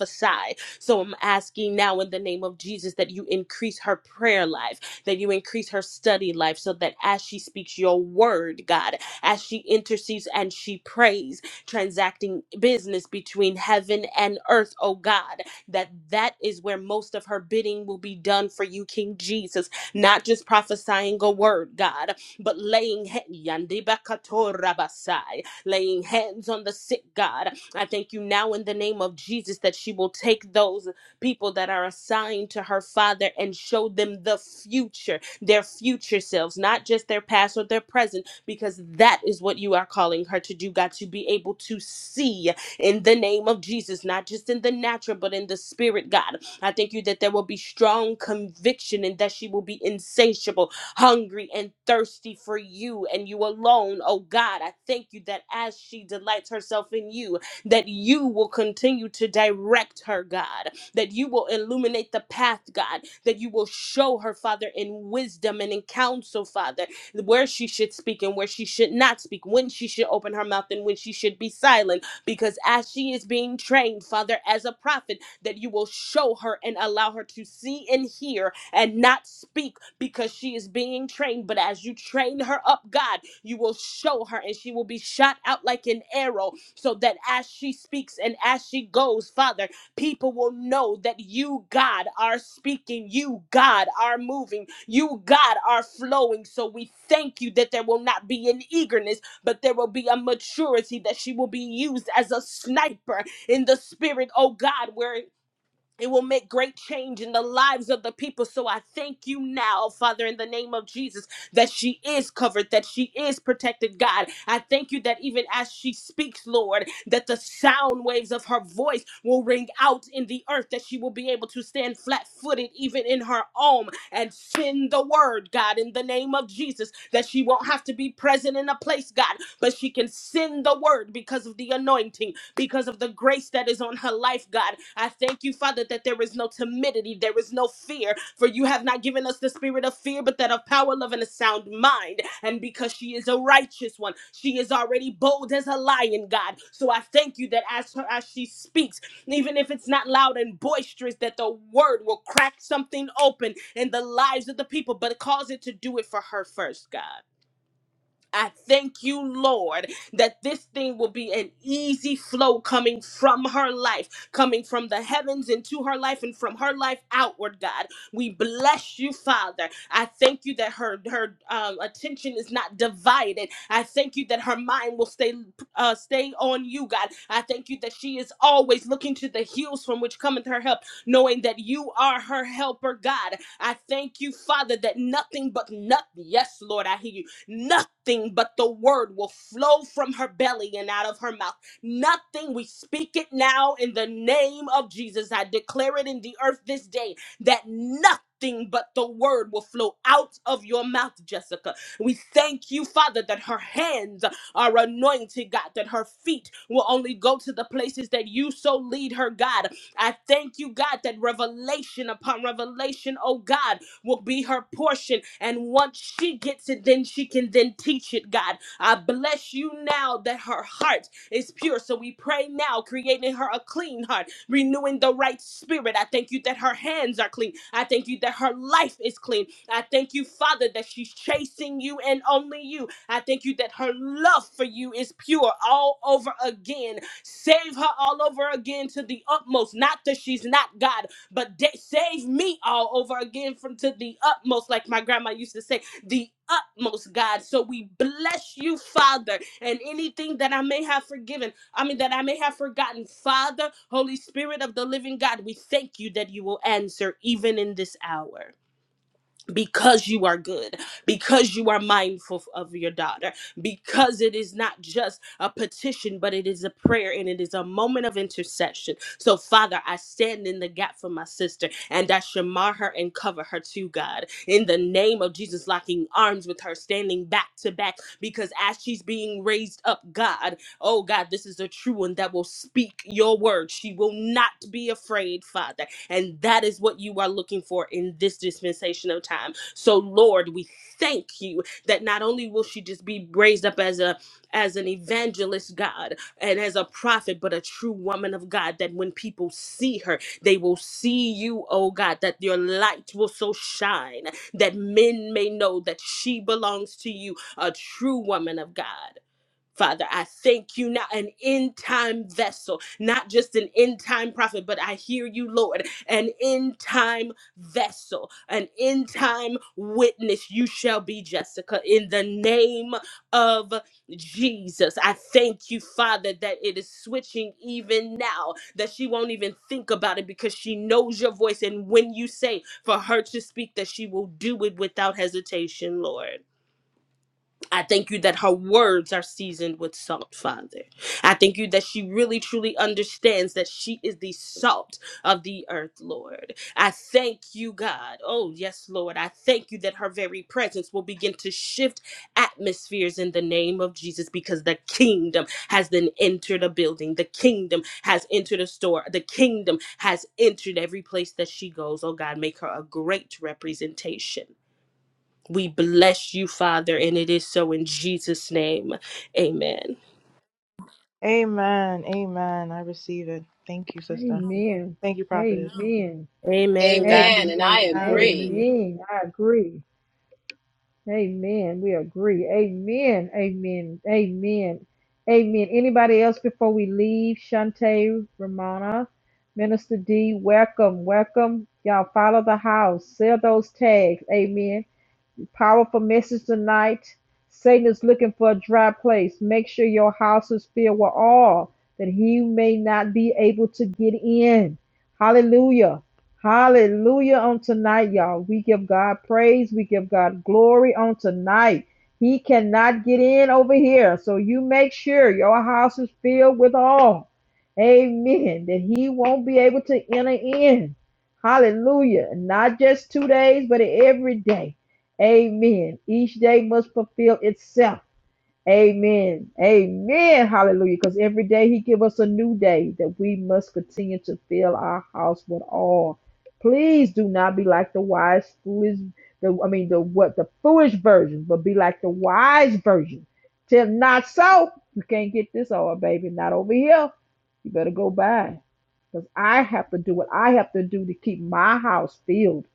Speaker 6: So I'm asking now in the name of Jesus that you increase her prayer life, that you increase her study life, so that as she speaks your word, God, as she intercedes and she prays, transacting business between heaven and earth, oh God, that that is where most of her bidding will be done for you, King Jesus, not just prophesying a word, God, but laying he- Yandibakatorabasai laying hands on the sick, God. I thank you now in the name of Jesus that she will take those people that are assigned to her father and show them the future, their future selves, not just their past or their present, because that is what you are calling her to do, God, to be able to see in the name of Jesus, not just in the natural, but in the spirit, God. I thank you that there will be strong conviction and that she will be insatiable hungry and thirsty for you and you alone. Oh God, I thank you that as she delights herself in you, that you will continue to direct her, God, that you will illuminate the path, God, that you will show her, Father, in wisdom and in counsel, Father, where she should speak and where she should not speak, when she should open her mouth and when she should be silent. Because as she is being trained, Father, as a prophet, that you will show her and allow her to see and hear and not speak because she is being trained. But as you train her up, God, you will show her and she will be shot out like an arrow so that as she speaks and as she goes, Father, people will know that you, God, are speaking, you, God, are moving, you, God, are flowing. So we thank you that there will not be an eagerness, but there will be a maturity that she will be used as a sniper in the spirit, oh God, where it will make great change in the lives of the people. So I thank you now, Father, in the name of Jesus, that she is covered, that she is protected, God. I thank you that even as she speaks, Lord, that the sound waves of her voice will ring out in the earth, that she will be able to stand flat footed, even in her home, and send the word, God, in the name of Jesus, that she won't have to be present in a place, God, but she can send the word because of the anointing because of the grace that is on her life, God. I thank you, Father, that there is no timidity, there is no fear, for you have not given us the spirit of fear, but that of power, love, and a sound mind. And because she is a righteous one, she is already bold as a lion, God. So I thank you that as her as she speaks, even if it's not loud and boisterous, that the word will crack something open in the lives of the people, but cause it to do it for her first, God. I thank you, Lord, that this thing will be an easy flow coming from her life, coming from the heavens into her life and from her life outward, God. We bless you, Father. I thank you that her her um, attention is not divided. I thank you that her mind will stay uh, stay on you, God. I thank you that she is always looking to the hills from which cometh her help, knowing that you are her helper, God. I thank you, Father, that nothing but nothing. Yes, Lord, I hear you Nothing but the word will flow from her belly and out of her mouth. Nothing. We speak it now in the name of Jesus. I declare it in the earth this day that nothing but the word will flow out of your mouth, Jessica. We thank you, Father, that her hands are anointed, God, that her feet will only go to the places that you so lead her, God. I thank you, God, that revelation upon revelation, oh God will be her portion. And once she gets it, then she can then teach it, God. I bless you now that her heart is pure. So we pray now, creating her a clean heart, renewing the right spirit. I thank you that her hands are clean. I thank you that her life is clean. I thank you, Father, that she's chasing you and only you. I thank you that her love for you is pure all over again. Save her all over again to the utmost. Not that she's not God, but da- save me all over again from to the utmost, like my grandma used to say, the utmost, God. So we bless you, Father, and anything that I may have forgiven, I mean, that I may have forgotten, Father, Holy Spirit of the living God, we thank you that you will answer even in this hour because you are good, because you are mindful of your daughter, because it is not just a petition, but it is a prayer and it is a moment of intercession. So, Father, I stand in the gap for my sister and I shamar her and cover her to God. In the name of Jesus, locking arms with her, standing back to back, because as she's being raised up, God. Oh God, this is a true one that will speak your word. She will not be afraid, Father. And that is what you are looking for in this dispensation of time. So Lord, we thank you that not only will she just be raised up as a as an evangelist, God, and as a prophet, but a true woman of God, that when people see her, they will see you, oh God, that your light will so shine that men may know that she belongs to you, a true woman of God. Father, I thank you now, an end time vessel, not just an end time prophet, but I hear you, Lord, an end time vessel, an end time witness. You shall be Jessica in the name of Jesus. I thank you, Father, that it is switching even now, that she won't even think about it because she knows your voice. And when you say for her to speak, that she will do it without hesitation, Lord. I thank you that her words are seasoned with salt, Father. I thank you that she really truly understands that she is the salt of the earth, Lord. I thank you, God. Oh, yes, Lord. I thank you that her very presence will begin to shift atmospheres in the name of Jesus because the kingdom has then entered a building. The kingdom has entered a store. The kingdom has entered every place that she goes. Oh, God, make her a great representation we bless you, Father, and it is so in Jesus' name. Amen.
Speaker 7: Amen. Amen. I receive it. Thank you, sister.
Speaker 1: Amen.
Speaker 7: Thank you, prophetess.
Speaker 1: Amen.
Speaker 6: Amen. God be
Speaker 9: Amen. And
Speaker 6: praised.
Speaker 9: I
Speaker 1: Amen.
Speaker 9: agree.
Speaker 6: Hallelujah.
Speaker 1: Amen. I agree. Amen. We agree. Amen. Amen. Amen. Amen. Anybody else before we leave? Shante, Ramona, Minister D, welcome. Welcome. Y'all follow the house. Sell those tags. Amen. Powerful message tonight. Satan is looking for a dry place. Make sure your house is filled with all that he may not be able to get in. Hallelujah. Hallelujah on tonight, y'all. We give God praise. We give God glory on tonight. He cannot get in over here. So you make sure your house is filled with all. Amen. That he won't be able to enter in. Hallelujah. Not just two days, but every day. Amen. Each day must fulfill itself Amen. Amen. Hallelujah. Because every day he give us a new day that we must continue to fill our house with all. Please do not be like the wise foolish the I mean the what the foolish version, but be like the wise version. Tell not so. You can't get this all, baby. Not over here. You better go by. Because I have to do what I have to do to keep my house filled.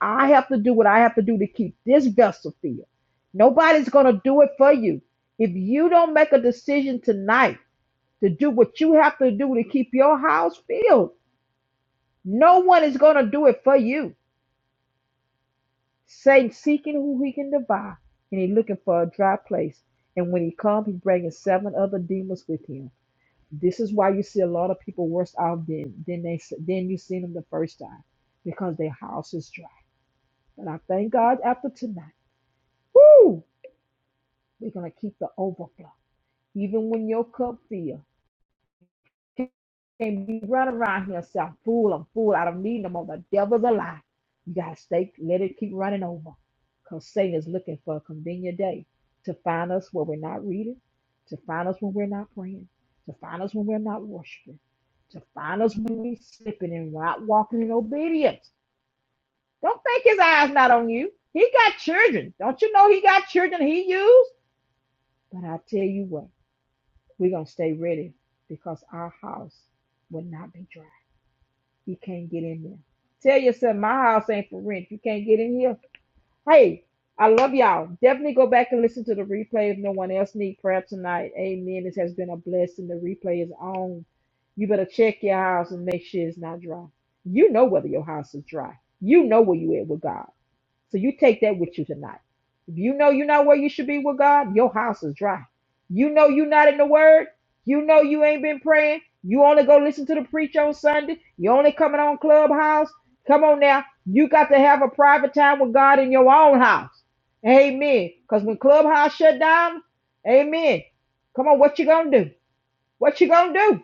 Speaker 1: I have to do what I have to do to keep this vessel filled. Nobody's gonna do it for you. If you don't make a decision tonight to do what you have to do to keep your house filled, no one is going to do it for you. Satan seeking who he can devour, and he's looking for a dry place. And when he comes, he's bringing seven other demons with him. This is why you see a lot of people worse off than than they than you seen them the first time, because their house is dry. But I thank God after tonight, woo, we're gonna keep the overflow, even when your cup fills. can't be running around here and say, I'm full, I'm full, I don't need no more. The devil's a lie. You gotta stay, let it keep running over. Because Satan is looking for a convenient day to find us when we're not reading, to find us when we're not praying, to find us when we're not worshiping, to find us when we're slipping and not walking in obedience. Don't think his eyes not on you. He got children. Don't you know he got children he used? But I tell you what, we're gonna stay ready because our house will not be dry. You can't get in there. Tell yourself, my house ain't for rent. You can't get in here. Hey, I love y'all. Definitely go back and listen to the replay if no one else needs prayer tonight. Amen. This has been a blessing. The replay is on. You better check your house and make sure it's not dry. You know whether your house is dry. You know where you at with God. So you take that with you tonight. If you know you're not where you should be with God, your house is dry. You know you're not in the Word. You know you ain't been praying. You only go listen to the preach on Sunday. You only coming on Clubhouse. Come on now. You got to have a private time with God in your own house. Amen. Because when Clubhouse shut down, amen. Come on, what you gonna do? What you gonna do?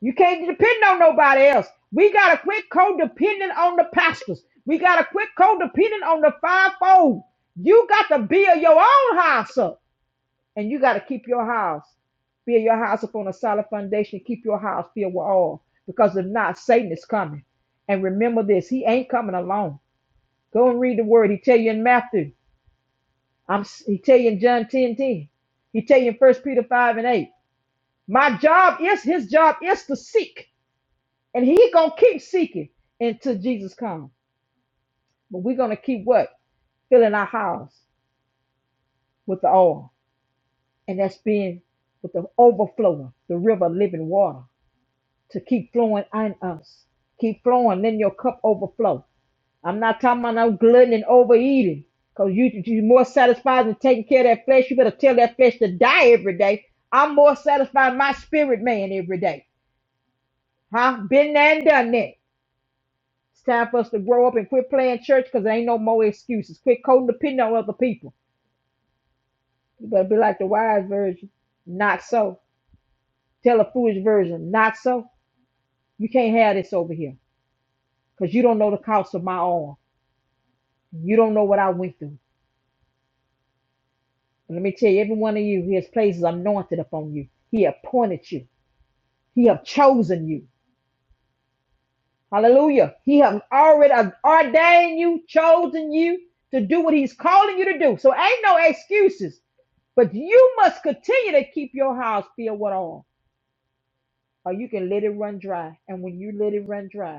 Speaker 1: You can't depend on nobody else. We got to quit codependent on the pastors. We got to quit codependent on the fivefold. You got to build your own house up, and you got to keep your house. Build your house up on a solid foundation. Keep your house filled with oil, because if not, Satan is coming. And remember this: he ain't coming alone. Go and read the word. He tell you in Matthew. I'm. He tell you in John 10 ten. He tell you in First Peter five and eight. My job is his job is to seek. And he gonna keep seeking until Jesus comes. But we're gonna keep what? Filling our house with the oil. And that's being with the overflowing, the river of living water to keep flowing in us. Keep flowing, then your cup overflow. I'm not talking about no glutton and overeating. Cause you you more satisfied than taking care of that flesh. You better tell that flesh to die every day. I'm more satisfied in my spirit man every day. Huh? Been there and done that. It's time for us to grow up and quit playing church because there ain't no more excuses. Quit coding the pin on other people. You better be like the wise version. Not so. Tell a foolish version. Not so. You can't have this over here because you don't know the cost of my arm. You don't know what I went through. But let me tell you, every one of you, his place is anointed upon you. He appointed you. He have chosen you. Hallelujah. He has already ordained you, chosen you to do what he's calling you to do. So ain't no excuses. But you must continue to keep your house filled with oil, or you can let it run dry. And when you let it run dry,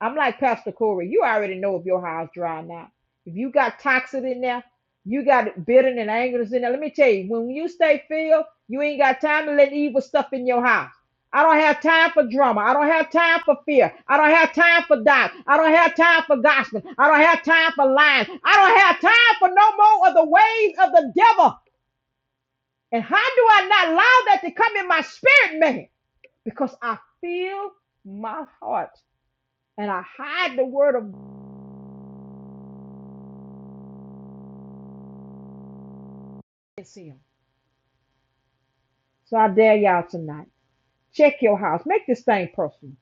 Speaker 1: I'm like Pastor Corey. You already know if your house dry or not. If you got toxic in there, you got bitterness and angers in there. Let me tell you, when you stay filled, you ain't got time to let evil stuff in your house. I don't have time for drama. I don't have time for fear. I don't have time for doubt. I don't have time for gossip. I don't have time for lying. I don't have time for no more of the ways of the devil. And how do I not allow that to come in my spirit, man? Because I feel my heart and I hide the word of against him. So I dare y'all tonight. Check your house. Make this thing personal.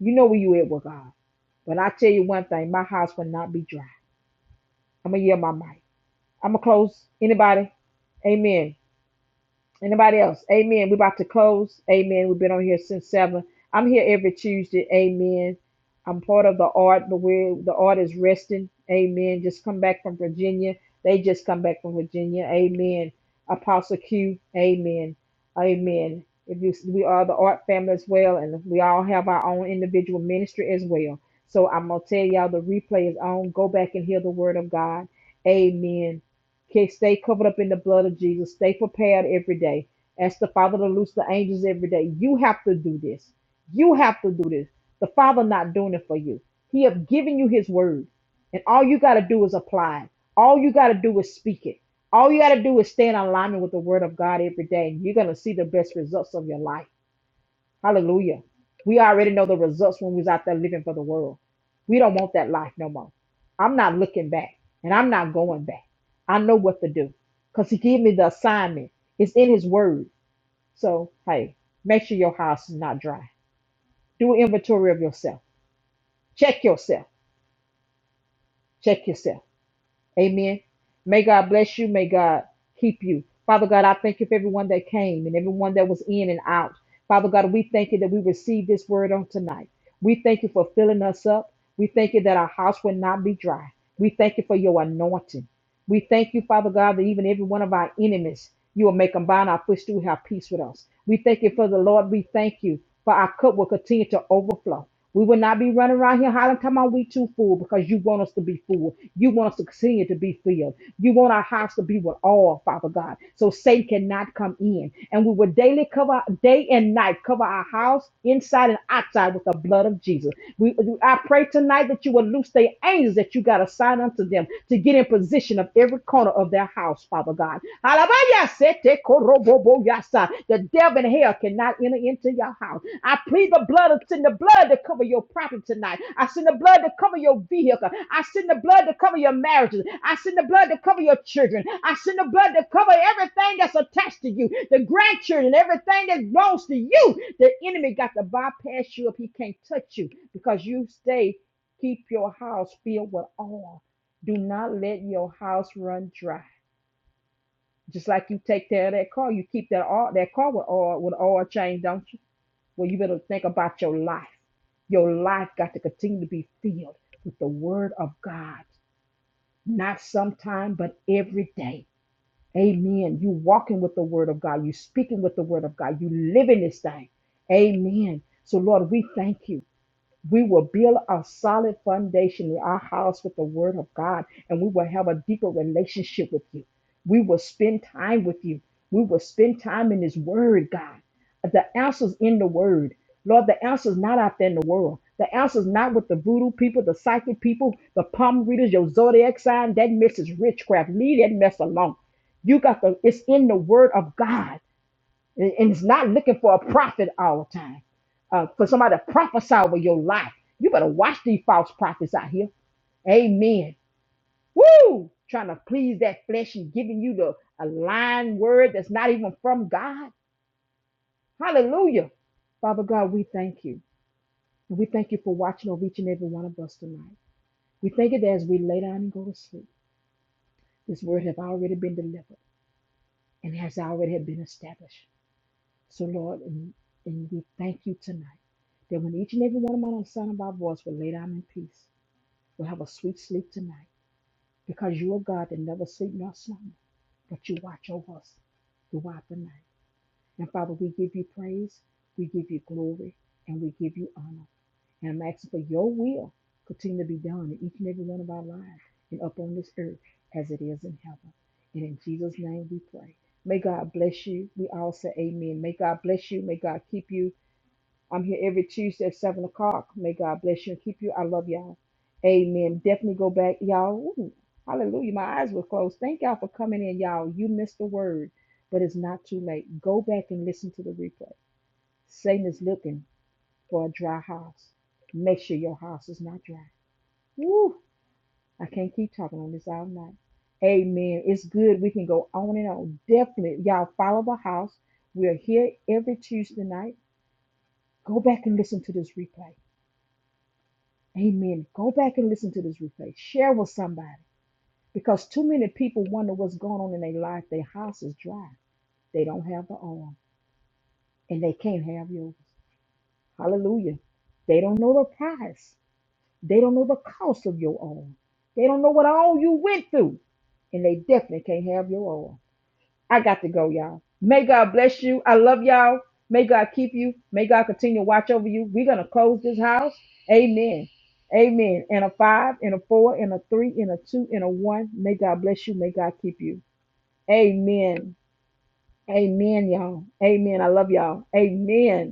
Speaker 1: You know where you at with God. But I tell you one thing, my house will not be dry. I'm gonna yell my mic. I'm gonna close. Anybody? Amen. Anybody else? Amen. We're about to close. Amen. We've been on here since seven. I'm here every Tuesday. Amen. I'm part of the art, but where the art is resting. Amen. Just come back from Virginia. They just come back from Virginia. Amen. Apostle Q. Amen. Amen. If you, we are the art family as well, and we all have our own individual ministry as well. So I'm gonna tell y'all the replay is on. Go back and hear the word of God. Amen. Okay, stay covered up in the blood of Jesus. Stay prepared every day. Ask the Father to loose the angels every day. You have to do this. You have to do this. The Father not doing it for you. He have given you His word, and all you got to do is apply it. All you got to do is speak it. All you got to do is stay in alignment with the Word of God every day, and you're gonna see the best results of your life. Hallelujah. We already know the results when we was out there living for the world. We don't want that life no more. I'm not looking back and I'm not going back. I know what to do because he gave me the assignment. It's in his word. So, hey, make sure your house is not dry. Do an inventory of yourself. Check yourself. Check yourself. Amen. May God bless you. May God keep you. Father God, I thank you for everyone that came and everyone that was in and out. Father God, we thank you that we received this word on tonight. We thank you for filling us up. We thank you that our house will not be dry. We thank you for your anointing. We thank you, Father God, that even every one of our enemies, you will make them bind our footstool, have peace with us. We thank you for the Lord. We thank you for our cup will continue to overflow. We will not be running around here hollering, come on, we too full because you want us to be full. You want us to continue to be filled. You want our house to be with all, Father God. So Satan cannot come in. And we will daily cover, day and night, cover our house inside and outside with the blood of Jesus. We, I pray tonight tonight that you will loose the angels that you got assigned unto them to get in position of every corner of their house, Father God. The devil and hell cannot enter into your house. I plead the blood, of send the blood to cover your property tonight. I send the blood to cover your vehicle. I send the blood to cover your marriages. I send the blood to cover your children. I send the blood to cover everything that's attached to you, the grandchildren, everything that belongs to you. The enemy got to bypass you if he can't touch you because you stay. Keep your house filled with oil. Do not let your house run dry. Just like you take care of that car, you keep that oil, that car with oil with oil change, don't you? Well, you better think about your life. Your life got to continue to be filled with the Word of God, not sometime, but every day. Amen. You walking with the Word of God. You speaking with the Word of God. You living this thing. Amen. So Lord, we thank you. we will build a solid foundation in our house with the word of God, and we will have a deeper relationship with you. We will spend time with you. We will spend time in His Word, God. The answer's in the Word. Lord, the answer's not out there in the world. The answer's not with the voodoo people, the psychic people, the palm readers, your zodiac sign. That mess is witchcraft. Leave that mess alone. You got the, it's in the Word of God. And and it's not looking for a prophet all the time. Uh, for somebody to prophesy over your life. You better watch these false prophets out here. Amen. Woo! Trying to please that flesh and giving you the a lying word that's not even from God. Hallelujah. Father God, we thank you. And we thank you for watching over each and every one of us tonight. We thank you that as we lay down and go to sleep, this word have already been delivered and has already have been established. So, Lord, and, and we thank you tonight that when each and every one of us on the sound of our voice will lay down in peace, we'll have a sweet sleep tonight because you are God that never sleep nor slumber, but you watch over us throughout the night. And Father, we give you praise, we give you glory, and we give you honor. And I'm asking for your will continue to be done in each and every one of our lives and up on this earth as it is in heaven. And in Jesus' name we pray. May God bless you. We all say amen. May God bless you. May God keep you. I'm here every Tuesday at 7 o'clock. May God bless you and keep you. I love y'all. Amen. Definitely go back, y'all. Ooh, hallelujah. My eyes were closed. Thank y'all for coming in, y'all. You missed the word, but it's not too late. Go back and listen to the replay. Satan is looking for a dry house. Make sure your house is not dry. Woo! I can't keep talking on this all night. Amen. It's good. We can go on and on. Definitely, y'all follow the house. We're here every Tuesday night. Go back and listen to this replay. Amen. Go back and listen to this replay. Share with somebody because too many people wonder what's going on in their life. Their house is dry. They don't have the oil and they can't have yours. Hallelujah. They don't know the price. They don't know the cost of your oil. They don't know what all you went through and they definitely can't have your oil. I got to go, y'all. May God bless you. I love y'all. May God keep you. May God continue to watch over you. We're going to close this house. Amen. Amen. And a five, and a four, and a three, and a two, and a one. May God bless you. May God keep you. Amen. Amen, y'all. Amen. I love y'all. Amen.